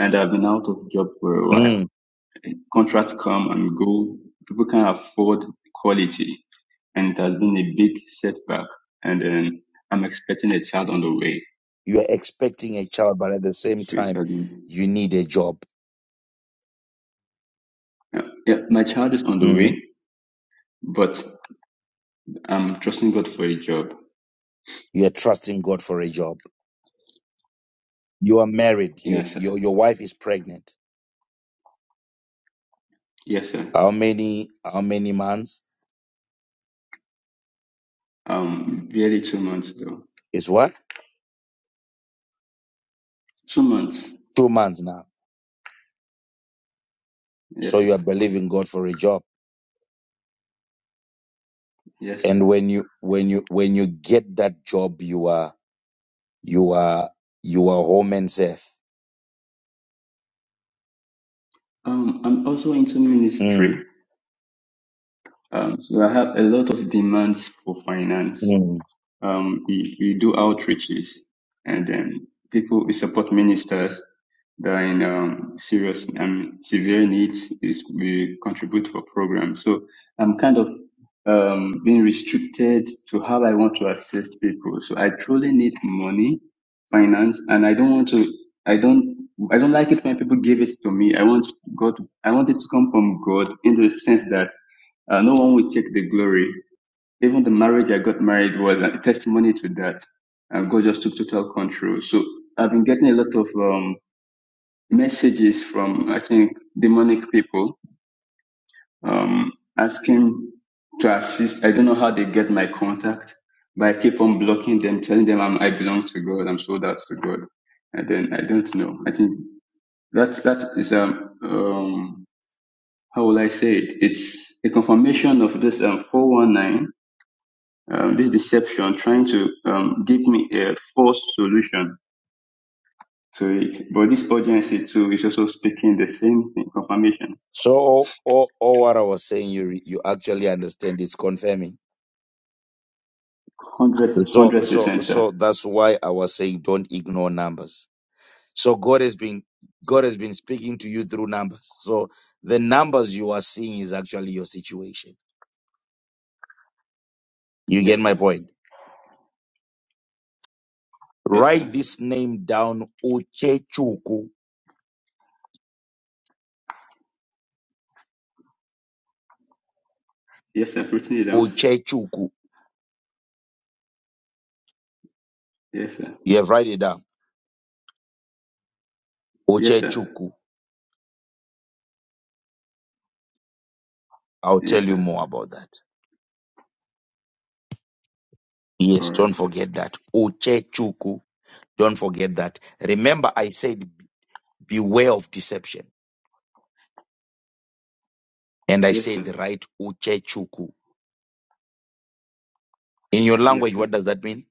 S9: And I've been out of job for a while.
S5: Mm.
S9: Contracts come and go. People can't afford quality. And it has been a big setback. And then I'm expecting a child on the way.
S5: You are expecting a child, but at the same
S9: So it
S5: time,
S9: has been,
S5: you need a job.
S9: yeah, yeah, my child is on the
S5: Mm.
S9: way, but I'm trusting God for a job.
S5: You are trusting God for a job. You are married. You,
S9: Yes, sir.
S5: your, your wife is pregnant.
S9: Yes, sir.
S5: How many, how many months?
S9: Um, barely two months though.
S5: Is what?
S9: Two months.
S5: two months now so
S9: Yes,
S5: you
S9: sir.
S5: are believing god for a job
S9: Yes, sir.
S5: and when you when you when you get that job you are you are you are home and safe
S9: Um, I'm also into
S5: mm.
S9: ministry. Um, so I have a lot of demands for finance.
S5: Mm.
S9: Um, we, we do outreaches and then people, we support ministers that are in um, serious, and mean, severe needs is we contribute for programs. So I'm kind of um, being restricted to how I want to assist people. So I truly need money, finance, and I don't want to. I don't. I don't like it when people give it to me. I want God. I want it to come from God in the sense that uh, no one will take the glory. Even the marriage I got married was a testimony to that. And God just took total control. So I've been getting a lot of um, messages from I think demonic people um, asking to assist. I don't know how they get my contact, but I keep on blocking them, telling them I'm, I belong to God, I'm sold out to God, and then I don't know. I think that's that is um, um how will I say it? It's a confirmation of this um, 419, um, this deception trying to um, give me a false solution to it. But this urgency too is also speaking the same thing, confirmation.
S5: so all, all, all what i was saying you re- you actually understand it's confirming
S9: Hundred,
S5: so
S9: hundred
S5: so
S9: percent, sir.
S5: so that's why i was saying don't ignore numbers so god has been god has been speaking to you through numbers so the numbers you are seeing is actually your situation you get
S9: Yes, sir.
S5: my point
S9: Yes,
S5: write
S9: sir.
S5: this name down Uchechuku
S9: Yes, sir. I've written it down.
S5: Uchechuku.
S9: Yes, sir.
S5: You have write it down.
S9: Yes, sir.
S5: Uchechuku. I'll tell
S9: Yes,
S5: you
S9: sir.
S5: more about that.
S9: All
S5: Yes,
S9: right,
S5: don't
S9: sir.
S5: forget that. Uchechuku. Don't forget that. Remember, I said beware of deception. And I
S9: Yes,
S5: said
S9: sir.
S5: the right Uchechuku. In your
S9: Yes,
S5: language,
S9: sir.
S5: what does that mean?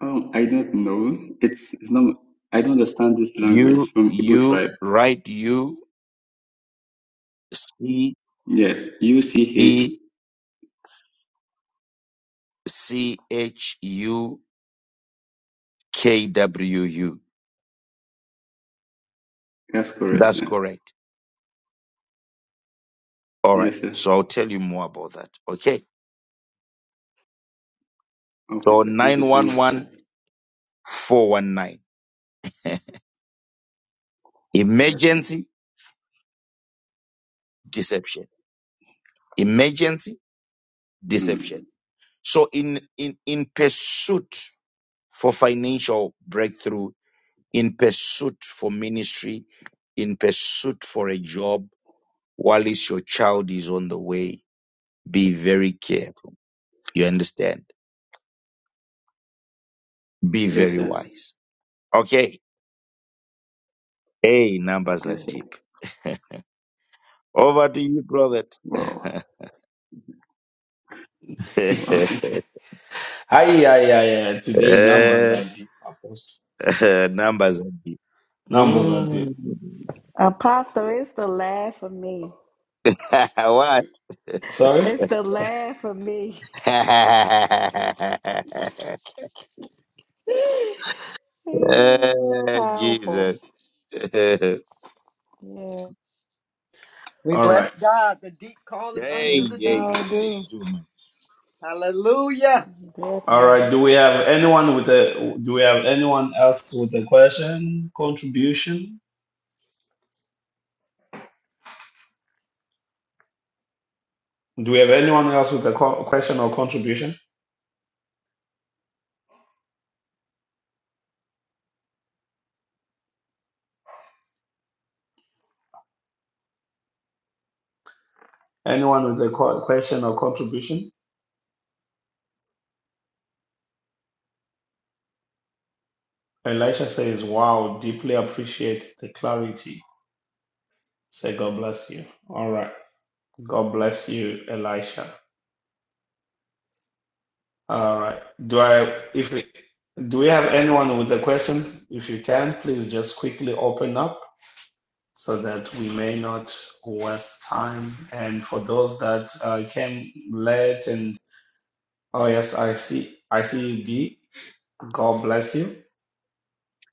S9: Um, I don't know. It's it's not. I don't understand this language. It's
S5: U
S9: from Igbo
S5: U
S9: tribe.
S5: write U C
S9: Yes, U C H.
S5: E C H U K W U.
S9: That's correct,
S5: That's
S9: sir.
S5: correct. All right.
S9: Yes, sir.
S5: So I'll tell you more about that. Okay.
S9: Okay,
S5: So
S9: sir. Thank you
S5: nine
S9: so
S5: one
S9: much, sir.
S5: one four one nine.
S9: Yes, sir.
S5: Emergency deception. Emergency
S9: Mm.
S5: deception. So in, in, in pursuit for financial breakthrough, in pursuit for ministry, in pursuit for a job, while it's your child is on the way, be very careful. You understand? Be
S9: Yes,
S5: very
S9: sir.
S5: wise. Okay. Hey, numbers are
S9: Yes, sir.
S5: deep. Over to you, prophet.
S9: Wow. Wow.
S1: Aye, aye, aye, aye. Today numbers are deep, Apostle.
S5: numbers are deep.
S1: Numbers are deep.
S5: Mm.
S4: Apostle, it's the laugh for me.
S5: What?
S1: Sorry?
S4: It's the laugh for me.
S5: Eh,
S4: Powerful.
S5: Jesus. hey,
S4: Yeah,
S8: We
S1: All
S8: bless
S1: right.
S8: God. The deep calleth unto
S5: hey,
S4: it
S8: the deep.
S5: hey,
S4: sure do.
S5: too much.
S8: Hallelujah.
S1: All
S4: Definitely
S1: right.
S4: do.
S1: Do we have anyone with a do we have anyone else with a question, contribution? Do we have anyone else with a co- question or contribution? Anyone with a co- question or contribution? Elisha says, Wow, deeply appreciate the clarity. Say God bless you. All right. God bless you, Elisha. All right. Do I, if we, do we have anyone with a question? If you can, please just quickly open up so that we may not waste time. And for those that uh, came late and, oh yes, I see, I see you, D. God bless you.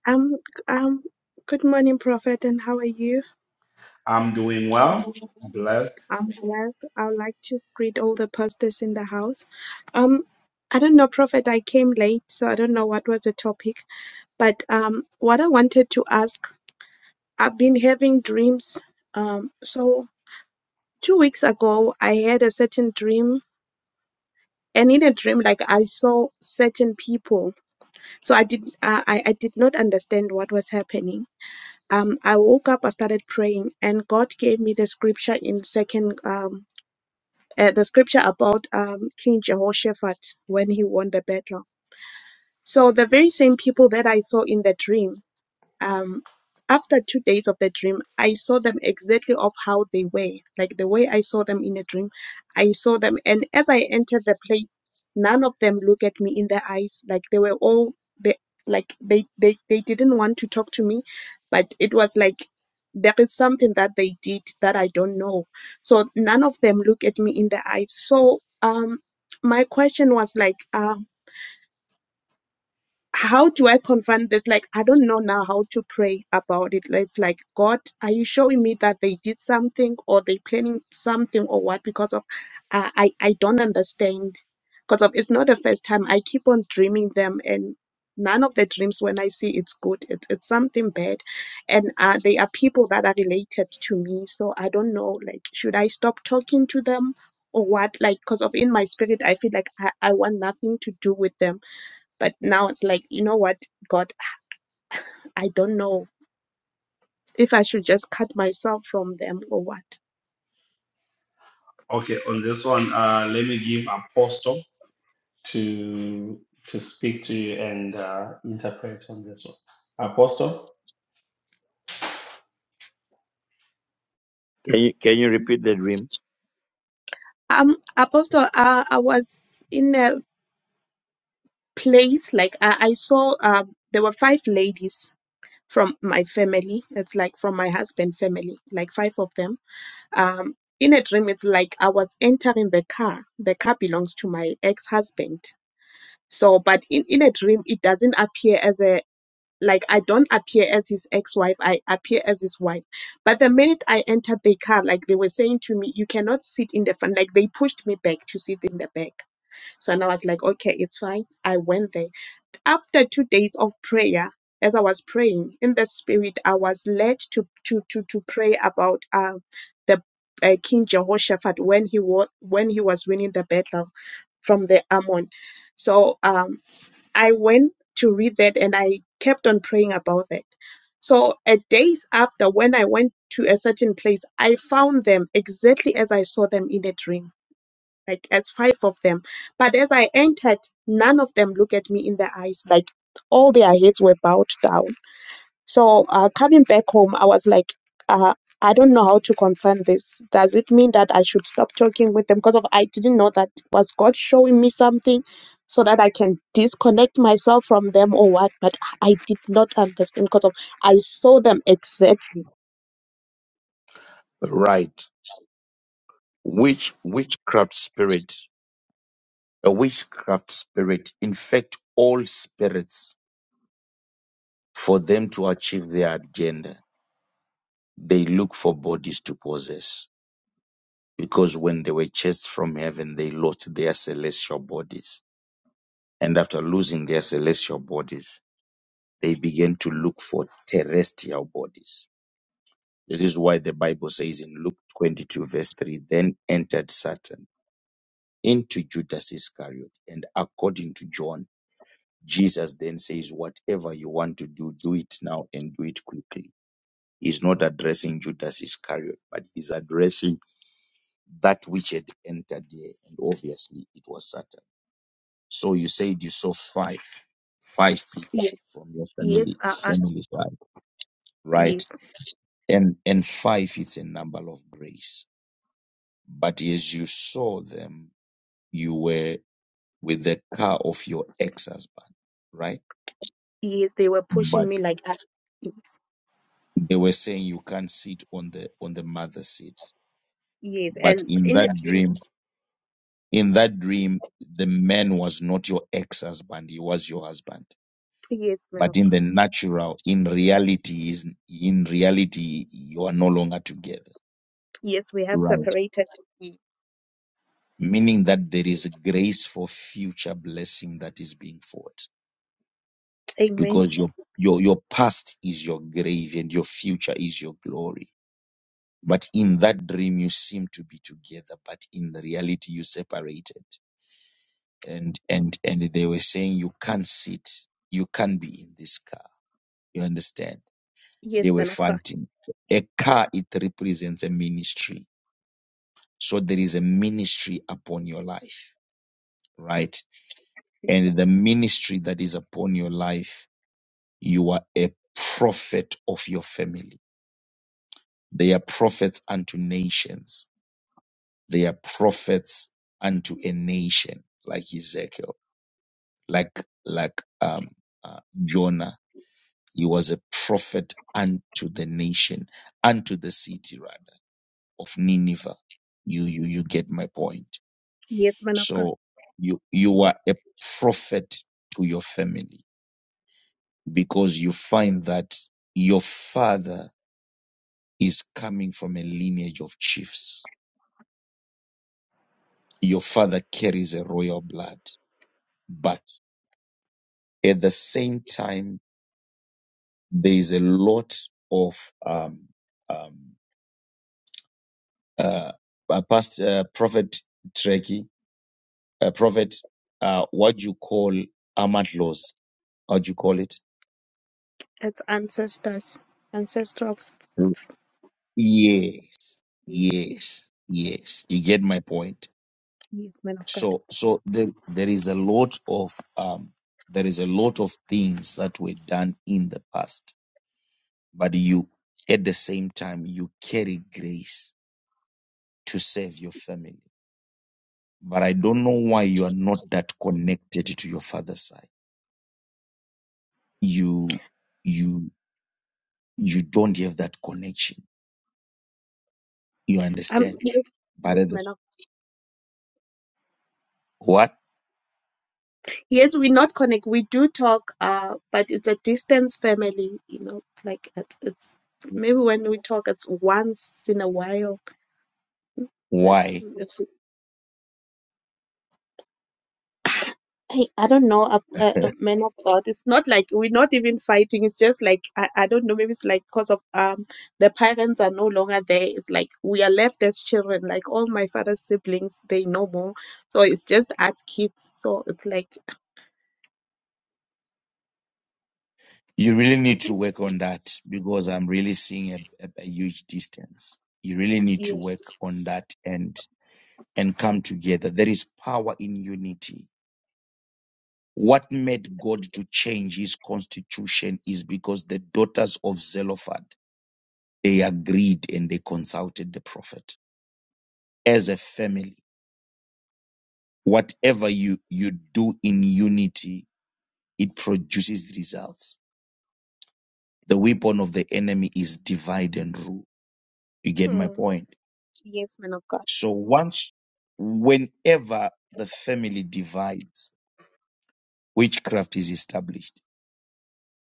S10: Um, um, good morning, Prophet, and how are you?
S1: I'm doing well. Blessed.
S10: I'm blessed. I would like to greet all the pastors in the house. Um, I don't know, Prophet, I came late, so I don't know what was the topic, but um, what I wanted to ask, I've been having dreams. Um, so two weeks ago, I had a certain dream, and in a dream, like I saw certain people. So I did, I I I did not understand what was happening um, I woke up, I started praying, and God gave me the scripture in second, um, uh, the scripture about um, King Jehoshaphat when he won the battle. So the very same people that I saw in the dream um, after two days of the dream, I saw them exactly of how they were, like the way I saw them in a dream. I saw them, and as I entered the place, none of them looked at me in the eyes. Like they were all they like they they they didn't want to talk to me, but it was like there is something that they did that I don't know. So none of them look at me in the eyes. So um, my question was like, uh, how do I confront this? Like, I don't know now how to pray about it. It's like, God, are you showing me that they did something or they planning something or what? Because of, I I, I don't understand. Because of, it's not the first time. I keep on dreaming them and none of the dreams when I see it's good. It's, it's something bad. And uh, they are people that are related to me. So I don't know, like, should I stop talking to them? Or what, like, because of in my spirit, I feel like I, I want nothing to do with them but now it's like, you know what, God, I don't know if I should just cut myself from them or what.
S1: Okay. On this one, uh, let me give Apostle to, to speak to you and uh, interpret on this one. Apostle?
S5: Can you can you repeat the dream?
S10: Um, Apostle, uh, I was in a place like I, I saw um, there were five ladies from my family. It's like from my husband family, like five of them. Um, in a dream, it's like I was entering the car. The car belongs to my ex-husband. So, but in, in a dream, it doesn't appear as a like I don't appear as his ex-wife. I appear as his wife. But the minute I entered the car, like they were saying to me, you cannot sit in the front. Like they pushed me back to sit in the back. So and I was like, okay, it's fine. I went there after two days of prayer, as I was praying in the spirit, I was led to to to to pray about uh, the uh, King Jehoshaphat when he was when he was winning the battle from the Ammon. So um, I went to read that, and I kept on praying about that. So a days after, when I went to a certain place, I found them exactly as I saw them in a dream like as five of them. But as I entered, none of them looked at me in the eyes. Like all their heads were bowed down. So uh, coming back home, I was like, uh, I don't know how to confront this. Does it mean that I should stop talking with them? Because of I didn't know that was God showing me something so that I can disconnect myself from them or what. But I did not understand because of I saw them exact.
S5: Right. Which witchcraft spirit? A witchcraft spirit infect all spirits for them to achieve their agenda. They look for bodies to possess because when they were chased from heaven, they lost their celestial bodies. And after losing their celestial bodies, they began to look for terrestrial bodies. This is why the Bible says in Luke 22, verse 3 Then entered Satan into Judas Iscariot. And according to John, Jesus then says, Whatever you want to do, do it now and do it quickly. He's not addressing Judas Iscariot, but he's addressing that which had entered there. And obviously, it was Satan. So you said you saw five, five people
S10: Yes,
S5: from your family,
S10: yes, uh, uh,
S5: family side, right?
S10: yes,
S5: and and five it's a number of grace but as you saw them you were with the car of your ex-husband right
S10: yes. They were pushing
S5: but
S10: me like, uh, yes,
S5: they were saying you can't sit on the on the mother's seat
S10: yes.
S5: but
S10: And
S5: in
S10: in a
S5: that
S10: dream,
S5: dream in that dream the man was not your ex-husband he was your husband
S10: yes, man
S5: but
S10: of
S5: in the
S10: God.
S5: natural in reality is in reality you are no longer together
S10: Yes, we have
S5: right
S10: separated. Ye-
S5: meaning that there is grace for future blessing that is being fought
S10: Amen.
S5: because your your your past is your grave and your future is your glory but in that dream you seem to be together but in the reality you separated and and and they were saying you can't sit you can't be in this car you understand they
S10: Yes,
S5: were
S10: man of God.
S5: fighting a car it represents a ministry so there is a ministry upon your life right
S10: Yes,
S5: and the
S10: Apostle.
S5: ministry that is upon your life you are a prophet of your family They are prophets unto nations. They are prophets unto a nation, like Ezekiel, like like um, uh, Jonah. He was a prophet unto the nation, unto the city rather of Nineveh. You you you get my point.
S10: Yes, man of God.
S5: So you you are a prophet to your family because you find that your father is coming from a lineage of chiefs. Your father carries a royal blood but at the same time, there is a lot of um, um, uh, uh, past uh, prophet Trekkie, uh, prophet, uh, what do you call Ahmad laws? How do you call it?
S10: That's ancestors, ancestrals.
S5: Mm. Yeah,
S10: Mm,
S5: yes, yes. You get my point.
S10: Yes, man of God.
S5: So, so there, there is a lot of um, there is a lot of things that were done in the past, but you at the same time you carry grace to save your family but I don't know why you are not that connected to your father's side. You, you, you don't have that connection. You
S10: Um,
S5: understand?
S10: yes,
S5: But
S10: yes,
S5: at this,
S10: man of.
S5: what?
S10: Yes, we not connect. We do talk. Uh, but it's a distance family. You know, like it's, it's maybe when we talk, it's once in a while.
S5: Why?
S10: I, I don't know, uh, uh, uh, men of God. It's not like we're not even fighting. It's just like I, I don't know. Maybe it's like because of um the parents are no longer there. It's like we are left as children. Like all my father's siblings, they no more. So it's just us kids. So it's like
S5: You really need to work on that because I'm really seeing a, a, a huge distance. You really need to
S10: yeah.
S5: work on that and, and come together. There is power in unity. What made God to change his constitution is because the daughters of Zelophehad, they agreed and they consulted the prophet as a family. Whatever you, you do in unity, it produces results. The weapon of the enemy is divide and rule. You get my
S10: Hmm.
S5: point?
S10: Yes, man of God.
S5: So once, whenever the family divides, witchcraft is established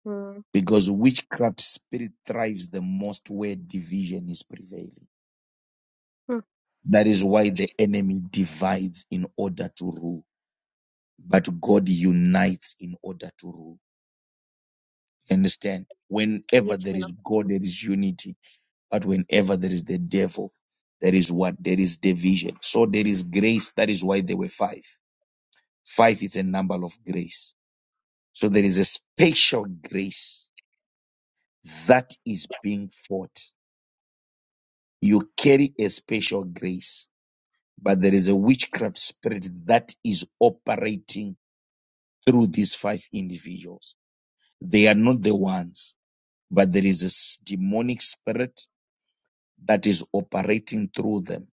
S10: Hmm.
S5: because witchcraft spirit thrives the most where division is prevailing.
S10: Hmm.
S5: That is why the enemy divides in order to rule, but God unites in order to rule. understand? Whenever
S10: Yes,
S5: there
S10: man of
S5: is God, there is unity. But whenever there is the devil, there is what? There is division. So there is grace. That is why there were five. Five is a number of grace. So there is a special grace that is being fought. You carry a special grace, but there is a witchcraft spirit that is operating through these five individuals. They are not the ones, but there is a s- demonic spirit that is operating through them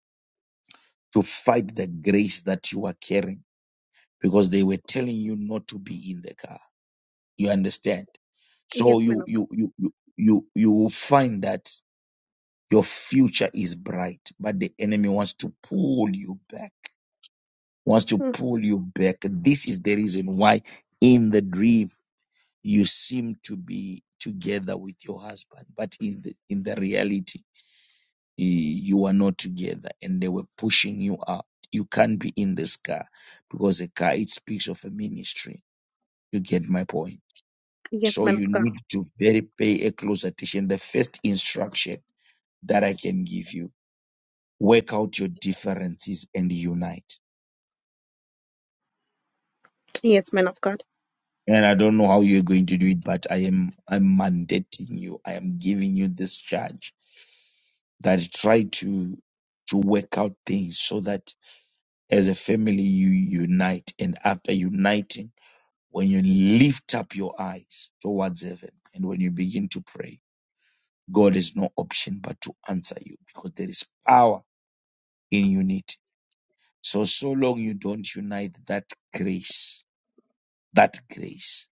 S5: to fight the grace that you are carrying because they were telling you not to be in the car. You understand? So
S10: Yes, man
S5: you
S10: of God.
S5: you you you you, you will find that your future is bright, but the enemy wants to pull you back. Wants to
S10: Mm.
S5: pull you back. This is the reason why in the dream you seem to be together with your husband, but in the in the reality you are not together and they were pushing you out. You can't be in this car because a car it speaks of a ministry. You get my point.
S10: Yes,
S5: So
S10: man
S5: you
S10: of God.
S5: need to very pay a close attention. The first instruction that I can give you, work out your differences and unite.
S10: Yes, man of God.
S5: And I don't know how you're going to do it, but I am I'm mandating you. I am giving you this charge that try to to work out things so that As a family, you unite, and after uniting, when you lift up your eyes towards heaven and when you begin to pray, God has no option but to answer you because there is power in unity. So, so long you don't unite that grace, that grace,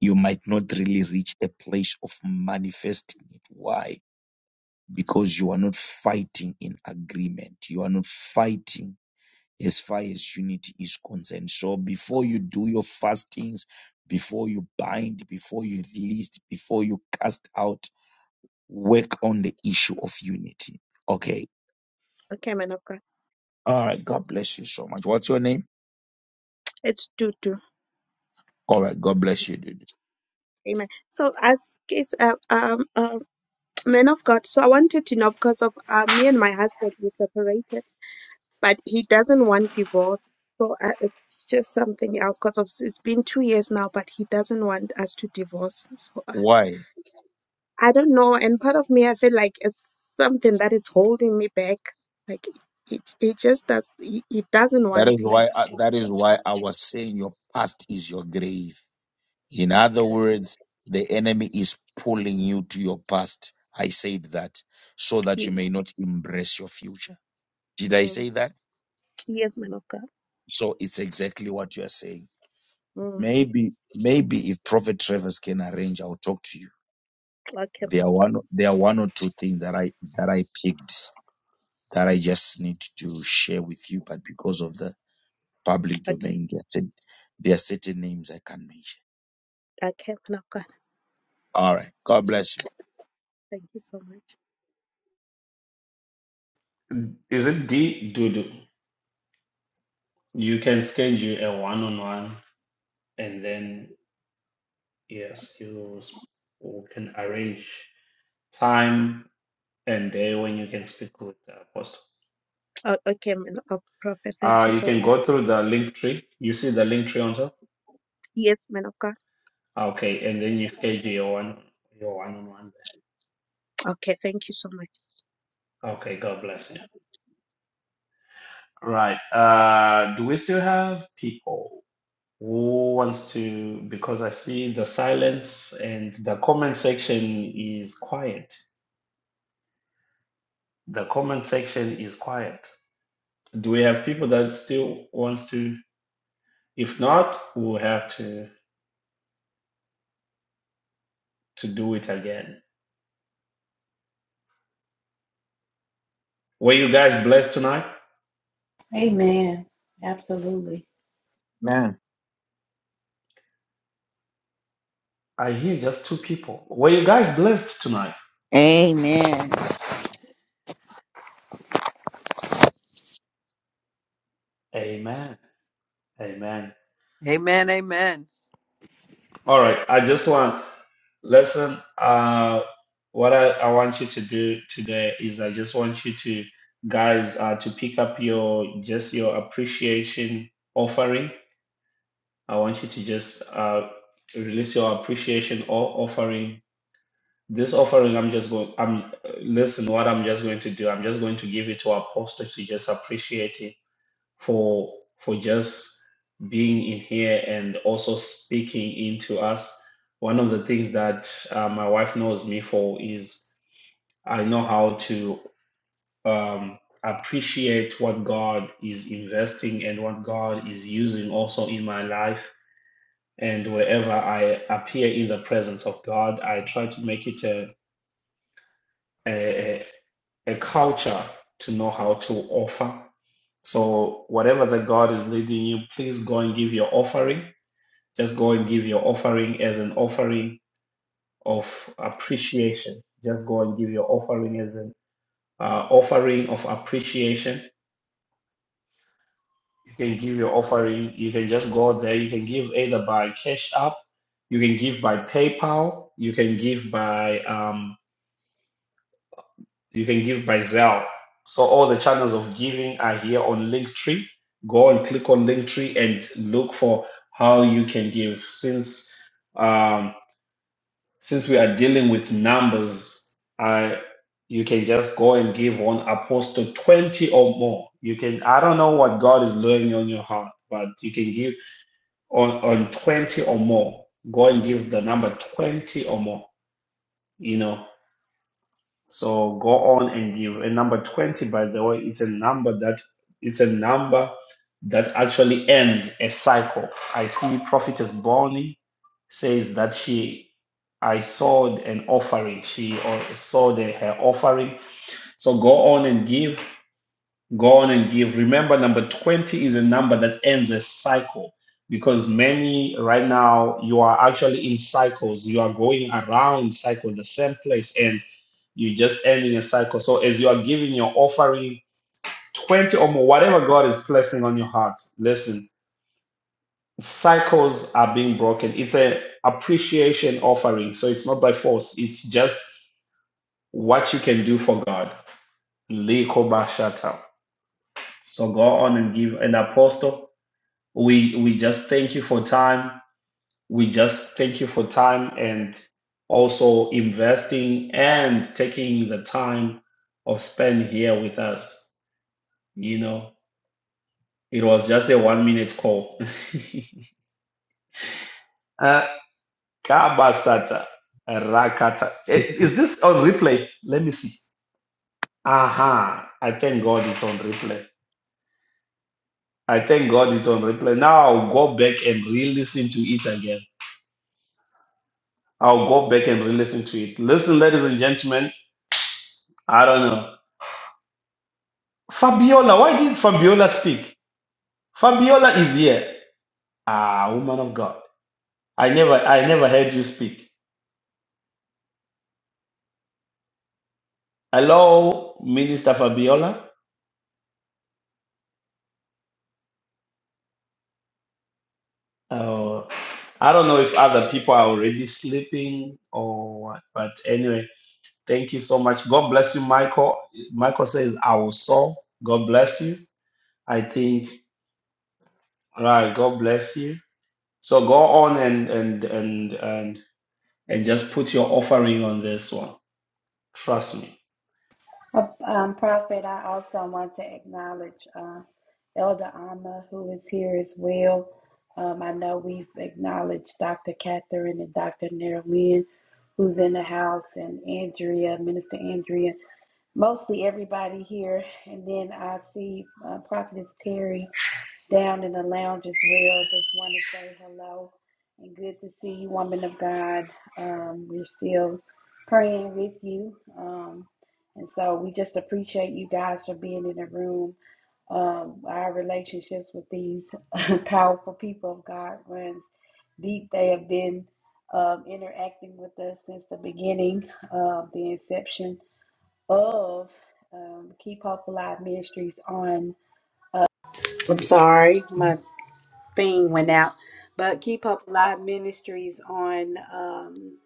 S5: you might not really reach a place of manifesting it. Why? Because you are not fighting in agreement. You are not fighting as far as unity is concerned. So before you do your fastings, before you bind, before you release, before you cast out, when the eve of unity. Okay.
S10: Okay, man of God.
S5: All right. God bless you so much. What's your name?
S10: It's two two.
S5: All right. God bless you, dude.
S10: Amen. So, as case, uh, um, uh, man of God. So, I wanted to know because of uh, me and my husband, we separated, but he doesn't want divorce. So, uh, it's just something else because of it's been two years now, but he doesn't want us to divorce. So, uh,
S5: Why?
S10: I don't know. And part of me, I feel like it's something that is holding me back. Like it, it just does. It, it doesn't
S5: That
S10: want
S5: is why.
S10: like.
S5: I, that is why I was saying your past is your grave. In other
S10: Okay.
S5: words, the enemy is pulling you to your past. I said that so that you
S10: Ye-
S5: may not embrace your future. Did I
S10: Mm,
S5: say that?
S10: Yes, man of God.
S5: So it's exactly what you are saying.
S10: mm.
S5: Maybe, maybe if Prophet Travers can arrange, I'll talk to you.
S10: Okay,
S5: There
S10: man.
S5: are one, there are one or two things that I that I picked that I just need to share with you, but because of the public
S10: okay,
S5: domain, there are certain, there are certain names I can't mention.
S10: okay, man of God.
S5: All right, God bless you,
S10: Thank you so much.
S1: Is it D Dudu? You can schedule a one-on-one, and then yes, you will s- you can arrange time and day when you can speak with the apostle.
S10: Oh, okay, man of prophet. Thank
S1: Uh,
S10: you
S1: you
S10: so
S1: can go
S10: much.
S1: through the link tree. You see the link tree on top?
S10: Yes, man of God.
S1: Okay, and then you schedule your one your one-on-one.
S10: Okay, thank you so much.
S1: there. Okay, God bless you. Right. Uh, do we still have people who wants to? Because I see the silence and the comment section is quiet. The comment section is quiet. Do we have people that still wants to? If not, we'll have to to do it again. Were you guys blessed tonight?
S4: Amen. Absolutely.
S7: man.
S1: I hear just two people. Were you guys blessed tonight?
S6: Amen.
S1: Amen. Amen.
S8: Amen. Amen.
S1: All right. I just want listen. Uh, what I, I want you to do today is I just want you to guys uh, to pick up your just your appreciation offering I want you to just uh, release your appreciation or offering. This offering, I'm just going. I'm uh, listen. What I'm just going to do, I'm just going to give it to Apostle to just appreciate it for for just being in here and also speaking into us. One of the things that uh, my wife knows me for is I know how to um, appreciate what God is investing and what God is using also in my life and wherever I appear in the presence of God, I try to make it a, a, a culture to know how to offer. So, whatever that God is leading you, please go and give your offering. Just go and give your offering as an offering of appreciation. Just go and give your offering as an uh, offering of appreciation. You can give your offering. You can just go there. You can give either by Cash App, you can give by PayPal, you can give by um, You can give by Zelle. So all the channels of giving are here on Linktree. Go and click on Linktree and look for how you can give. Since um, since we are dealing with numbers, I you can just go and give one apostle 20 or more. You can I don't know what God is laying on your heart, but you can give on on 20 or more. Go and give the number 20 or more. You know so go on and give. And number 20, by the way, it's a number that it's a number that actually ends a cycle. I see Prophetess Bonnie says that she I sold an offering. She or sold her offering. So go on and give Go on and give. Remember, number 20 is a number that ends a cycle because many right now you are actually in cycles. You are going around cycle, the same place, and you're just ending a cycle. So as you are giving your offering, 20 or more, whatever God is placing on your heart, listen, cycles are being broken. It's an appreciation offering. So it's not by force. It's just what you can do for God. Likobashata. So go on and give an apostle. we we just thank you for time we just thank you for time and also investing and taking the time of spend here with us you know it was just a one minute call Uh, kabasata rakata Eh, is this on replay let me see aha Uh-huh. i thank god it's on replay i thank god it's on replay now i'll go back and re-listen to it again i'll go back and re-listen to it listen ladies and gentlemen I don't know. Fabiola, why did Fabiola speak? Fabiola is here. Ah, woman of God. I never I never heard you speak. Hello, Minister Fabiola. Uh, I don't know if other people are already sleeping or what, but anyway, thank you so much. God bless you, Michael. Michael says, Our soul. God bless you. I think, right, God bless you. So go on and and and and and just put your offering on this one. Trust me.
S4: Uh, Um, Prophet, I also want to acknowledge uh, Elder Alma, who is here as well. Um, I know we've acknowledged Dr. Catherine and Dr. Nerlin, who's in the house, and Andrea, Minister Andrea. mostly everybody here. And then I see uh, Prophetess Terry down in the lounge as well. Just want to say hello and good to see you, woman of God. Um, we're still praying with you. Um, and so we just appreciate you guys for being in the room. Um, our relationships with these powerful people of God runs deep. They have been um, interacting with us since the beginning, uh, the inception of um, Keep Hope Alive Ministries on I'm sorry, my thing went out. But Keep Up Live Ministries on um,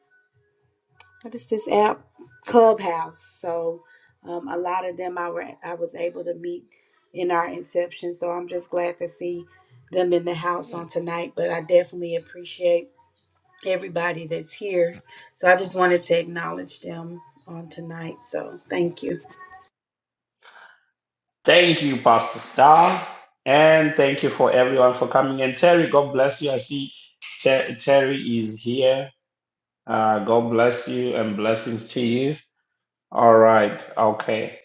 S4: what is this app? Clubhouse. So um, a lot of them I were I was able to meet in our inception. So I'm just glad to see them in the house on tonight. But I definitely appreciate everybody that's here. So I just wanted to acknowledge them on tonight. So thank you.
S1: Thank you, Pastor Star. And thank you for everyone for coming. And Terry, God bless you. I see Ter- Terry is here. Uh, God bless you and blessings to you. All right. Okay.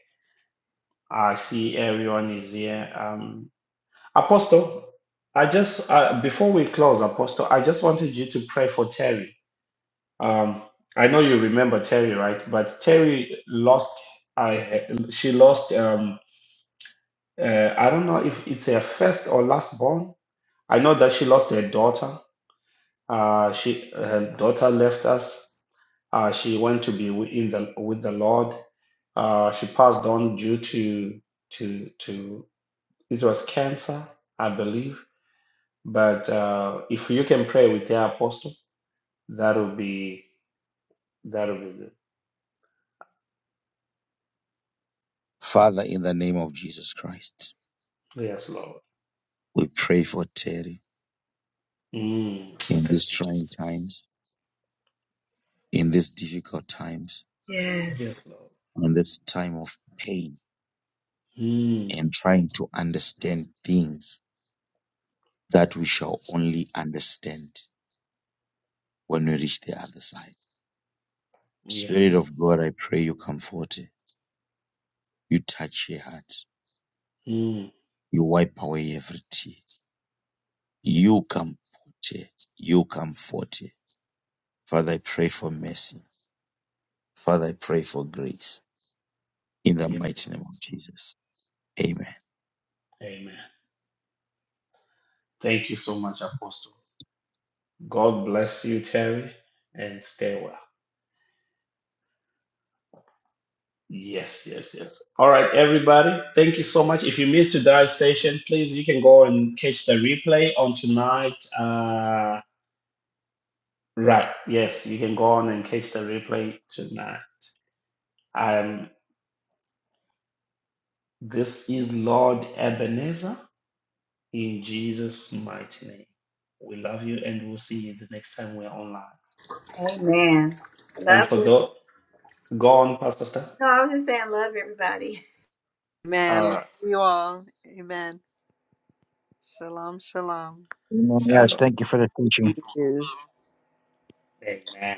S1: I see everyone is here. Um, Apostle, I just, uh, before we close, Apostle, I just wanted you to pray for Terry. Um, I know you remember Terry, right? But Terry lost, I, she lost, um, uh, I don't know if it's her first or last born I know that she lost her daughter. Uh, she her daughter left us. Uh, she went to be wi- in the with the Lord. Uh, she passed on due to to to it was cancer, I believe. But uh, if you can pray with the apostle, that will be that will be good.
S5: Father. In the name of Jesus Christ,
S1: Yes, Lord.
S5: we pray for Terry
S1: Mm,
S5: in
S1: thank
S5: these
S1: you,
S5: trying
S1: Jesus.
S5: times, in these difficult times,
S1: Yes, Lord.
S5: in this time of pain
S1: Mm,
S5: and trying to understand things that we shall only understand when we reach the other side. Spirit
S1: yes,
S5: of God, I pray you comfort her. You touch her heart.
S1: Lord. Mm,
S5: You wipe away every tear. You comfort her. You comfort her. Father, I pray for mercy. Father, I pray for grace. In the
S1: yes,
S5: mighty
S1: Lord.
S5: name of Jesus. Amen.
S1: Amen. Thank you so much, Apostle. God bless you, Terry, and stay well. Yes, yes, yes. All right, everybody. Thank you so much. If you missed today's session, please you can go and catch the replay on tonight. Uh, right. Yes, you can go on and catch the replay tonight. Um, this is Lord Ebenezer in Jesus' mighty name. We love you, and we'll see you the next time we're online. And for those, go on, Pastor Stan.
S8: Amen.
S1: All right.
S8: Love you all. Amen. Shalom. Shalom.
S7: Amen. Yes.
S1: Shalom.
S7: Thank you for the teaching.
S6: Amen.
S1: Amen.